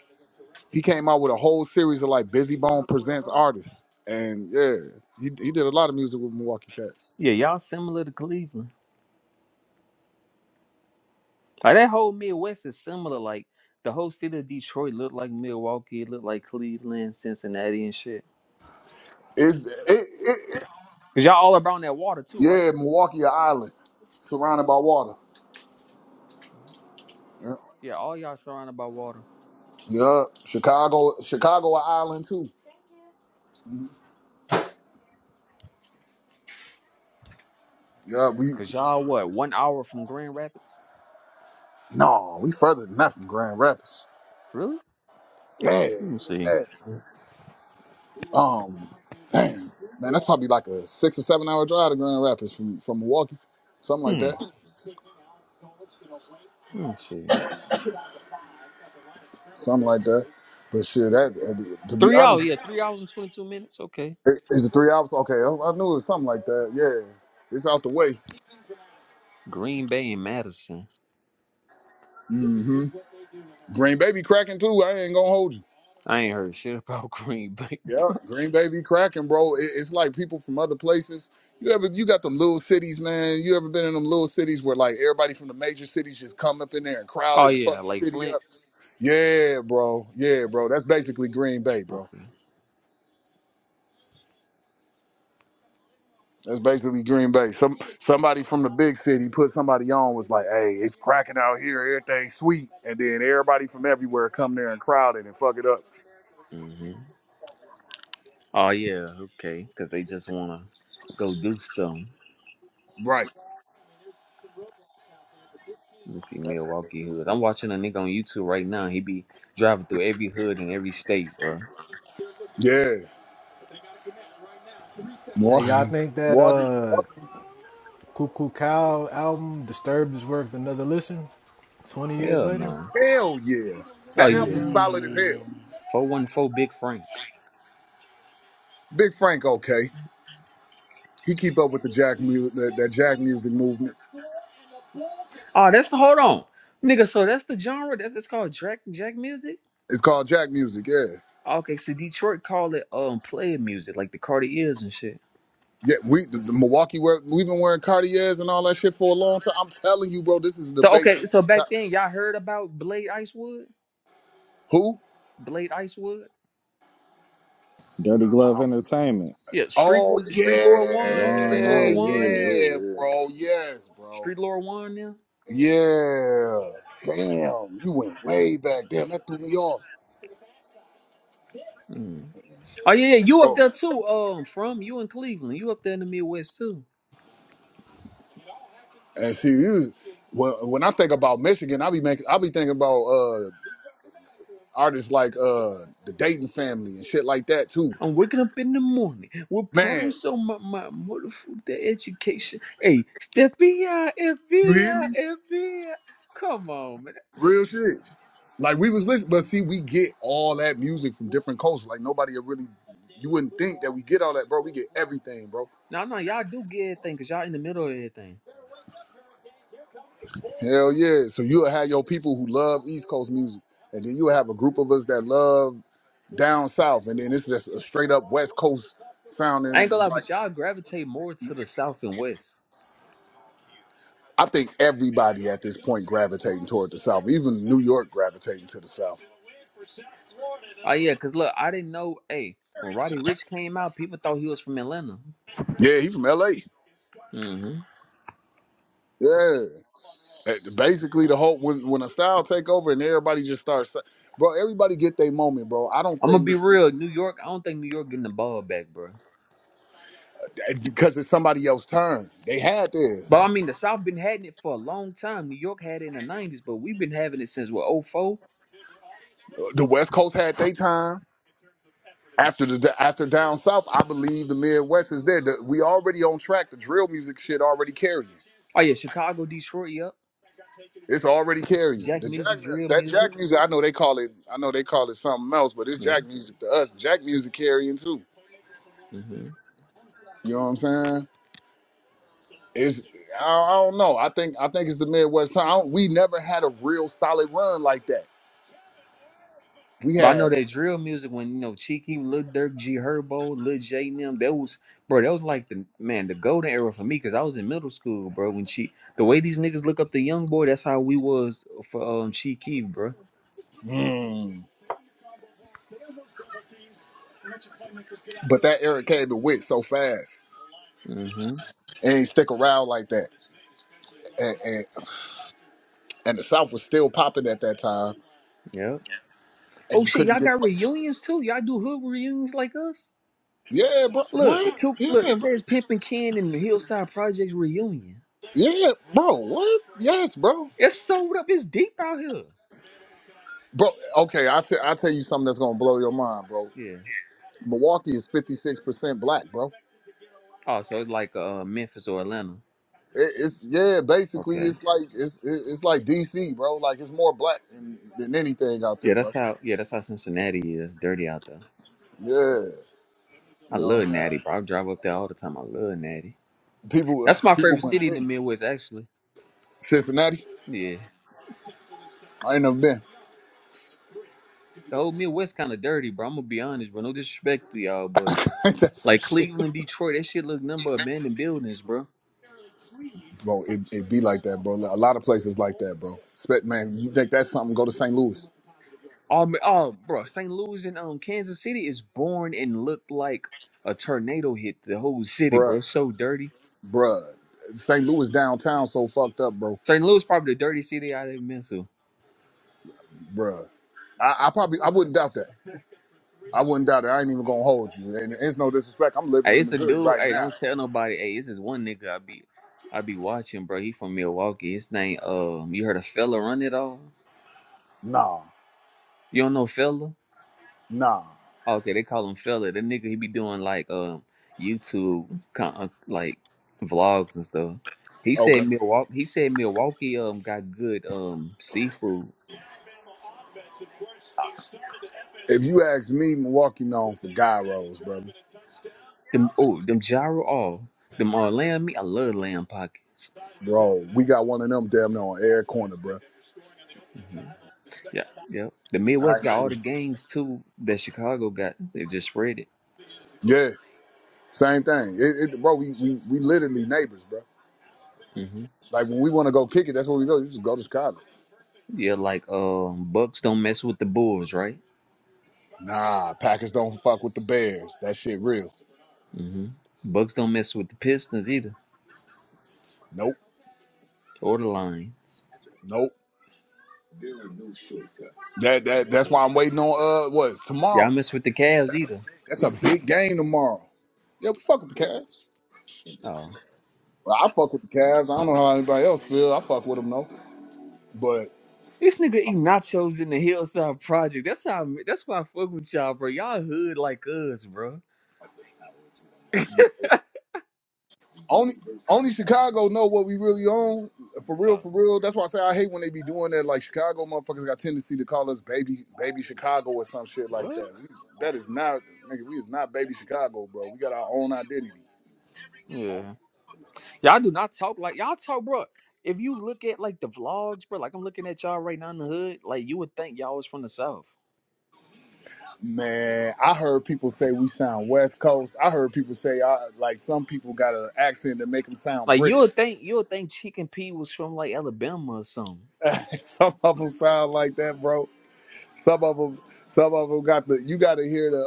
He came out with a whole series of like Busy Bone presents artists, and yeah, he he did a lot of music with Milwaukee Cats. Yeah, y'all similar to Cleveland. Like that whole Midwest is similar. Like the whole city of Detroit look like Milwaukee, it look like Cleveland, Cincinnati, and shit. It's it, it, it Cause y'all all around that water too, right? yeah, Milwaukee an island surrounded by water. Mhm. Yeah, Yeah, all y'all surrounded by water. yeah. Chicago Chicago an island too. Yeah, we Cause y'all what? One hour from Grand Rapids? No, we further than that from Grand Rapids. Really? Yeah, Let me see. yeah. Um, dang, man, that's probably like a six or seven hour drive to Grand Rapids from from Milwaukee, something like Hmm. that, Let me see. something like that. But shit, that uh, to be Three honest, hours, yeah, three hours and twenty two minutes. Okay. it, it's a three hours. Okay, I, I knew it was something like that. Yeah, it's out the way. Green Bay and Madison. hmm Green Bay be cracking too. I ain't gonna hold you. I ain't heard shit about Green Bay. Yeah, Green Bay be cracking, bro. It, it's like people from other places. You ever you got them little cities, man. You ever been in them little cities where like everybody from the major cities just come up in there and crowd Oh it and yeah, fuck the Lake city Flint. up? Yeah, bro. Yeah, bro. That's basically Green Bay, bro. Okay. That's basically Green Bay. Some somebody from the big city put somebody on was like, "Hey, it's cracking out here. Everything's sweet," and then everybody from everywhere come there and crowd it and fuck it up. hmm Oh yeah, okay. Cause they just wanna go do stuff. Right. Let me see Milwaukee hood. I'm watching a nigga on YouTube right now. He be driving through every hood in every state, bro. Yeah. Hey, Milwaukee, y'all think that Milwaukee uh Milwaukee Cuckoo Cow album Disturbed is worth another listen? Twenty years Hell later? no. Hell yeah. That Oh Hell yeah. album's yeah. solid as hell. Mm. Four one four Big Frank. Big Frank, okay. He keep up with the Jack music, that, that Jack music movement. Oh, that's the hold on, nigga. So that's the genre. That's it's called Jack Jack music. It's called Jack music, yeah. Okay, so Detroit call it um player music, like the Cartiers and shit. Yeah, we the, the Milwaukee wear, we've been wearing Cartiers and all that shit for a long time. I'm telling you, bro, this is a So debate okay, that so back then y'all heard about Blade Icewood, who? Blade Icewood. No. Dirty Glove Entertainment. Yeah, Street Wa- Oh Street Lord One, Law Street and yeah, Lord order, yeah, One now, yeah, yeah, yeah. bro, yes, bro, Street Lord One now. yeah. Damn, you went way back. Damn, that threw me off. Mm. Oh yeah, yeah, you up there too? Um, from you in Cleveland, you up there in the Midwest too. And she was when when I think about Michigan, I be making I be thinking about uh artists like uh the Dayton family and shit like that too. I'm waking up in the morning with Man, problems on my my motherfucking education. Hey, step FBI, you hear FBI, me? Come on, Real man. shit. Like we was listening, but see, we get all that music from different coasts. Like nobody would really you wouldn't think that we get all that, bro. We get everything, bro. No, no, y'all do get everything because y'all in the middle of everything. Hell yeah. So you'll have your people who love East Coast music. And then you'll have a group of us that love down south. And then it's just a straight up West Coast I ain't gonna sounding lie, like but y'all gravitate more to the south and west. I think everybody at this point gravitating toward the South, even New York gravitating to the South. Oh yeah, cause look, I didn't know. Hey, when Roddy Rich came out, people thought he was from Atlanta. Yeah, he from L.A. hmm Yeah, Uh, basically the whole when when a style take over and everybody just starts, bro. Everybody get their moment, bro. I don't I'm gonna be think real. New York, I don't think New York getting the ball back, bro. eh, because it's somebody else's turn. They had But I theirs. mean, the South been having it for a long time. New York had it in the '90s, but we've been having it since what '04. The West Coast had their time. After the after down south, I believe the Midwest is there. The, we already on track. The drill music shit already carrying. Oh yeah, Chicago, Detroit, yep. It's already carrying Jack the jack. music, drill That music. jack music, I know they call it. I know they call it something else, but it's jack music to us. Jack music carrying too. Yeah. You know what I'm saying? It's I, I don't know. I think I think it's the Midwest. I don't, we never had a real solid run like that. We But I know had, that drill music when you know Cheeky, Lil Durk, G Herbo, Lil J and them, that was bro, that was like the man, the golden era for me because I was in middle school, bro. When she the way these niggas look up the young boy, that's how we was for um Cheeky, bro. mm, but that era came and went so fast. Mm-hmm. It ain't stick around like that. And, and and the South was still popping at that time, Yep. and Oh you shit, couldn't y'all get got away from it. reunions too? Y'all do hood reunions like us? Yeah, bro. Look, What? Q- look, Yeah, it bro. says Pimp and Ken and the Hillside Projects reunion. Yeah, bro. What? Yes, bro. It's sold up, it's deep out here. Bro, okay, I te- I tell you something that's gonna blow your mind, bro. Yeah. Milwaukee is fifty six percent black, bro. Oh, so it's like uh Memphis or Atlanta. It, it's yeah, basically Okay. it's like it's it- it's like DC, bro. Like it's more black than, than anything out Yeah, there, bro. that's how. Yeah, that's how Cincinnati is. Dirty out there. Yeah, I you know what I'm love saying. Natty, bro. I drive up there all the time. I love Natty. People That's my people favorite wouldn't city in the think Midwest, actually. Cincinnati. Yeah, I ain't never been. the whole Midwest kind of dirty, bro. I'm gonna be honest, bro. No disrespect to y'all, but Ain't that some like shit, Cleveland, Detroit, that shit look number abandoned buildings, bro. bro? It it be like that, bro. A lot of places like that, bro. Spec man, you think that's something? Go to St. Louis, Oh, ma- oh, bro. St. Louis and um Kansas City is born and looked like a tornado hit the whole city, bruh, bro. So dirty. bruh. St. Louis downtown so fucked up, bro. St. Louis probably the dirtiest city I've ever been to. bruh. I, I probably I wouldn't doubt that. I wouldn't doubt it. I ain't even gonna hold you. And it's no disrespect. I'm living Hey, in it's a Missouri dude. right Hey, now. don't tell nobody. Hey, it's this is one nigga I be I be watching, bro. He from Milwaukee. His name um you heard of fella run it all? Nah, You don't know fella? nah. Okay, they call him fella. That nigga he be doing like um YouTube con- uh, like vlogs and stuff. He Okay. said Milwaukee he said Milwaukee um got good um seafood. If you ask me, Milwaukee known for guy rolls, brother. Them oh them gyro all them uh, lamb meat. I love lamb pockets. Bro, we got one of them damn near on air corner, bro. Mhm. Yeah, yeah. The I Midwest ain't got all doing the shit. gangs too that Chicago got. They just spread it. yeah, same thing. It, it, bro, we, we we literally neighbors, bro. Mm-hmm. Like when we want to go kick it, that's where we go. You just go to Chicago. Yeah, like um, Bucks don't mess with the Bulls, right? Nah, Packers don't fuck with the Bears. That shit real. Mm-hmm. Bucks don't mess with the Pistons either, Nope, or the Lions. nope. That that that's why I'm waiting on uh what Y'all tomorrow. mess with the Cavs either. That's a big game tomorrow. Yeah, we fuck with the Cavs. Oh. Well, I fuck with the Cavs. I don't know how anybody else feel. I fuck with them though. But This nigga eat nachos in the Hillside Project. That's how. I, that's why I fuck with y'all, bro. Y'all hood like us, bro. only only Chicago know what we really own. For real, Oh. for real. That's why I say I hate when they be doing that. Like Chicago motherfuckers got tendency to call us baby baby Chicago or some shit like What? that. We, that is not nigga, we is not baby Chicago, bro. We got our own identity. Yeah. Y'all do not talk like y'all talk, bro. If you look at like the vlogs, bro, like I'm looking at y'all right now in the hood, like you would think y'all was from the South. Man, I heard people say we sound West Coast. I heard people say I, like some people got an accent that make them sound Like you British. would think you would think Chicken P was from like Alabama or something. some of them sound like that, bro. Some of them, some of them got the. You got to hear the.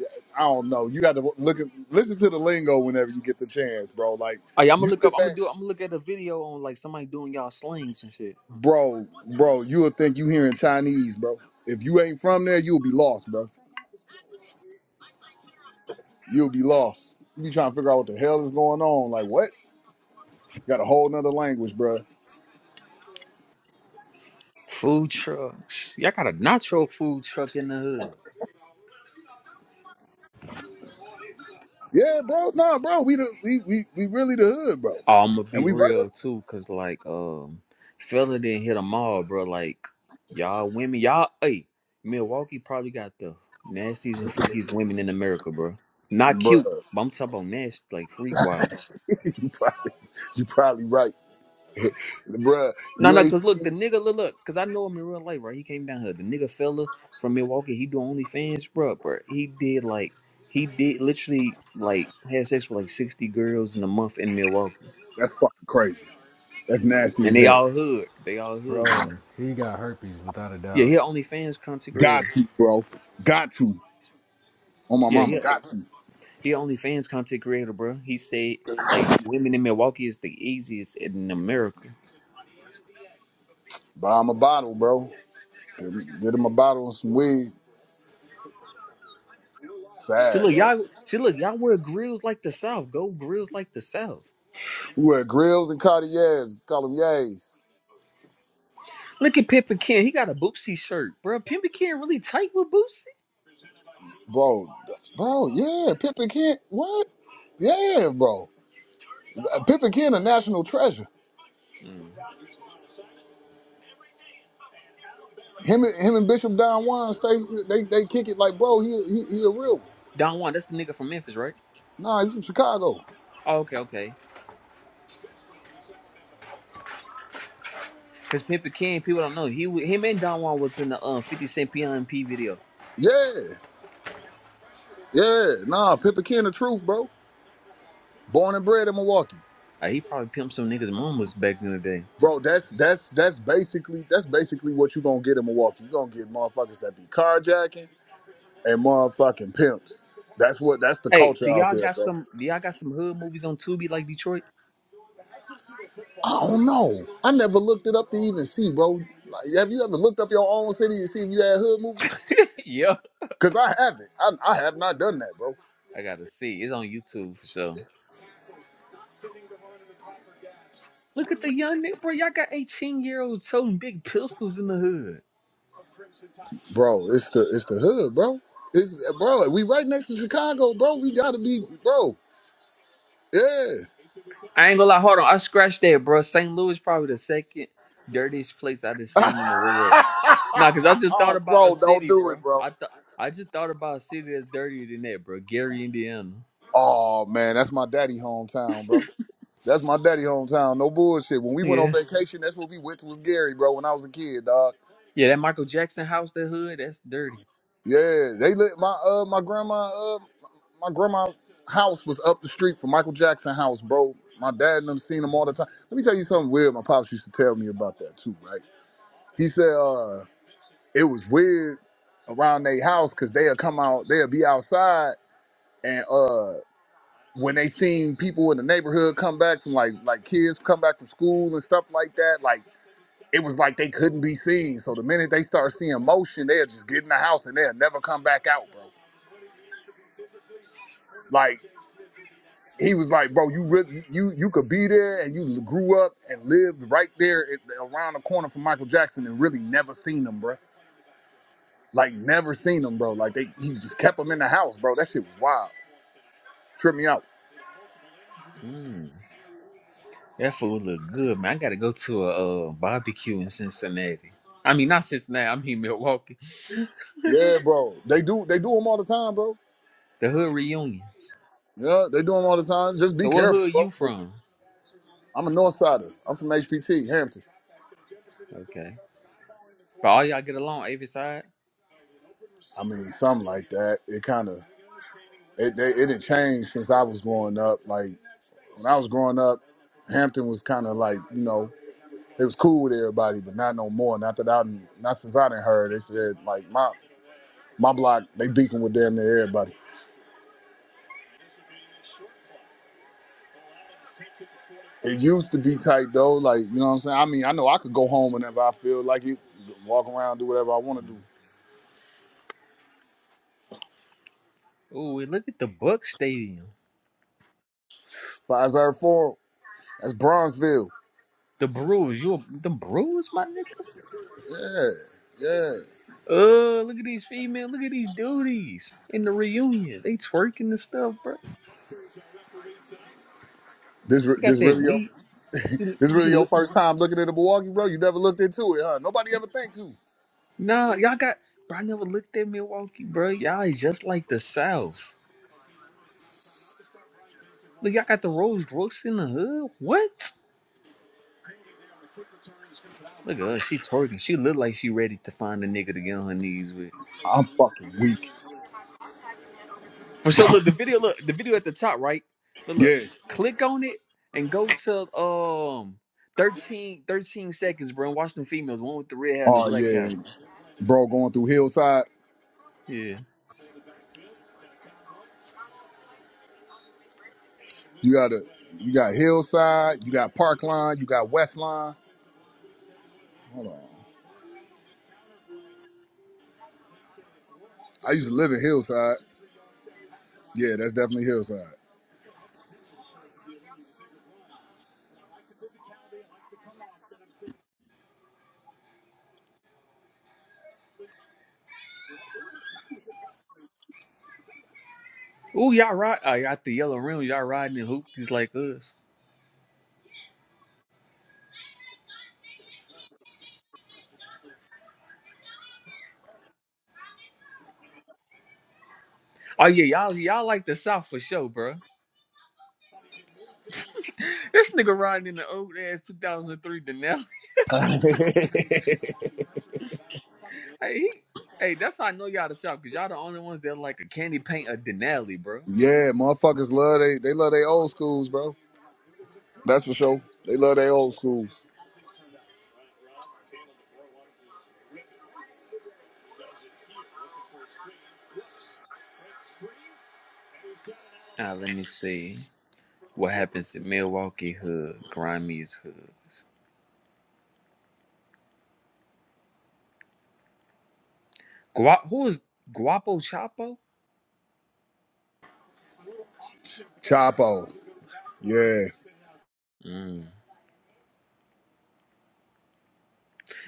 uh I don't know. You got to look at, listen to the lingo whenever you get the chance, bro. Like Hey, I'm you gonna look up. sit I'm gonna back, do. I'm gonna look at a video on like somebody doing y'all slings and shit. bro, bro. You'll think you hearing Chinese, bro. If you ain't from there, you'll be lost, bro. You'll be lost. You be trying to figure out what the hell is going on. Like what? got a whole nother language, bro. Food trucks. Y'all got a nacho food truck in the hood. Yeah, bro. Nah, bro. We the we we, we really the hood, bro. Oh, I'm gonna And be we right up, real too, cause like um, fella didn't hit them all, bro. Like y'all women, y'all. Hey, Milwaukee probably got the nastiest and freakiest women in America, bro. Not bro. cute, but I'm talking about nasty, like freak wise. You probably, you probably right. Bruh, No, you no, ain't cause seen look, the nigga, look, look, cause I know him in real life, right? He came down here. The nigga fella from Milwaukee, he do OnlyFans, bro, bro. He did like, he did literally like had sex with like sixty girls in a month in Milwaukee, that's fucking crazy. That's nasty and as they hell. all hood, they all hood Bro, women. he got herpes without a Yeah, doubt. he a OnlyFans content Got creator. to, bro. Got to. On my Yeah, he mama, a- got to. he a OnlyFans content creator, bro. He said like women in Milwaukee is the easiest in America. Buy him a bottle, bro. Get get him a bottle and some weed. See, Sad, look, bro. y'all, see, look, y'all wear grills like the South. Go grills like the South. We wear grills and Cartiers, call them yays. Look at Pimp and Ken. He got a Boosie shirt, bro. Pimp and Ken really tight with Boosie. Bro, th- bro, yeah, Pippin Kent, what? Yeah, bro. Uh, Pippin Kent, a national treasure. Mm. Him and, him and Bishop Don Juan, stay, they, they kick it like, bro, he, he, he a real one. Don Juan, that's the nigga from Memphis, right? Nah, he's from Chicago. Oh, okay, okay. Cause Pimp and Ken, people don't know he him and Don Juan was in the uh, 50 Cent P.I.M.P. video. Yeah, yeah, nah, Pippin Kent, the truth, bro. Born and bred in Milwaukee. Uh, he probably pimped some niggas' mamas back in the day. Bro, that's that's that's basically that's basically what you gonna get in Milwaukee. you gonna get motherfuckers that be carjacking and motherfucking pimps. That's what that's the Hey, culture do out y'all there, got bro. some? Do y'all got some hood movies on Tubi like Detroit? I don't know. I never looked it up to even see, bro. Like, have you ever looked up your own city and see if you had hood movies? yeah, Cause I haven't. I, I have not done that, bro. I gotta see. It's on YouTube for sure. Look at the young nigga, bro. Y'all got 18 year olds holding big pistols in the hood. Bro, it's the it's the hood, bro. It's bro. We right next to Chicago, bro. We gotta be, bro. Yeah. I ain't gonna lie. Hold on, I scratched that, bro. St. Louis probably the second dirtiest place I've seen in the world. Nah, cause I just thought oh, about a bro, don't city, do it, bro. bro. I thought I just thought about a city that's dirtier than that, bro. Gary, Indiana. Oh man, that's my daddy hometown, bro. That's my daddy hometown. No bullshit. When we went on Yeah, vacation, that's what we went to was Gary, bro. When I was a kid, dog. yeah. That Michael Jackson house, the hood, that's dirty. Yeah, they lit my uh my grandma uh my grandma house was up the street from Michael Jackson house, bro. My dad and them seen them all the time. Let me tell you something weird. My pops used to tell me about that too, right? He said uh it was weird around their house because they'll come out, they'll be outside and uh. when they seen people in the neighborhood come back from like like kids come back from school and stuff like that, like it was like they couldn't be seen. So the minute they start seeing motion, they'll just get in the house and they'll never come back out, bro. Like he was like, bro, you really you you could be there and you grew up and lived right there at, around the corner from Michael Jackson and really never seen him, bro. Like never seen him, bro. Like they he just kept him in the house, bro. That shit was wild. Trip me out. Mm, that food look good, man. I gotta go to a uh, barbecue in Cincinnati. I mean, not Cincinnati. I mean Milwaukee. Yeah, bro. They do they do them all the time, bro. The hood reunions. Yeah, they do them all the time. Just be So, what careful, hood bro. you 'cause from? I'm a North Sider. I'm from HPT, Hampton. Okay, but all y'all get along, Avis side. I mean, something like that. It kind of it they, it had changed since I was growing up. Like when I was growing up, Hampton was kind of like you know it was cool with everybody, but not no more. Not that I done, not since I didn't heard. They said like my my block they beefing with damn near everybody. It used to be tight though. Like you know what I'm saying. I mean, I know I could go home whenever I feel like it, walk around, do whatever I want to Mm. do. Ooh, and look at the Buck Stadium. Five Forum, that's Bronzeville. The brews, you a- the brews, my nigga. Yeah, yeah. Oh, look at these female, look at these duties in the reunion. They twerking and stuff, bro. This re- You got this that really your weed. She, this she really your look. first time looking at a Milwaukee, bro. You never looked into it, huh? Nobody ever think to. Nah, y'all got. Bro, I never looked at Milwaukee, bro. Y'all is just like the South. Look, y'all got the Rose Brooks in the hood. What? Look at her. She twerking. She look like she ready to find a nigga to get on her knees with. I'm fucking weak. Well, So look, the video, look, the video at the top, right? But look, Yeah. click on it and go to um 13, 13 seconds, bro. And watch them females, the one with the red hat and the Oh black yeah, hat, bro. bro. Going through Hillside, Yeah. you got to you got Hillside, you got Park Line, you got West Line. I used to live in Hillside. Yeah, that's definitely Hillside. Ooh, y'all ride. I got the yellow rim. Y'all riding in hoop just like us. Oh yeah, y'all y'all like the South for sure, bro. This nigga riding in the old ass 2003 Denali. Hey, he, hey, that's how I know y'all the South, cause y'all the only ones that like a candy paint a Denali, bro. Yeah, motherfuckers love they they love they old schools, bro. That's for sure. They love their old schools. Ah, let me see. What happens in Milwaukee hood, grimy hoods. Gua- who is Guapo Chapo? Chapo. Yeah. Mm.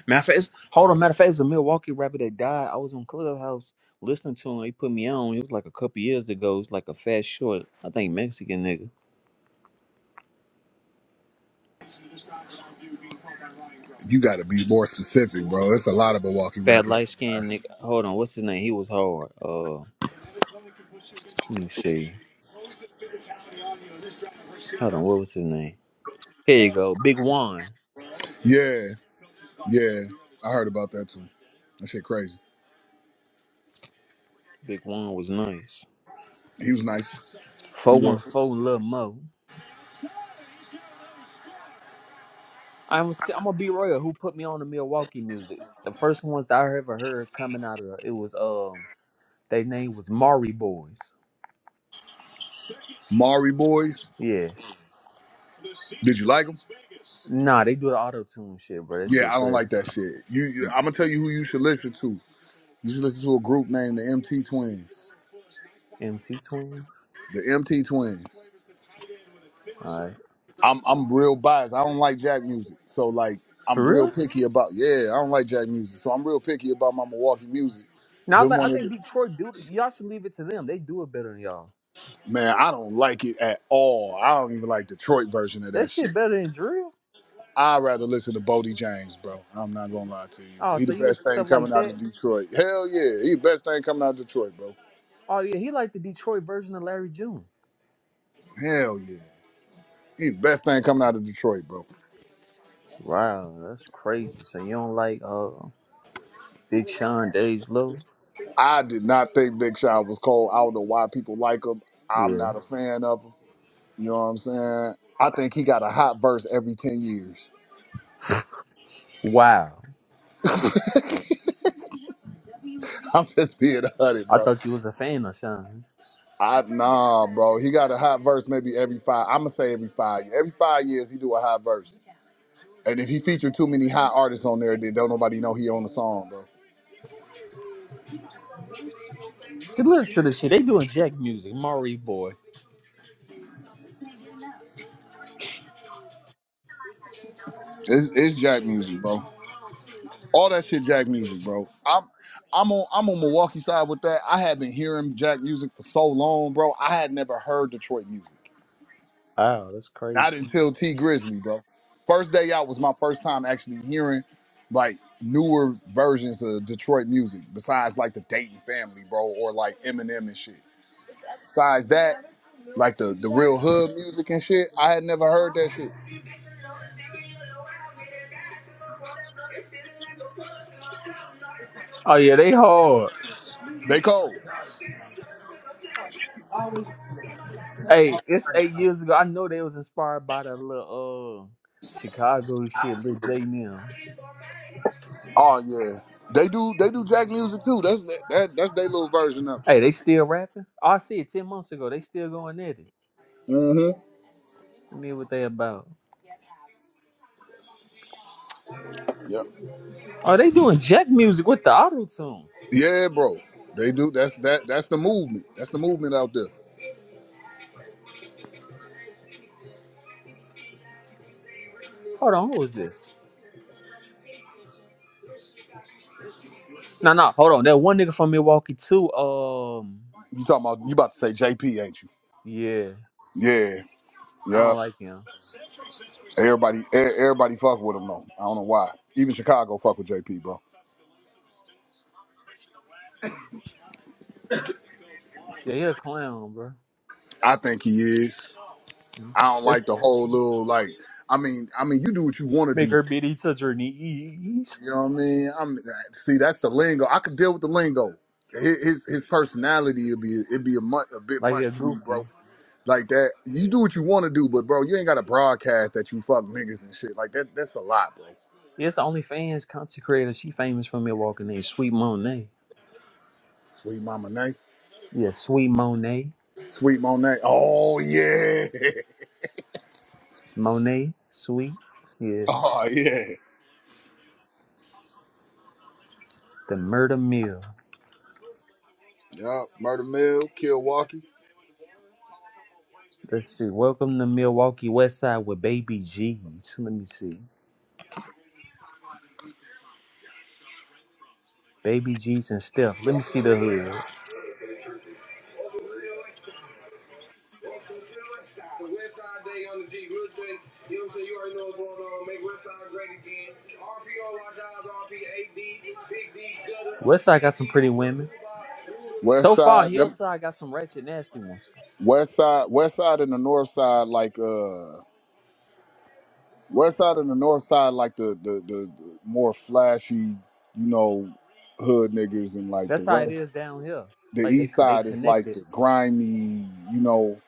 Matter of fact, it's- hold on. Matter of fact, it's a Milwaukee rapper that died. I was on Clubhouse listening to him. He put me on. It was like a couple years ago. It's like a fat short, I think Mexican nigga, You got to be more specific, bro. It's a lot of Milwaukee fat rappers. light skinned nigga. Hold on, what's his name? He was hard. Uh, let me see. Hold on, what was his name? Here you go, Big Juan. Yeah, yeah. I heard about that too. That shit crazy. Big Juan was nice. He was nice. He Four one was. four, little Mo. I'm t- I'm gonna be royal. Who put me on the Milwaukee music? The first ones that I ever heard coming out of it was um their name was Maury Boys. Maury Boys. Yeah, Did you like him? nah, they do the auto tune shit, bro. That Yeah, shit I don't like fair. that shit. You, you I'm gonna tell you who you should listen to. You should listen to a group named the MT Twins. MT Twins. The MT Twins. All right, I'm I'm real biased. I don't like Jack music, so like I'm for real real? picky about. Yeah, I don't like Jack music, so I'm real picky about my Milwaukee music. Now Them like, one I of think the, Detroit do. Y'all should leave it to them. They do it better than y'all. Man, I don't like it at all. I don't even like Detroit version of That that shit shit. better than drill. I'd rather listen to Bodie James, bro. I'm not gonna lie to you. Oh, He the so you best into thing stuff coming like out that? of Detroit. Hell yeah. He the best thing coming out of Detroit, bro. Oh yeah, he like the Detroit version of Larry June. Hell yeah. He the best thing coming out of Detroit, bro. Wow, that's crazy. So you don't like uh Big Sean, Dej Low? I did not think Big Sean was cold. I don't know why people like him. I'm Yeah. not a fan of him. You know what I'm saying? I think he got a hot verse every 10 years. Wow. I'm just being a hundred, I bro. thought you was a fan of Sean. I've nah, bro. He got a hot verse maybe every five. I'ma say every five. Every five years he do a hot verse. And if he featured too many hot artists on there, then don't nobody know he on the song, bro. Just listen to this shit. They doing Jack music, Maury boy. It's, it's Jack music, bro. All that shit, Jack music, bro. I'm I'm on I'm on Milwaukee side with that. I had been hearing Jack music for so long, bro. I had never heard Detroit music. Wow, that's crazy. Not until T Grizzly, bro. First day out was my first time actually hearing like newer versions of Detroit music, besides like the Dayton family, bro, or like Eminem and shit. Besides that, like the, the real hood music and shit, I had never heard that shit. Oh yeah, they hard. They cold. Hey, it's eight years ago. I know they was inspired by that little uh Chicago shit, little J Mill. Oh yeah. They do they do jack music too. That's that, that that's their little version of Hey, it. they still rapping? Oh, I see it ten months ago. They still going at it. hmm Let me hear what they about. Yep. Oh, they doing Jack music with the auto tune. Yeah, bro. They do that's that that's the movement. That's the movement out there. Hold on, who is this? No, no, hold on. That one nigga from Milwaukee too. Um, You talking about you about to say JP, ain't you? yeah, Yeah. I don't Yeah. like him. Everybody, e- everybody fuck with him though. I don't know why. Even Chicago fuck with JP, bro. Yeah, he a clown, bro. I think he is. Mm. I don't Let's like the whole little like. I mean, I mean, you do what you want to make do. her bitty touch her knees You know what I mean? I'm see. That's the lingo. I could deal with the lingo. His his, his personality would be it'd be a much a bit like he much a for me, goofy. bro. Like that. You do what you want to do, but bro, you ain't got to broadcast that you fuck niggas and shit. Like that. That's a lot, bro. Yeah, It's the only content creator. She famous from Milwaukee named Sweet Monet. Sweet Mama Nay. Yeah, Sweet Monet, Sweet Monet. Oh yeah. Monet Sweets. Yeah, Oh yeah. the Murder Mill. Yeah, Murder Mill, Milwaukee. Let's see. Welcome to Milwaukee West Side with Baby G. Let me see. Baby G's and Steph. Let me see the hood. Westside got some pretty women. West So far, side, them Hillside got some ratchet nasty ones. west side, west side and the north side, like uh, west side and the north side, like the the the, the more flashy, you know, hood niggas, and like the That's how it west, is down here. the Like they east could they side is like connected. the grimy, you know.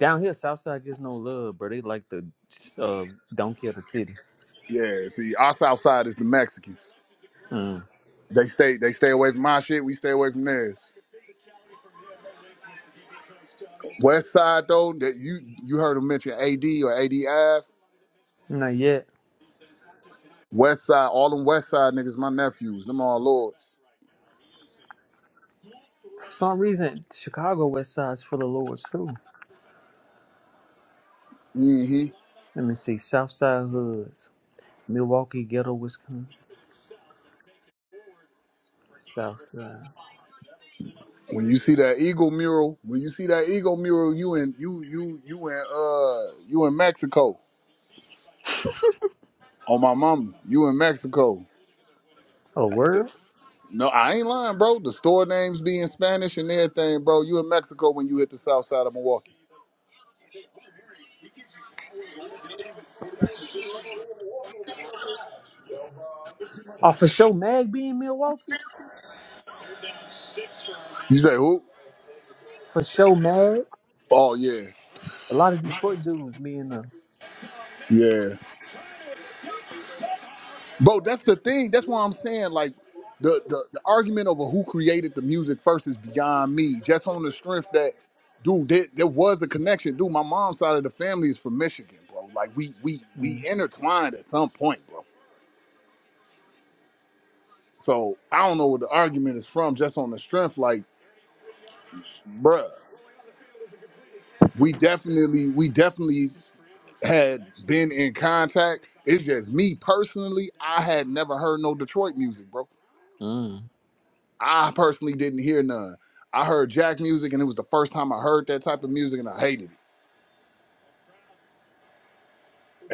Down here, Southside gets no love, bro. They like the uh, don't care the city. Yeah, see, our south side is the Mexicans. Mm. They stay they stay away from my shit. We stay away from theirs. West side though, that you you heard him mention AD or ADF. Not yet. West side, all them west side niggas, my nephews, them all lords. For some reason, Chicago West Side's full of lords too. hmm Let me see. Southside Hoods. Milwaukee Ghetto, Wisconsin. Southside. When you see that eagle mural, when you see that eagle mural, you in you you you in uh you in Mexico. On my mama, you in Mexico. Oh, word? No, I ain't lying, bro. The store names be in Spanish and everything, bro. You in Mexico when you hit the south side of Milwaukee. Oh, for sure Mag being Milwaukee? You say who? For sure Mag. Oh yeah, A lot of Detroit dudes being the. yeah. Bro, that's the thing. That's why I'm saying like the, the the argument over who created the music first is beyond me. Just on the strength that, dude, there, there was a connection. Dude, my mom's side of the family is from Michigan, bro. Like we we we Mm. intertwined at some point, bro. So I don't know where the argument is from. Just on the strength, like, bruh, we definitely we definitely had been in contact. It's just me personally. I had never heard no Detroit music, bro. Mm. I personally didn't hear none. I heard Jack music, and it was the first time I heard that type of music, and I hated it.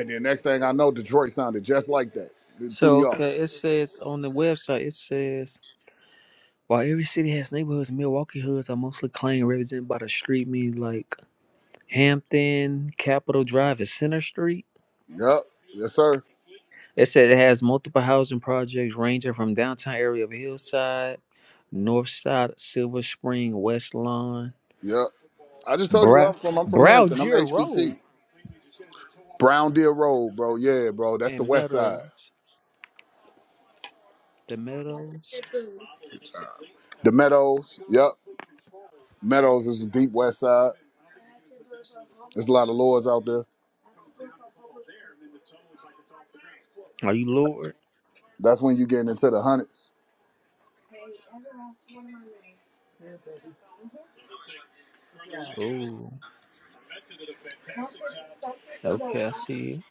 And then next thing I know, Detroit sounded just like that. It threw So, me off. okay, it says on the website, it says, while every city has neighborhoods, Milwaukee hoods are mostly claimed represented by the street, means like Hampton, Capitol Drive, and Center Street. Yep. Yes, sir. It said it has multiple housing projects ranging from downtown area of Hillside, North Side, Silver Spring, West Lawn, Yep. I just told you where Brow, I'm from. I'm from Brow Hampton. I'm Deer HBT. Road, Brown Deer Road, bro. Yeah, bro. That's the and west side. Meadows. The Meadows. The Meadows. Yep. Meadows is the deep west side. There's a lot of lords out there. Are you Lord? That's when you getting into the hundreds. Oh, okay, I see it.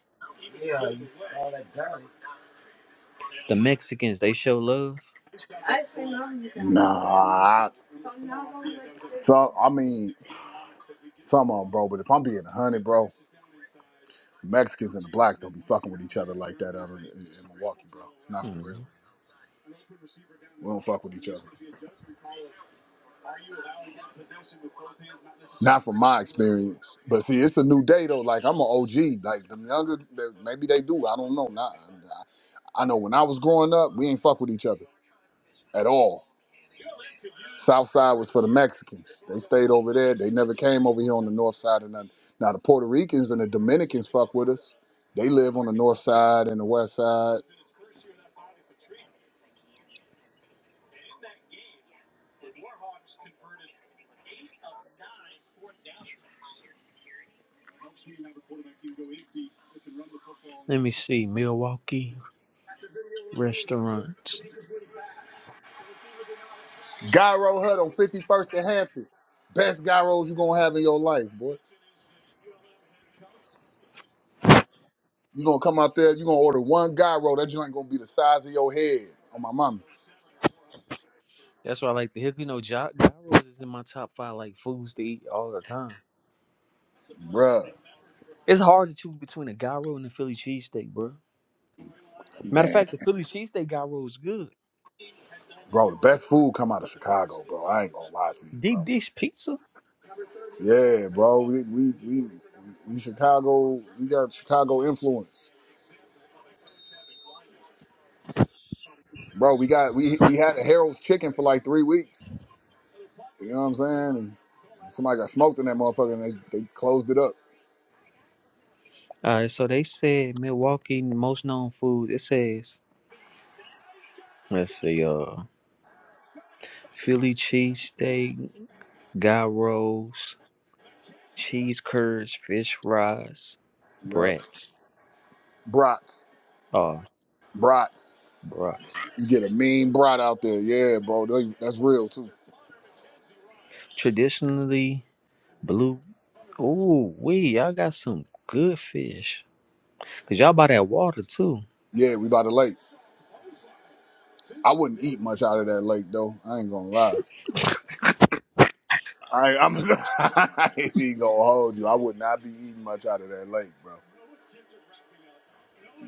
The Mexicans, they show love. Nah. I- So I mean. Some of them, bro. But if I'm being a hundred, bro, Mexicans and the blacks don't be fucking with each other like that out in, in, in Milwaukee, bro. Not for real. Hmm. We don't fuck with each other. Not from my experience. But see, it's a new day though. Like I'm an OG. Like them younger, they, maybe they do. I don't know. Nah, I, I know when I was growing up, we ain't fuck with each other at all. South side was for the Mexicans. They stayed over there. They never came over here on the north side or nothing. Now the Puerto Ricans and the Dominicans fuck with us. They live on the north side and the west side Let me see. Milwaukee restaurants. Gyro Hut on 51st and Hampton. Best gyros you're gonna have in your life, boy. You're gonna come out there, you're gonna order one gyro. That joint gonna be the size of your head on my mama. That's why I like to hip. You know, gy- gyros is in my top five like foods to eat all the time. Bruh, It's hard to choose between a gyro and a Philly cheesesteak, bro. Matter of man. fact, the Philly cheesesteak guy rolls good. Bro, the best food come out of Chicago, bro. I ain't gonna lie to you, Deep bro. dish pizza. Yeah, bro. We we we we, we Chicago, we got Chicago influence. Bro, we got we we had a Harold's chicken for like three weeks. You know what I'm saying? And somebody got smoked in that motherfucker and they, they closed it up. All right, so they said Milwaukee most known food. It says let's see, uh, Philly cheesesteak, guy rolls, cheese curds, fish fries, Yup. brats. Brats. Oh, Brats. brats. You get a mean brat out there. Yeah, bro. They- That's real too. Traditionally blue. Ooh, we y'all got some good fish. Cause y'all buy that water too. Yeah, we by the lake. I wouldn't eat much out of that lake though. I ain't gonna lie. I, I'm I ain't even gonna hold you. I would not be eating much out of that lake, bro.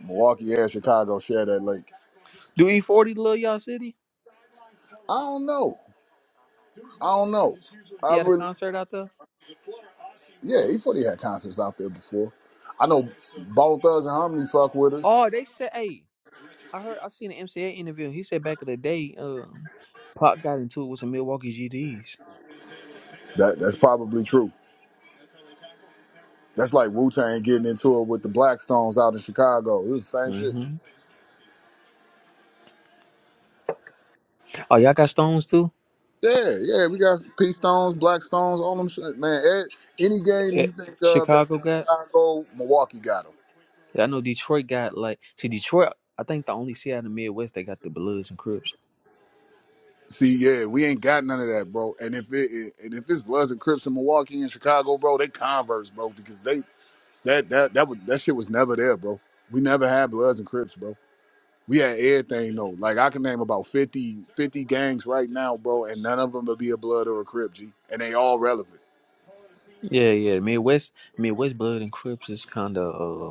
Milwaukee and Chicago share that lake. Do E40 love y'all city? I don't know. I don't know. He I had a really, concert out there. yeah. He probably had concerts out there before. I know Bone Thugs and Harmony fuck with us. Oh, they said, hey. I heard I seen an MCA interview. and He said back in the day, uh, Pop got into it with some Milwaukee GDs. That that's probably true. That's like Wu Tang getting into it with the Blackstones out in Chicago. It was the same shit. hmm Oh, y'all got stones too? Yeah, yeah, we got P Stones, Black Stones, all them shit, man. eh, Any game Eh, you think of that's Chicago in got? Chicago, Milwaukee got them. Yeah, I know Detroit got like see Detroit. I think the only city out of the Midwest that got the Bloods and Crips. See, yeah, we ain't got none of that, bro. And if it, it and if it's Bloods and Crips in Milwaukee and Chicago, bro, they converse, bro, because they that that that was that shit was never there, bro. We never had Bloods and Crips, bro. We had everything though. Like I can name about 50 50 gangs right now, bro, and none of them will be a Blood or a Crip, G. And they all relevant. Yeah, yeah. Midwest, Midwest Blood and Crips is kind of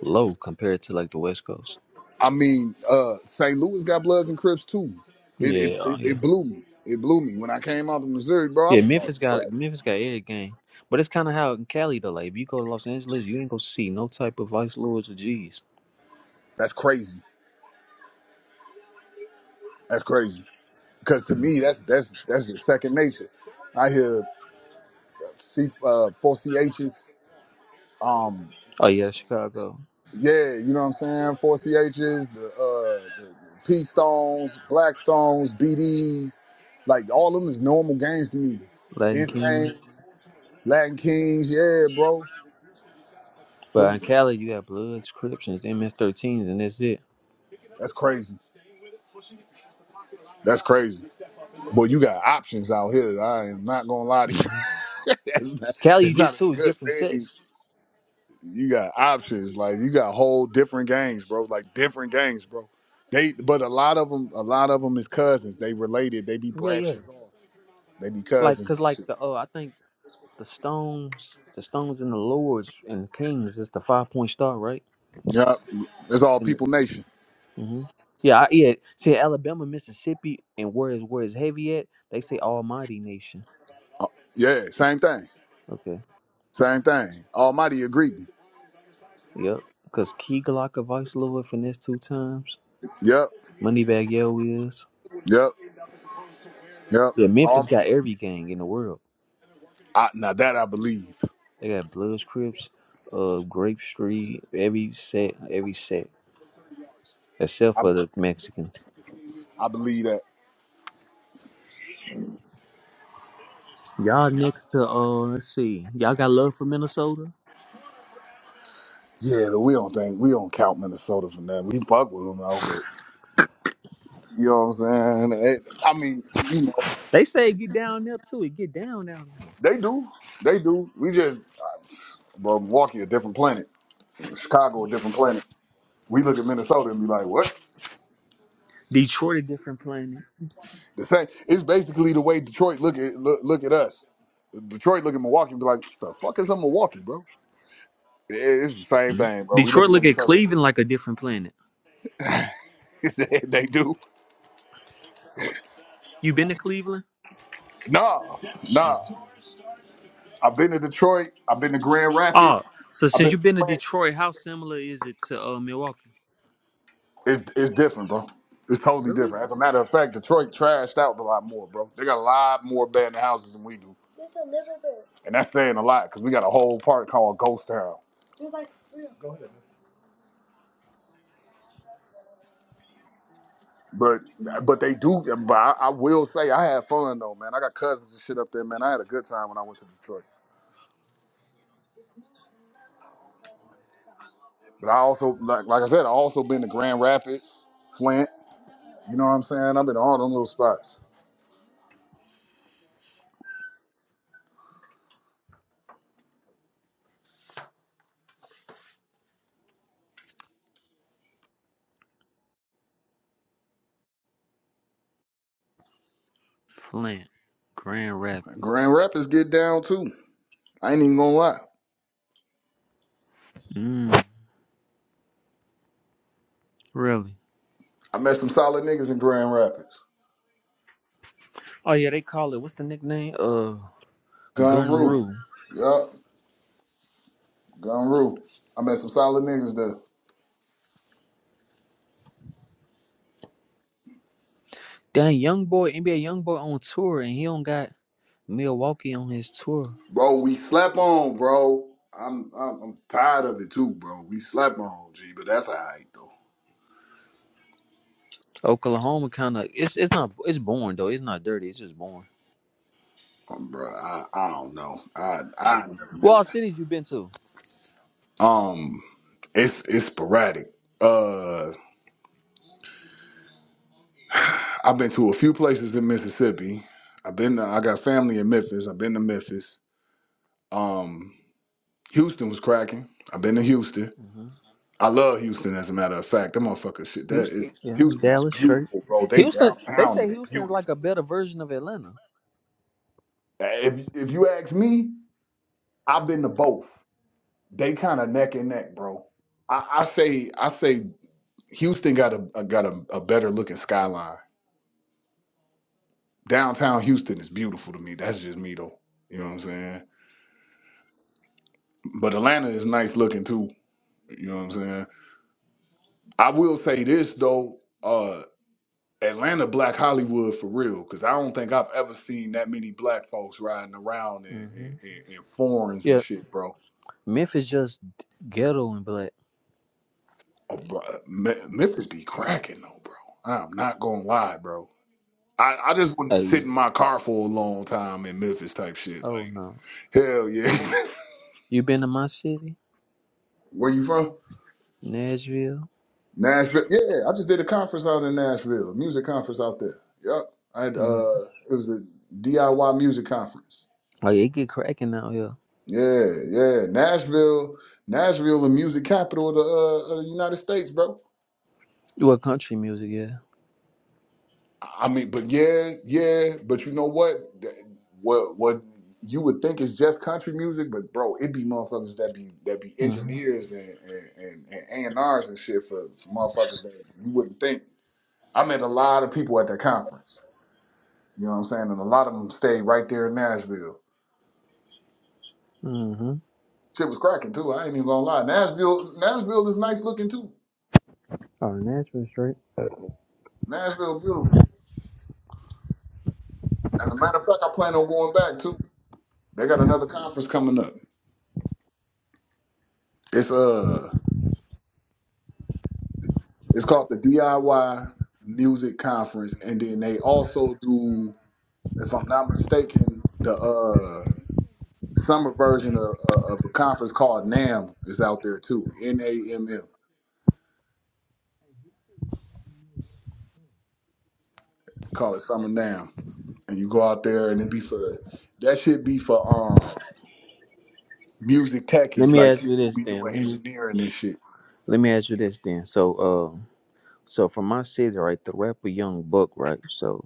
low compared to like the West Coast. I mean, uh, St. Louis got Bloods and Crips too. It, it Yeah, oh, it yeah, it blew me. It blew me when I came out to Missouri, bro. I yeah. was like, Memphis got what? Memphis got every game, but it's kind of how in Cali though. Like if you go to Los Angeles, you ain't gonna see no type of Vice Lords or G's. That's crazy. That's crazy. Because to me, that's that's that's just second nature. I hear C uh, four CHs. Um, Oh yeah, Chicago, yeah, you know what I'm saying. Four CHs, the, uh, the P Stones, Black Stones, B D's, like all of them is normal gangs to me. Latin King, Insane, Latin Kings, yeah, bro. but Them, in Cali you have Bloods, Crips, and MS13s, and that's it. that's crazy. That's crazy. Boy, you got options out here. I am not gonna lie hmm to you. it's, not, Cali it's you do not too. a It's good different thing. sets. You got options. Like you got whole different gangs, bro. Like different gangs, bro. They, but a lot of them, a lot of them is cousins. They related. They be Yeah, yeah. branches off. They be Like cousins. cause and like shit. the oh I think the Stones, the Stones and the Lords and Kings is the five point star, right? Yup. it's all And the, people nation. hmm Yeah, I, yeah. See, Alabama, Mississippi, and where is where is heavy at? They say Almighty Nation. Yeah, same thing. Okay. Same thing. Almighty agreed. Yep. Because Key Glock of Vice Lord finessed two times. Yep, Moneybag Yo is. yep, yep. Yeah, Memphis All, got every gang in the world. I, now that I believe. They got Bloods, Crips, uh, Grape Street, every set, every set, except I, for the Mexicans. I believe that. Y'all next to uh, let's see, y'all got love for Minnesota. Yeah, but we don't think we don't count Minnesota for nothing. We fuck with them though, but you know what I'm saying? It- I mean, you know, They say it get down there too. It get down down there. they do, they do. We just, uh, bro, Milwaukee a different planet, Chicago a different planet. We look at Minnesota and be like, what? Detroit a different planet. The same. It's basically the way Detroit look at look, look at us. Detroit look at Milwaukee and be like, the fuck is a Milwaukee, bro? It- It's the same thing, bro. We look Detroit at look at Minnesota. Cleveland like a different planet. they they do. You been to Cleveland? Nah, Mm. nah. I've been to Detroit. I've been to Grand Rapids. Oh, so I've since been. to you've been to Flint. Detroit, how similar is it to uh, Milwaukee? It's it's different, bro. It's totally Really? different. As a matter of fact, Detroit trashed out a lot more, bro. They got a lot more abandoned houses than we do, and that's saying a lot because we got a whole part called Ghost Town. But but they do. But I, I will say I had fun though, man. I got cousins and shit up there, man. I had a good time when I went to Detroit. But I also like like I said, I also been to Grand Rapids, Flint. You know what I'm saying? I've been to all them little spots. Flint, Grand And Rapids. Grand Rapids get down too. I ain't even gonna lie. Mm, really? I met some solid niggas in Grand Rapids. Oh yeah, they call it what's the nickname? Uh, Gun Gun Rule. Rule. Yup. Gunru. I met some solid niggas there. Dang, young boy, NBA young boy on tour, and he don't got Milwaukee on his tour. Bro, we slept on, bro. I'm, I'm I'm tired of it too, bro. We slept on, G, but that's alright though. Oklahoma kind of it's it's not it's boring though. It's not dirty. It's just boring. Um, bro, I, I don't know. I I ain't never What been all cities you been to? there. Um, it's it's sporadic. Uh, I've been to a few places in Mississippi. I've been. To, I got family in Memphis. I've been to Memphis. Um, Houston was cracking. I've been to Houston. I love Houston. As a matter of fact, that motherfucker shit. That is, Houston, yeah, Houston is Dallas straight. beautiful, bro. They Houston, they downtown say is Houston is like beautiful. a better version of Atlanta. If if you ask me, I've been to both. They kind of neck and neck, bro. I, I say I say Houston got a a- got a, a better looking skyline. Downtown Houston is beautiful to me. That's just me though. You know what I'm saying? But Atlanta is nice looking too. You know what I'm saying? I will say this though. uh, Atlanta Black Hollywood for real, because I don't think I've ever seen that many black folks riding around in, in, hmm in, in foreigns and Yeah, shit, bro. Memphis just ghetto and black. Oh, bro. uh, Me- Memphis be cracking though, bro. I'm not gonna lie, bro. I, I just wouldn't sit Hey. in my car for a long time in Memphis type shit. Oh Like, no, hell yeah. you been to my city, Where you from? Nashville? Nashville. Yeah, I just did a conference out in Nashville, a music conference out there. Yep. I had, mm uh, it was a DIY music conference. Like it get cracking out here. Yeah, yeah. Nashville, Nashville, the music capital of the, uh, of the United States, bro. You a country music, yeah. I mean, but yeah, yeah. But you know what? Th- What what you would think is just country music, but bro, it be motherfuckers that be that be Mm-hmm. engineers and and and A and R's and shit for, for motherfuckers that you wouldn't think. I met a lot of people at that conference. You know what I'm saying? And a lot of them stayed right there in Nashville. Mm-hmm. Shit was cracking too. I ain't even gonna lie. Nashville, Nashville is nice looking too. Oh, Nashville straight. Nashville, beautiful. As a matter of fact, I plan on going back too. They got another conference coming up. It's uh, it's called the DIY Music Conference, and then they also do, if I'm not mistaken, the uh summer version of, uh, of a conference called NAM is out there too. N A M M. Call it Summer NAM, and you go out there and it be for that should be for um music Let techies me like ask people you who this be then. doing Let me engineering and shit. let me ask you this then. So uh so from my city, right, the rapper Young Buck, right? So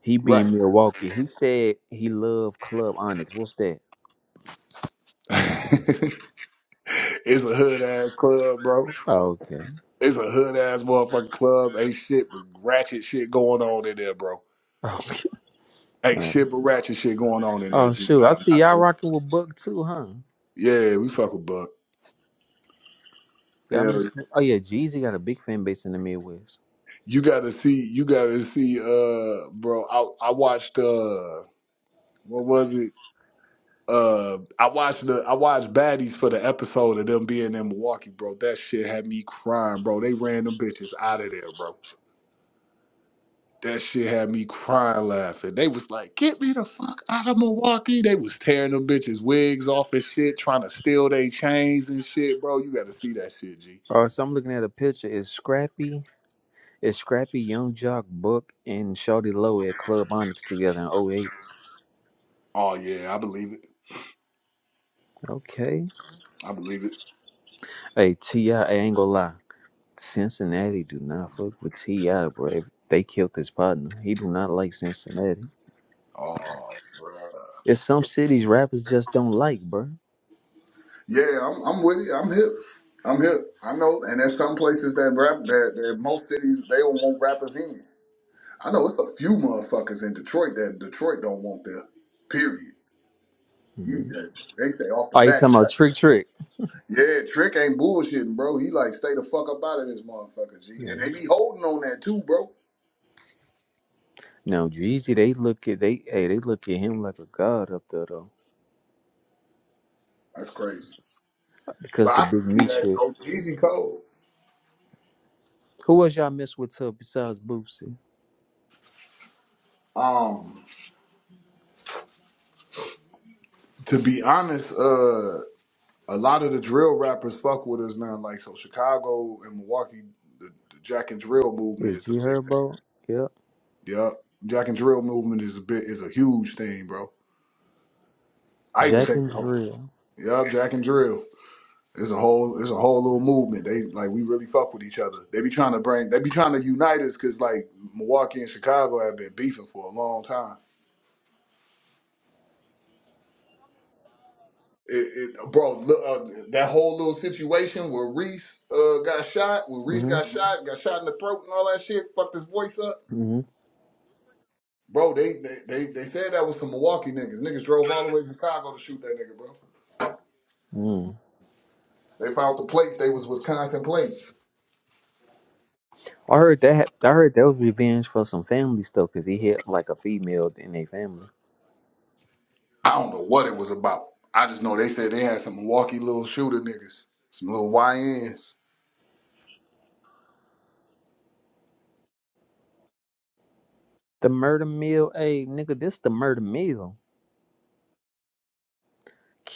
he Right. being Milwaukee, he said he loved Club Onyx. What's that? it's a hood ass club, bro. Oh, okay. It's a hood ass motherfucking club. Ain't shit but ratchet shit going on in there, bro. Okay. Ain't Alright. shit but ratchet shit going on in there, Oh G. shoot. I I'm see not y'all gonna lie. rocking with Buck too, huh? Yeah, we fuck with Buck. Y'all Hell yeah. miss oh yeah, Jeezy got a big fan base in the Midwest. You gotta see, you gotta see, uh, bro. I, I watched uh what was it? Uh I watched the I watched Baddies for the episode of them being in Milwaukee, bro. That shit had me crying, bro. They ran them bitches out of there, bro. That shit had me crying laughing. They was like, get me the fuck out of Milwaukee. They was tearing them bitches' wigs off and shit, trying to steal their chains and shit, bro. You gotta see that shit, G. Oh, so I'm looking at a picture. It's Scrappy, it's Scrappy, Young Jock, Buck, and Shawty Low at Club Onyx together in '08. Oh yeah, I believe it. Okay. I believe it. Hey Ti, I I ain't gonna lie. Cincinnati do not fuck with Ti, bro. If They killed his partner. He do not like Cincinnati. Oh bro. There's some cities rappers just don't like, bro. Yeah, I'm I'm with you. I'm hip. I'm hip. I know, and there's some places that rap that, that most cities they don't want rappers in. I know it's a few motherfuckers in Detroit that Detroit don't want there. Period. You hmm that they say off the Are you talking back. about Trick Trick? Yeah, Trick ain't bullshitting, bro. He like stay the fuck up out of this motherfucker, G. And Yeah. they be holding on that too, bro. No, Jeezy, they look at they hey they look at him like a god up there though, That's crazy. But because the I can big see meat that shit. though. Easy code. Who else y'all mess with tough besides Boosie? Um, to be honest, uh, a lot of the drill rappers fuck with us now. Like so, Chicago and Milwaukee, the, the Jack and Drill Yeah, movement is a G big Herbo. Yep. thing. Yup, Jack and Drill movement is a bit is a huge thing, bro. I even Jack think and the whole. Drill. Yup, Jack and Drill. It's a whole it's a whole little movement. They like we really fuck with each other. They be trying to bring they be trying to unite us because like Milwaukee and Chicago have been beefing for a long time. It, it bro, look, uh, that whole little situation where Reese uh, got shot, when Reese Mm-hmm. got shot, got shot in the throat and all that shit, fucked his voice up. Bro, they they they, they said that was some Milwaukee niggas. Niggas drove all the way to Chicago to shoot that nigga, bro. Mm-hmm. They found the plates. They was Wisconsin plates. I heard that. I heard that was revenge for some family stuff because he hit like a female in their family. I don't know what it was about. I just know they said they had some Milwaukee little shooter niggas, some little YNs. The murder mill, hey nigga, this the murder mill.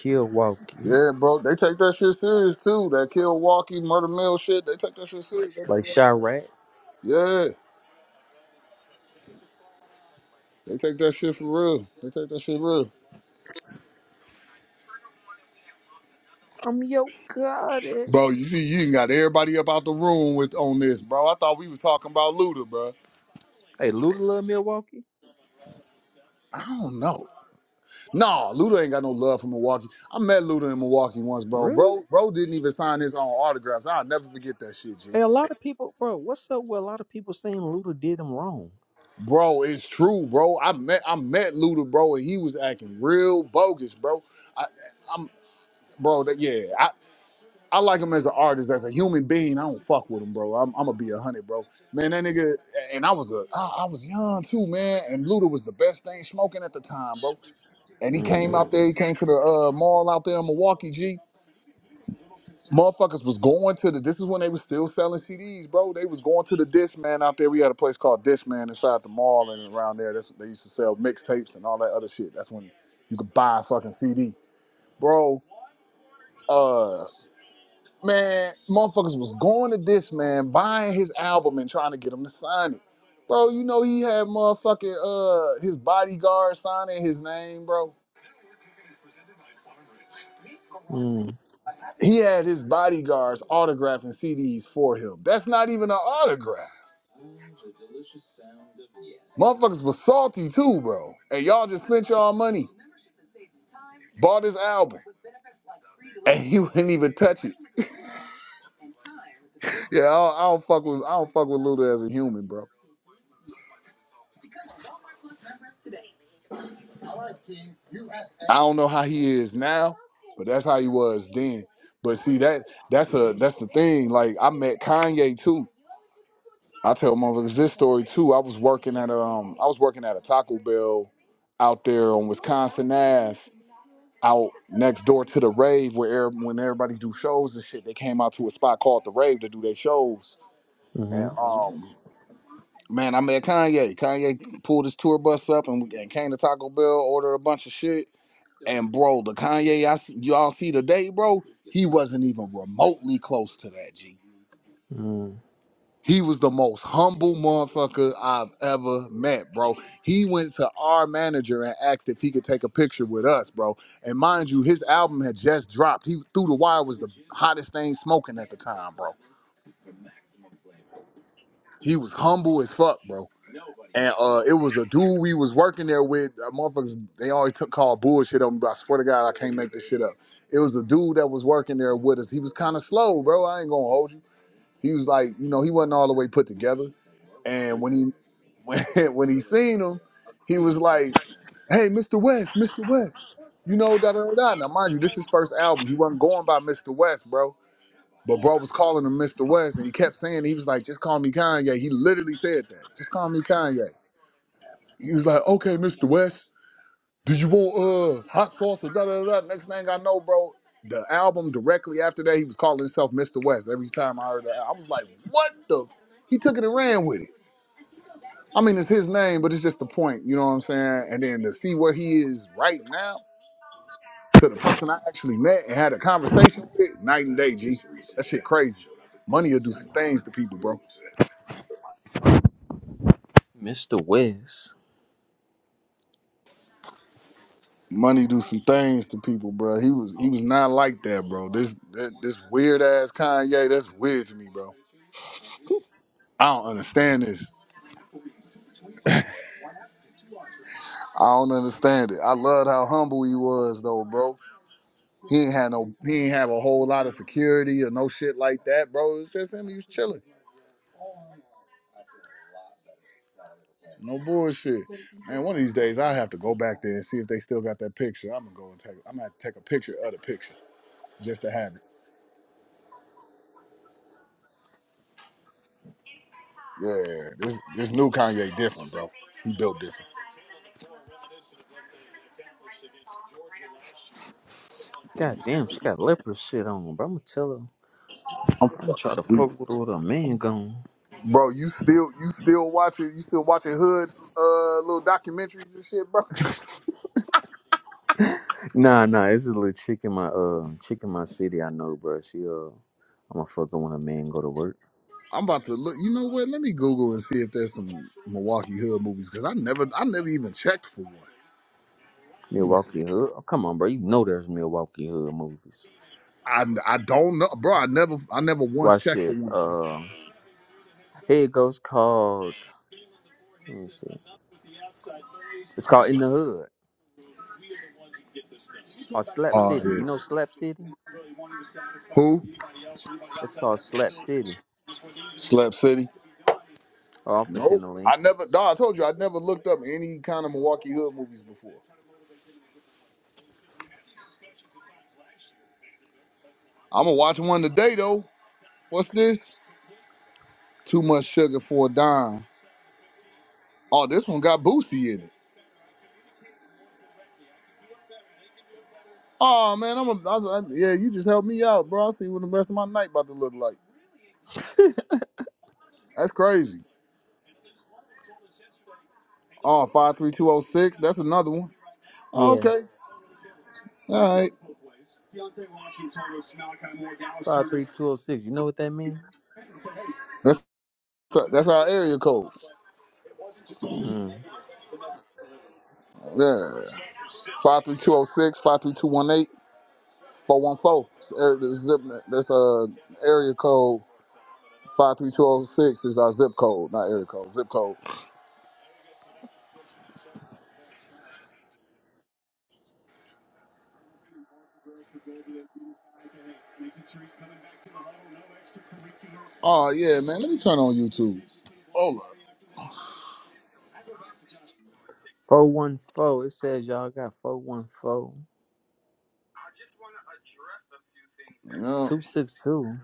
Milwaukee, Yeah, bro, they take that shit serious too. That kill walkie murder mill shit, they take that shit serious. They- like Chirac. Yeah, they take that shit for real. They take that shit real. I'm your god. eh. Bro, you see, you ain't got everybody up out the room with on this, bro. I thought we was talking about Luda, bro. Hey, Luda love Milwaukee. I don't know. Nah, Luda ain't got no love for Milwaukee. I met Luda in Milwaukee once, bro. Really? Bro, bro didn't even sign his own autographs. I'll never forget that shit, G. Hey, a lot of people, bro. What's up with a lot of people saying Luda did him wrong? Bro, it's true, bro. I met I met Luda, bro, and he was acting real bogus, bro. I, I'm, bro. That, yeah, I, I like him as an artist, as a human being. I don't fuck with him, bro. I'm, I'm gonna be a hundred, bro. Man, that nigga, and I was a, I, I was young too, man. And Luda was the best thing smoking at the time, bro. And he came Mm. out there, he came to the uh, mall out there in Milwaukee, G. Motherfuckers was going to the. This is when they was still selling CDs, bro. They was going to the Dish Man out there. We had a place called Dish Man inside the mall and around there. That's they used to sell mixtapes and all that other shit. That's when you could buy a fucking CD, bro. Uh, man, motherfuckers was going to Dish Man, buying his album and trying to get him to sign it, bro. You know he had motherfucking uh his bodyguard signing his name, bro. Mm. He had his bodyguards autographing CDs for him. That's not even an autograph. Motherfuckers was salty too, bro. And y'all just spent y'all money, bought this album, and he wouldn't even touch it. Yeah, I don't, I don't fuck with I don't fuck with Luda as a human, bro. I don't know how he is now, but that's how he was then. But see that that's a that's the thing. Like I met Kanye too. I tell motherfuckers this story too. I was working at a, um I was working at a Taco Bell out there on Wisconsin Ave, out next door to the rave where every, when everybody do shows and shit, they came out to a spot called the rave to do their shows And Mm. um, man, I met Kanye. Kanye pulled his tour bus up and, and came to Taco Bell, ordered a bunch of shit. And bro, the Kanye I see, y'all see today, bro, he wasn't even remotely close to that. G. Mm. He was the most humble motherfucker I've ever met, bro. He went to our manager and asked if he could take a picture with us, bro. And mind you, his album had just dropped. He through the wire was the hottest thing smoking at the time, bro. He was humble as fuck, bro And uh, it was a dude we was working there with. Uh, motherfuckers, they always took call bullshit on me, but I swear to God, I can't make this shit up. It was the dude that was working there with us. He was kind of slow, bro. I ain't gonna hold you. He was like, you know, he wasn't all the way put together. And when he when, when he seen him, he was like, "Hey, Mr. West, Mr. West, you know da da da." da." Now, mind you, this is his first album. He wasn't going by Mr. West, bro. But bro was calling him Mr. West, and he kept saying he was like, "Just call me Kanye." He literally said that. Just call me Kanye. He was like, okay, Mr. West, do you want uh hot sauce or da da da? da?" Next thing I know, bro, the album directly after that, he was calling himself Mr. West. Every time I heard that, I was like, what the? He took it and ran with it. I mean, it's his name, but it's just the point, you know what I'm saying? And then to see where he is right now to the person I actually met and had a conversation with, night and day, G. That shit crazy. Money will do some things to people, bro. Mr. West. Money do some things to people, bro. He was he was not like that, bro. This that, this weird ass Kanye, that's weird to me, bro. I don't understand this. I don't understand it. I loved how humble he was though, bro. He ain't had no he ain't have a whole lot of security or no shit like that, bro. It's just him. He was chilling. No bullshit. Man, one of these days I have to go back there and see if they still got that picture. I'm gonna go and take I'm gonna have to take a picture of the picture just to have it. Yeah, this this new Kanye different, bro. He built different. God damn, she got leopard shit on, bro. I'ma tell her. I'm I'ma try fucking to weak. fuck with her with her man gone. Bro, you still you still watching you still watching hood uh little documentaries and shit, bro. Nah, nah, it's a little chick in my uh chick in my city I know, bro. She uh I'ma fuck her when a man go to work. I'm about to look. You know what? Let me Google and see if there's some Milwaukee hood movies because I never I never even checked for one. Let me see. Milwaukee Hood. Oh, come on, bro. You know there's Milwaukee Hood movies. I, I don't know, bro. I never I never once Watch checked for this. one. G. Uh here it goes called let me see. It's called In the Hood or Slap Oh City. You yeah. know Slap City? Who? It's called Slap City. Slap City. Oh, off the Nope. pin the link. I never. No, I told you I never looked up any kind of Milwaukee hood movies before. I'm gonna watch one today though. What's this? Too much sugar for a dime. Oh, this one got Boosie in it. Oh man, I'm a, I was, I, yeah. You just helped me out, bro. I see what the rest of my night about to look like. That's crazy. Oh, five three two zero six. That's another one. Oh, Yeah. okay, all right. Five three two oh six. You know what that means? That's that's our area code. Mm. Yeah, five three two zero six, five three two one eight, four one four. That's uh area code. Five three two zero six is our zip code, not area code. Zip code. Oh yeah, man. Let me turn on YouTube. Hold up. Four one four. It says y'all got four one four. Yeah. Two six two.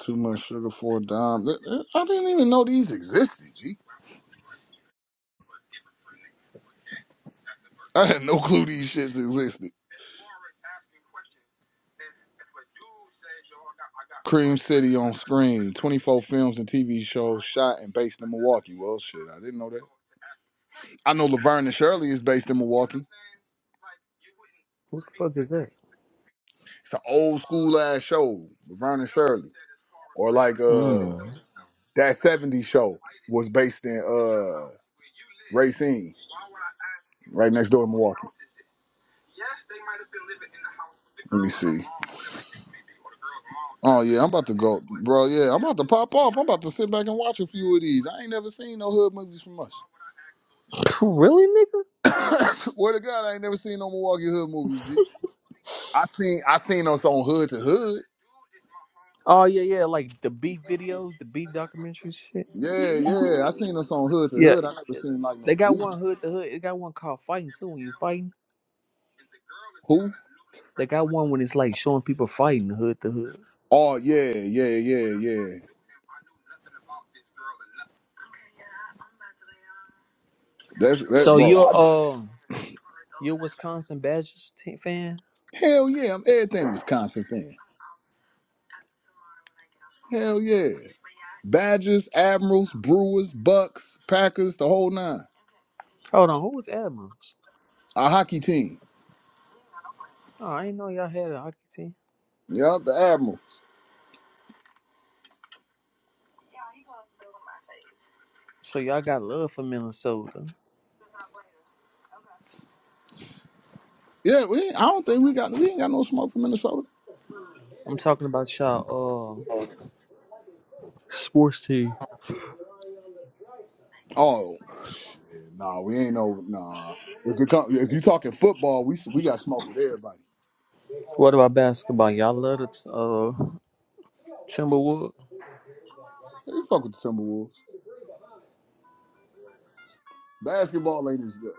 Too much sugar for a dime. Th- th- I didn't even know these existed, G. I had no clue these shits existed. Cream City on screen, 24 films and TV shows shot and based in Milwaukee. Well, shit, I didn't know that. I know Laverne and Shirley is based in Milwaukee. Who the fuck is that? It's an old school ass show, Vernon Shirley, or like uh Mm. that '70s show was based in uh Racine, right next door to Milwaukee. Let me see. Oh yeah, I'm about to go, bro. Yeah, I'm about to pop off. I'm about to sit back and watch a few of these. I ain't never seen no hood movies from us. Really, nigga? Swear to God, I ain't never seen no Milwaukee hood movies. G. I seen I seen us on hood to hood. Oh yeah, yeah, like the beef videos, the beef documentaries, shit. Yeah, yeah. I seen us on Hood to Yeah, Hood. I it- never it- seen like no they got one movies. hood to hood. It got one called fighting too. When you fighting, Who? they got one when it's like showing people fighting hood to hood. Oh yeah, yeah, yeah, yeah. That's that, So bro. I, you're um you're Wisconsin Badgers team fan? hell yeah, I'm everything Wisconsin fan. Hell yeah. Badgers, Admirals, Brewers, Bucks, Packers, the whole nine. Hold on, who was Admirals? Our hockey team. Oh, I didn't know y'all had a hockey team. Yep, the Admiral. So y'all got love for Minnesota. Yeah, we. I don't think we got we ain't got no smoke from Minnesota. I'm talking about y'all uh sports team. Oh, shit, nah, we ain't no nah. If you come, if you talking football, we we got smoke with everybody. What about basketball? Y'all love the uh Timberwolves? They fuck with the Timberwolves. Basketball ain't as the,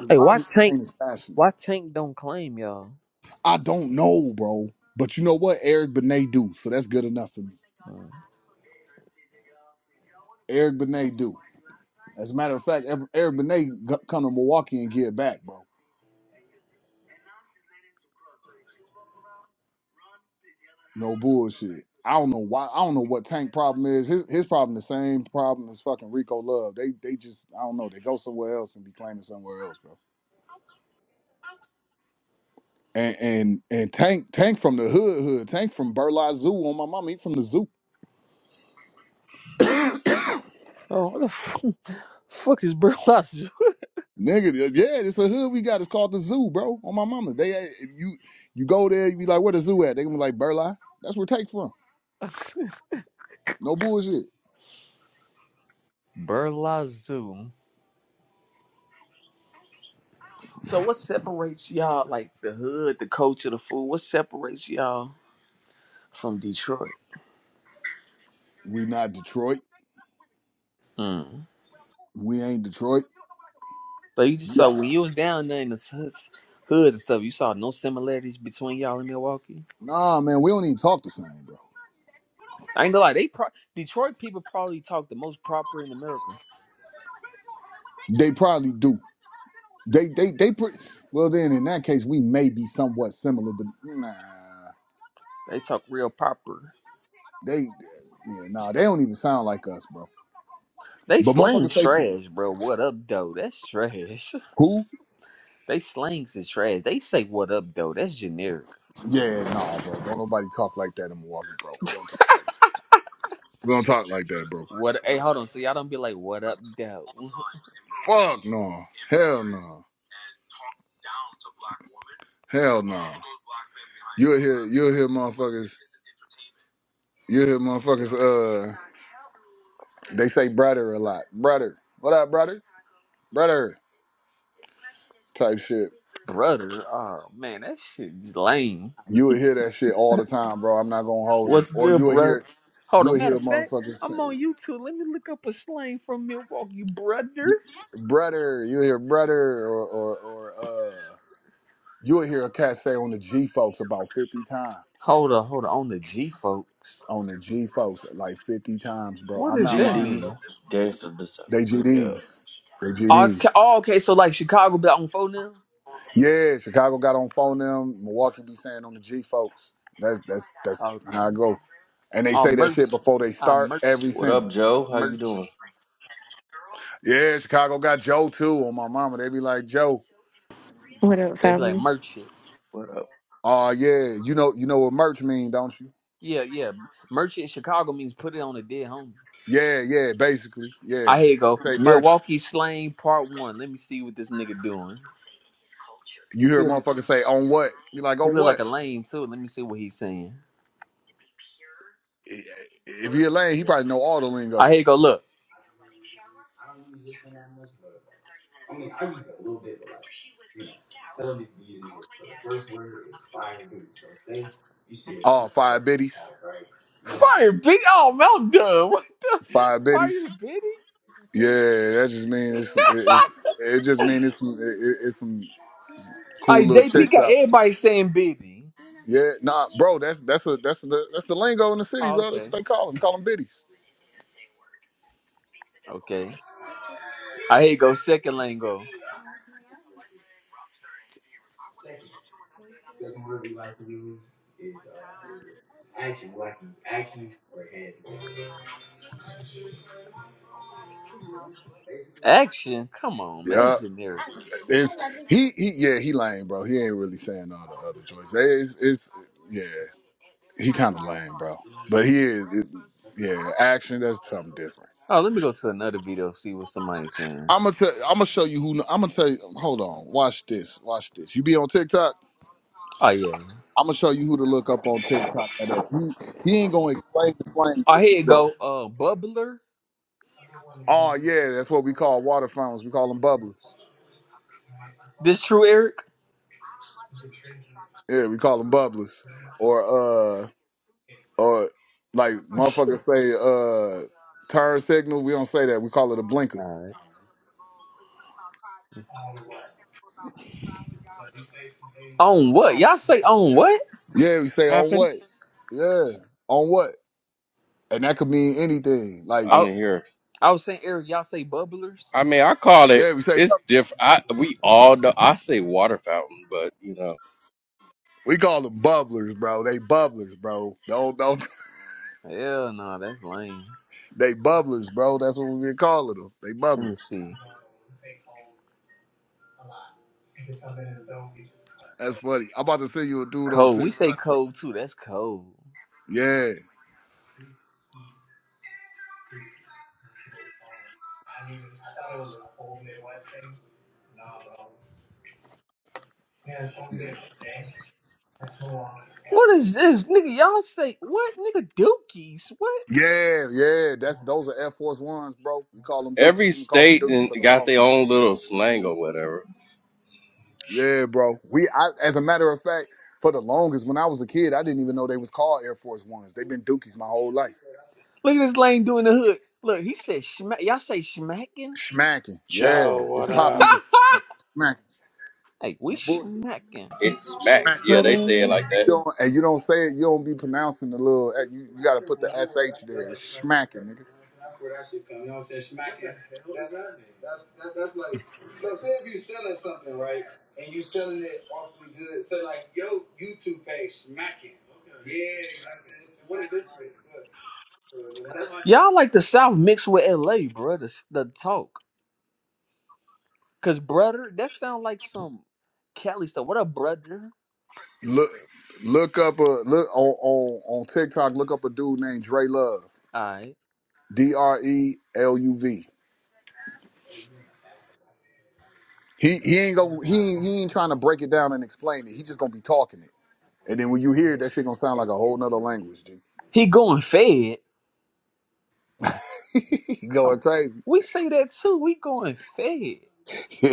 the Hey, why rivalry Tank? ain't as passionate. Why Tank don't claim y'all? I don't know, bro. But you know what? Eric Benet do, so that's good enough for me. Mm. Eric Benet do. As a matter of fact, Eric Eric Benet g- come to Milwaukee and get back, bro. No bullshit. I don't know why. I don't know what Tank problem is. His his problem the same problem as fucking Rico Love. They they just I don't know. They go somewhere else and be claiming somewhere else, bro. And and and Tank Tank from the hood hood. Tank from Burla Zoo on my mama. He from the zoo. Oh, what the f- fuck is Burlazoo? Nigga, yeah, it's the hood we got. It's called the zoo, bro. On my mama. They eh, if you you go there, you be like, where the zoo at? They gonna be like Burla. That's where take from. No bullshit. Burlazoo. So what separates y'all, like the hood, the culture, the food? What separates y'all from Detroit? We not Detroit. Mm. We ain't Detroit. So you just Yeah. saw when you was down there in the hoods, hoods and stuff, you saw no similarities between y'all and Milwaukee. Nah, man, we don't even talk the same, bro. I ain't gonna lie, they pro- Detroit people probably talk the most proper in America. They probably do. They they they pre- well then in that case we may be somewhat similar, but nah. They talk real proper. They yeah, nah, they don't even sound like us, bro. They But slang motherfuckers say from trash, bro. What up, though? That's trash. who? They slangs is trash. They say what up though. That's generic. Yeah, nah, bro. Don't nobody talk like that in Milwaukee, bro. We don't talk like that. We don't talk like that, bro. What hey hold on, so y'all don't be like what up though. Fuck no. Hell no. Hell no. You'll hear you'll hear motherfuckers you'll hear motherfuckers uh they say brother a lot. Brother. What up, brother? Brother type shit. brother. Oh man, that shit lame. You will hear that shit all the time, bro. I'm not gonna hold you. What's Or good, you'll hear brother? Hold on, you'll matter hear of fact, motherfuckers I'm on say YouTube. Let me look up a slang from Milwaukee, brother. brother, you'll hear brother or or, or uh you'll hear a cat say on the G folks about fifty times. Hold on, hold on. On the G folks. On the G folks like fifty times, bro. What I'm does not that lying, bro. GD mean? Gangster They Disciple. GDs. They Oh, it's, GDs. ca- oh okay, so like Chicago be on phone now? Yeah, Chicago got on phone them. Milwaukee be saying on the G folks. That's that's that's Okay. how I go. And they Oh say that merch. shit before they I start merch every it. What up, sentence. Joe? How you Merch it. doing? Yeah, Chicago got Joe too on my mama. They be like Joe. What up, They be like family? merch it. What up? Oh yeah, you know you know what merch mean, don't you? Yeah, yeah. Merchant in Chicago means put it on a dead homie. Yeah, yeah, basically, yeah. I here you go. Say merch. Milwaukee slang part one. Let me see what this nigga doing. You hear He, a motherfucker say on what? You like he on look like what? a lame too. Let me see what he's saying. If he a lane, he probably know all the lingo. I here you go. Look, Oh, five biddies, fire bitty. Oh, man, I'm done. What the five biddies. fire bitty? Yeah, that just means it's, some- it- it's it just means it's some it, it- it's some cool Like little JP chicks got out. everybody saying bitty. Yeah, nah, bro, that's that's a that's the that's the lingo in the city, Oh, bro. That's what okay, they call them. Call them biddies. okay. I here you go. Second lane go. Action. Come on, man. Yeah, That's generic. it's, he he yeah he lame, bro. He ain't really saying all the other choices. It's, it's yeah, he kind of lame, bro. But he is it, yeah action. That's something different. Oh, let me go to another video see what somebody's saying. I'm gonna tell, I'm gonna show you who. I'm gonna tell you. Hold on, watch this, watch this. You be on TikTok? Oh yeah. I'm gonna show you who to look up on TikTok. That up. He he ain't gonna explain the flame to I you, here you bro. go. Uh, bubbler. Oh yeah, that's what we call water fountains. We call them bubblers. This true, Eric. Yeah, we call them bubblers. Or uh, or like motherfuckers say uh, turn signal. We don't say that. We call it a blinker. All right. On what? Y'all say on what? Yeah, we say on Happened? what? Yeah, on what? And that could mean anything. Like I I didn't hear. I was saying, Eric. Y'all say bubblers. I mean, I call it. yeah, we say It's bubblers. different. I we all know. I say water fountain, but you know, We call them bubblers, bro. They bubblers, bro. Don't don't. Hell no, that's lame. They bubblers, bro. That's what we been calling them. They bubblers. Let me see. That's funny. I'm about to send you a dude on Cold. We say TikTok, bro. cold too. That's cold. Yeah, yeah, What is this, nigga? Y'all say what, nigga? Dookies. What? yeah, yeah. That's those are Air Force Ones, bro. We call them Dookies. every We call them state Dookies and for the got their longest. own little slang or whatever. Yeah, bro. We, I, as a matter of fact, for the longest, when I was a kid, I didn't even know they was called Air Force Ones. They've been Dookies my whole life. Look at this lame doing the hood. Look, he said smack. Y'all say smacking. Smacking, yeah, Joe, it's what popping up? in this motherfucker. Smacking, hey, we no bullshit. smacking. It smacks. Smacking Yeah, in What this. they say it up? like And that. you, don't, and you don't say it. You don't be pronouncing the little. You, you got to put the sh there. It's smacking, nigga. Y'all like the South mixed with LA, bro. The, the talk. Cause brother, that sound like some Cali stuff. What up, brother? Look look up a look on on, on TikTok. Look up a dude named Dre Love. Alright. D R E L U V. He he ain't gonna he ain't- he ain't trying to break it down and explain it. He just gonna be talking it. And then when you hear it, that shit gonna sound like a whole nother language, dude. He going fed. he Come going on. crazy. We say that too. We going fed. he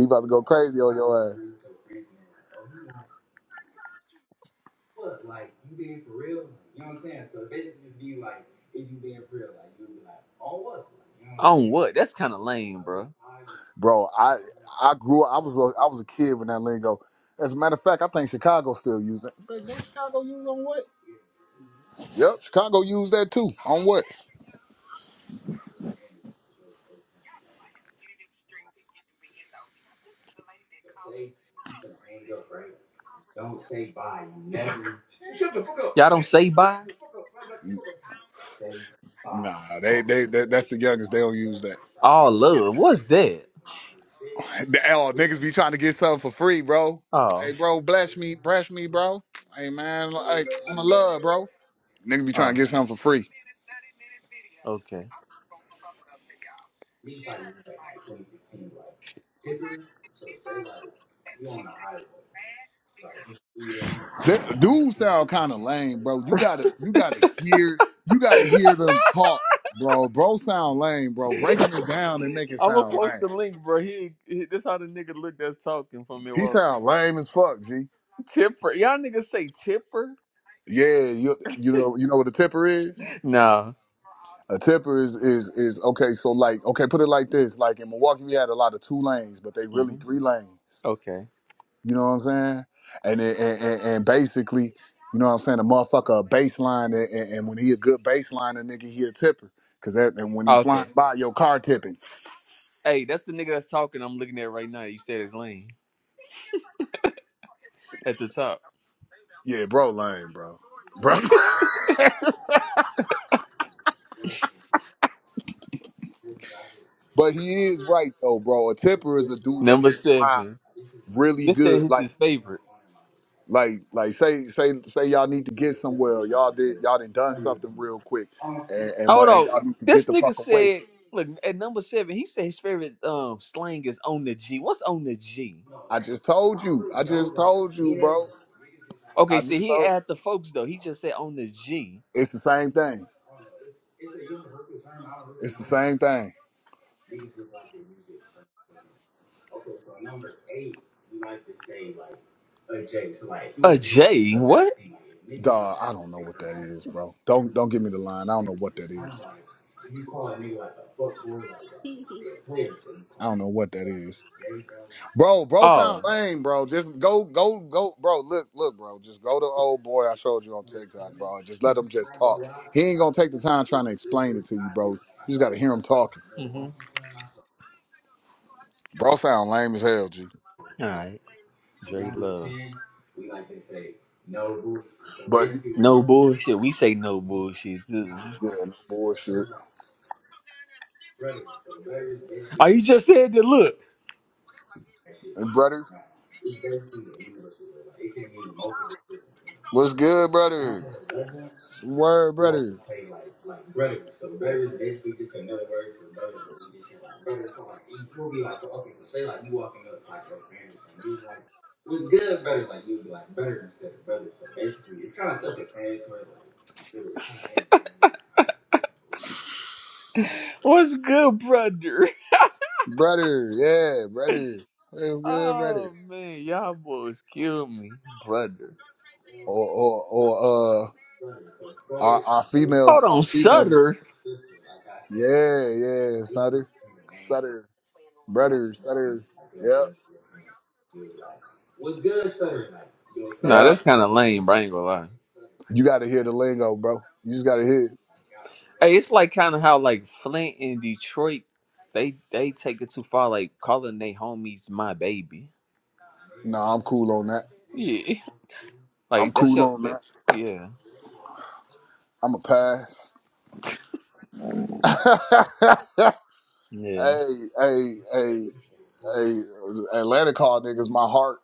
about to go crazy on your ass, On what? That's kind of lame, bro. bro. I I grew up. I was a, I was a kid when that lingo. As a matter of fact, I think Chicago still use it. Yep, Chicago used that too. On what? Y'all don't say bye? Nah, they they that, that's the youngest. They don't use that. Oh, love. What's that? The- Oh, niggas be trying to get something for free, bro. Oh, Hey, bro, bless me, bless me, bro. Hey, man, hey, I'm a love, bro. Niggas be trying oh, to get something for free. okay. That dude sound kind of lame, bro. You gotta, you gotta hear, you gotta hear them talk, bro. Bro sound lame, bro. Breaking it down and make it I'm gonna sound post lame. the link, bro. He, he this how the nigga look that's talking from He Milwaukee. sound lame as fuck, G. Tipper, y'all niggas say Tipper? Yeah, you, you know, you know what a tipper is. Nah. A tipper is is is okay. So like, okay, put it like this. Like in Milwaukee, we had a lot of two lanes, but they really hmm three lanes. Okay. You know what I'm saying? And it- and, and, and basically, you know what I'm saying? The motherfucker a baseline, and, and and when he a good baseline, a nigga he a tipper. Cause that and when he Okay. flying by your car tipping, Hey, that's the nigga that's talking. I'm looking at right now. You said his lane at the top, yeah, bro, lame, bro, bro. but he is right though, bro. A tipper is a dude that number just drive seven. really This said good, his like. his favorite. Like, like, say, say, say, y'all need to get somewhere. Or y'all did, y'all done done something real quick, and, and mu- Hold and y'all on. need to get This the nigga fuck away. said, look at number seven. He said his favorite um slang is on the G. What's on the G? I just told you. I just told you, bro. Okay, I see, just he ain't told. add the folks though. He just said on the G. It's the same thing. It's the same thing. What? Dog, I don't know what that is, bro. Don't don't give me the line. I don't know what that is. I don't know what that is. Bro, bro sound Oh. lame, bro. Just go, go, go, bro. Look, look, bro. Just go to old boy I showed you on TikTok, bro. And just let him just talk. He ain't gonna take the time trying to explain it to you, bro. You just gotta hear him talking. Mm-hmm. Bro sound lame as hell, G. right. Dre Love. But he, No bullshit. We say no bullshit too. yeah, no bullshit. Oh, you just said that. Look. And brother, what's good, brother? Word, brother. What's good, brother? Brother, yeah, brother. What's good, brother? Oh, man. Y'all boys killed me, brother. or or, or uh our, our Hold females on, our females Sutter? yeah yeah sutter sutter brother sutter yeah Sutter? Sutter. Nah, yeah that's kind of lame, bro. I ain't gonna lie. you gotta hear the lingo bro you just gotta hear it. Hey, it's like kind of how, like, Flint and Detroit, they they take it too far, like, calling they homies my baby. no i'm cool on that Yeah, i'm like that's cool your on that. that Yeah, i'm a pass yeah, hey hey hey hey atlanta call niggas my heart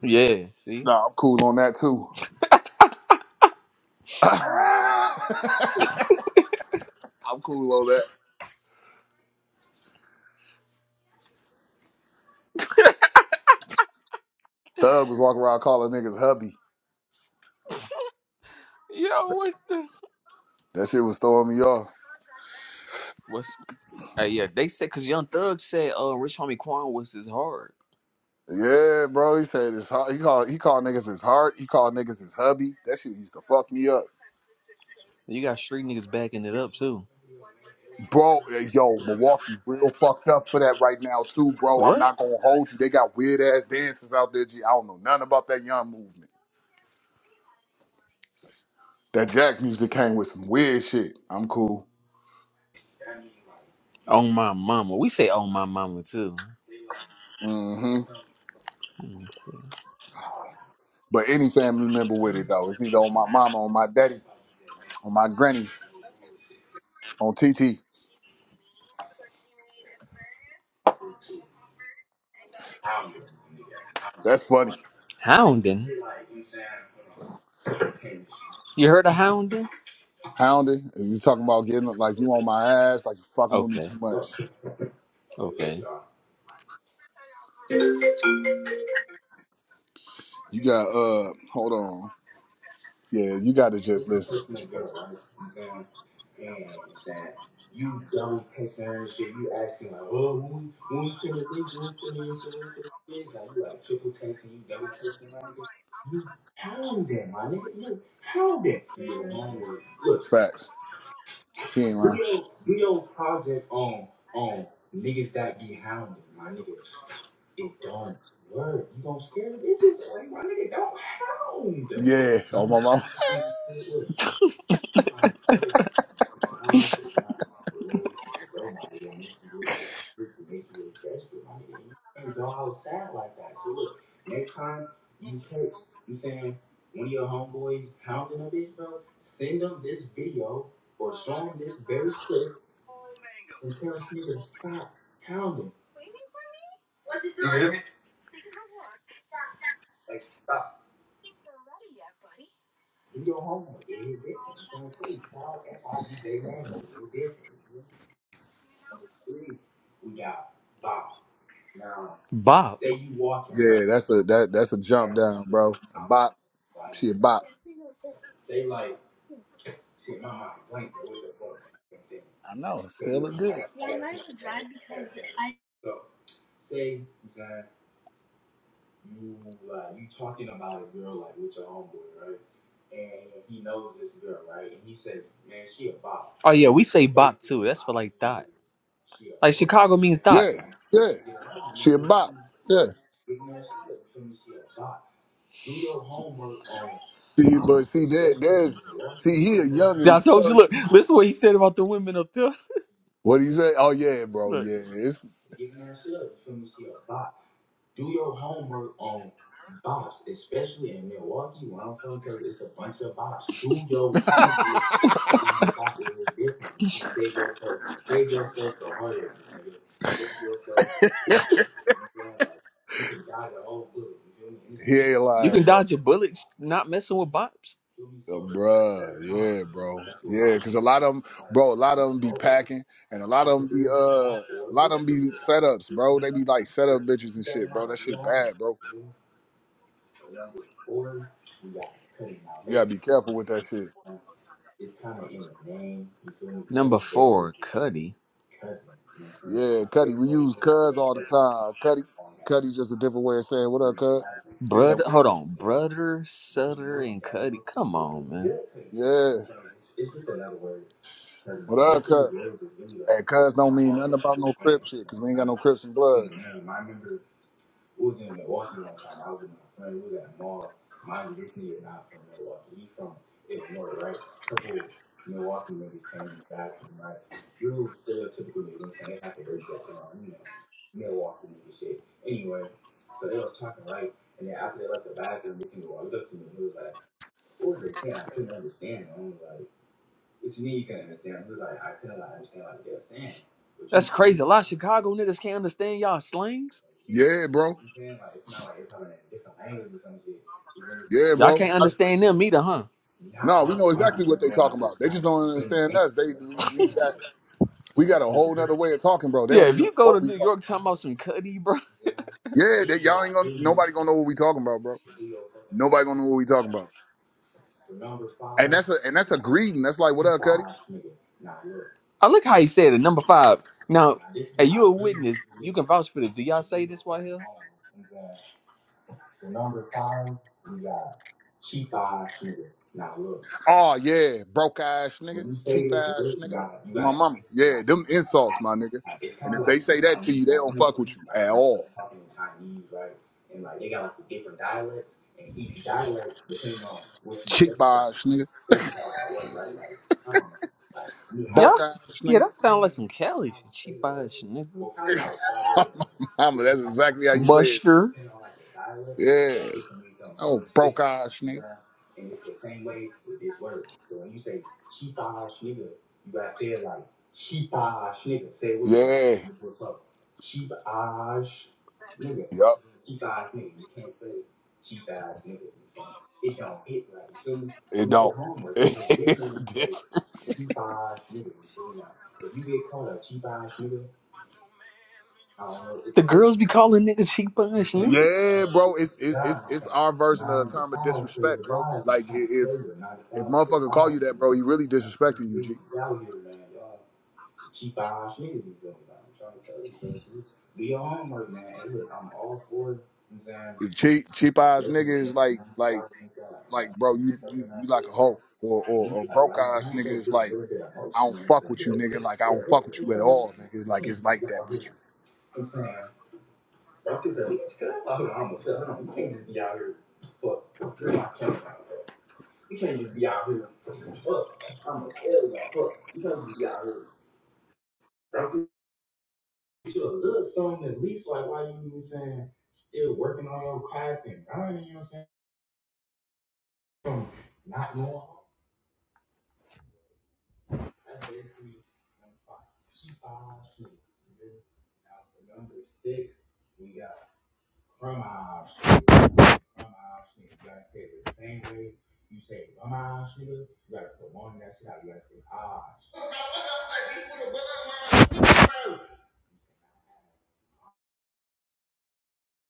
yeah. See, no i'm cool on that too i'm cool on that thug was walking around calling niggas hubby yo, what the that shit was throwing me off what's? Hey, yeah, they said because Young Thug said, "Uh, Rich Homie Quan was his hard." Yeah, bro. He said his hu- he called he called niggas his heart. He called niggas his hubby. That shit used to fuck me up, You got street niggas backing it up too. bro. eh, Yo, Milwaukee real fucked up for that right now too, bro. I'm What? not gonna hold you. They got weird ass dances out there. G. I don't know nothing about that young movement. That Jack music came with some weird shit. I'm cool. On my mama, we say on my mama too. Mm-hmm. Let me see. But any family member with it though, it's either on my mama, on my daddy, on my granny, on TT. That's funny. Hounding. You heard of hounding? Hounded. If you talking about getting like you on my ass, like you fucking with me Okay, too much. okay. You got uh hold on. Yeah, you gotta just listen to Dre. Facts. He ain't lying. Yeah, oh my mom. Bop. Yeah, that's a that that's a jump down, bro. A bop. She a bop. I know. it Still look good. Oh yeah, we say bop too. That's for like dot. Like Chicago means dot. Yeah, yeah. She a bop. Yeah. See, but see there there's see he a See, I youngin'. He told you. telling Look, you listen what he said about the women up there. what he say. Oh yeah, bro, Look, yeah. It's, he ain't you lying, can bro. dodge your bullets, not messing with bops. Uh, bruh, yeah, bro, yeah, because a lot of them, bro, a lot of them be packing, and a lot of them be uh, a lot of them be setups, bro. They be like setup bitches and shit, bro. That shit bad, bro. You gotta be careful with that shit. Number four, Cuddy. Yeah, Cuddy, we use cuz all the time. Cuddy, Cuddy's just a different way of saying what up, cuz. And Brother, we, hold on, brother Sutter and Cuddy. Come on, man. yeah, what up, cuz? And cuz don't mean nothing about no crip shit, cause we ain't got no crips and blood. That's crazy. A lot of Chicago niggas can't understand y'all slangs. Yeah, bro. Yeah, Y'all bro. can't understand them either, huh? No, we know exactly what they talking about. They just don't understand us. They we, we got. We got a whole nother way of talking, bro. They Yeah, don't be if knowing you go what to we New talking York about. talking about some Cuddy, bro. Yeah, they, y'all ain't gonna. Nobody gonna know what we talking about, bro. Nobody gonna know what we talking about. And that's a and that's a greeting. That's like, what up, Cuddy? I look how he said it. Number five. Now, are you a witness? You can vouch for this. Do y'all say this right here? Oh yeah, broke ass nigga, cheap ass nigga. My mama. Yeah, them insults, my nigga. And if they say that to you, they don't fuck with you at all. Cheap ass nigga, broke Y'all, ass yeah, nigga. that sound like some Cali shit. Cheap ass shit, nigga. my mama, that's exactly how you say it. Buster. Yeah. Oh, broke ass nigga. Yeah. Yup. It don't. It's different. The girls be calling niggas cheap ass nigga. Yeah, bro, it's it's it's it's our version of the term of disrespect, bro. Like i- if if motherfucker call you that, bro, he really disrespecting you, G. The Cheap cheap ass nigga is like like like bro, you you, you like a hoe, or or, or broke ass nigga is like I don't fuck with you, nigga. Like I don't fuck with you at all, nigga. Like it's like that with you.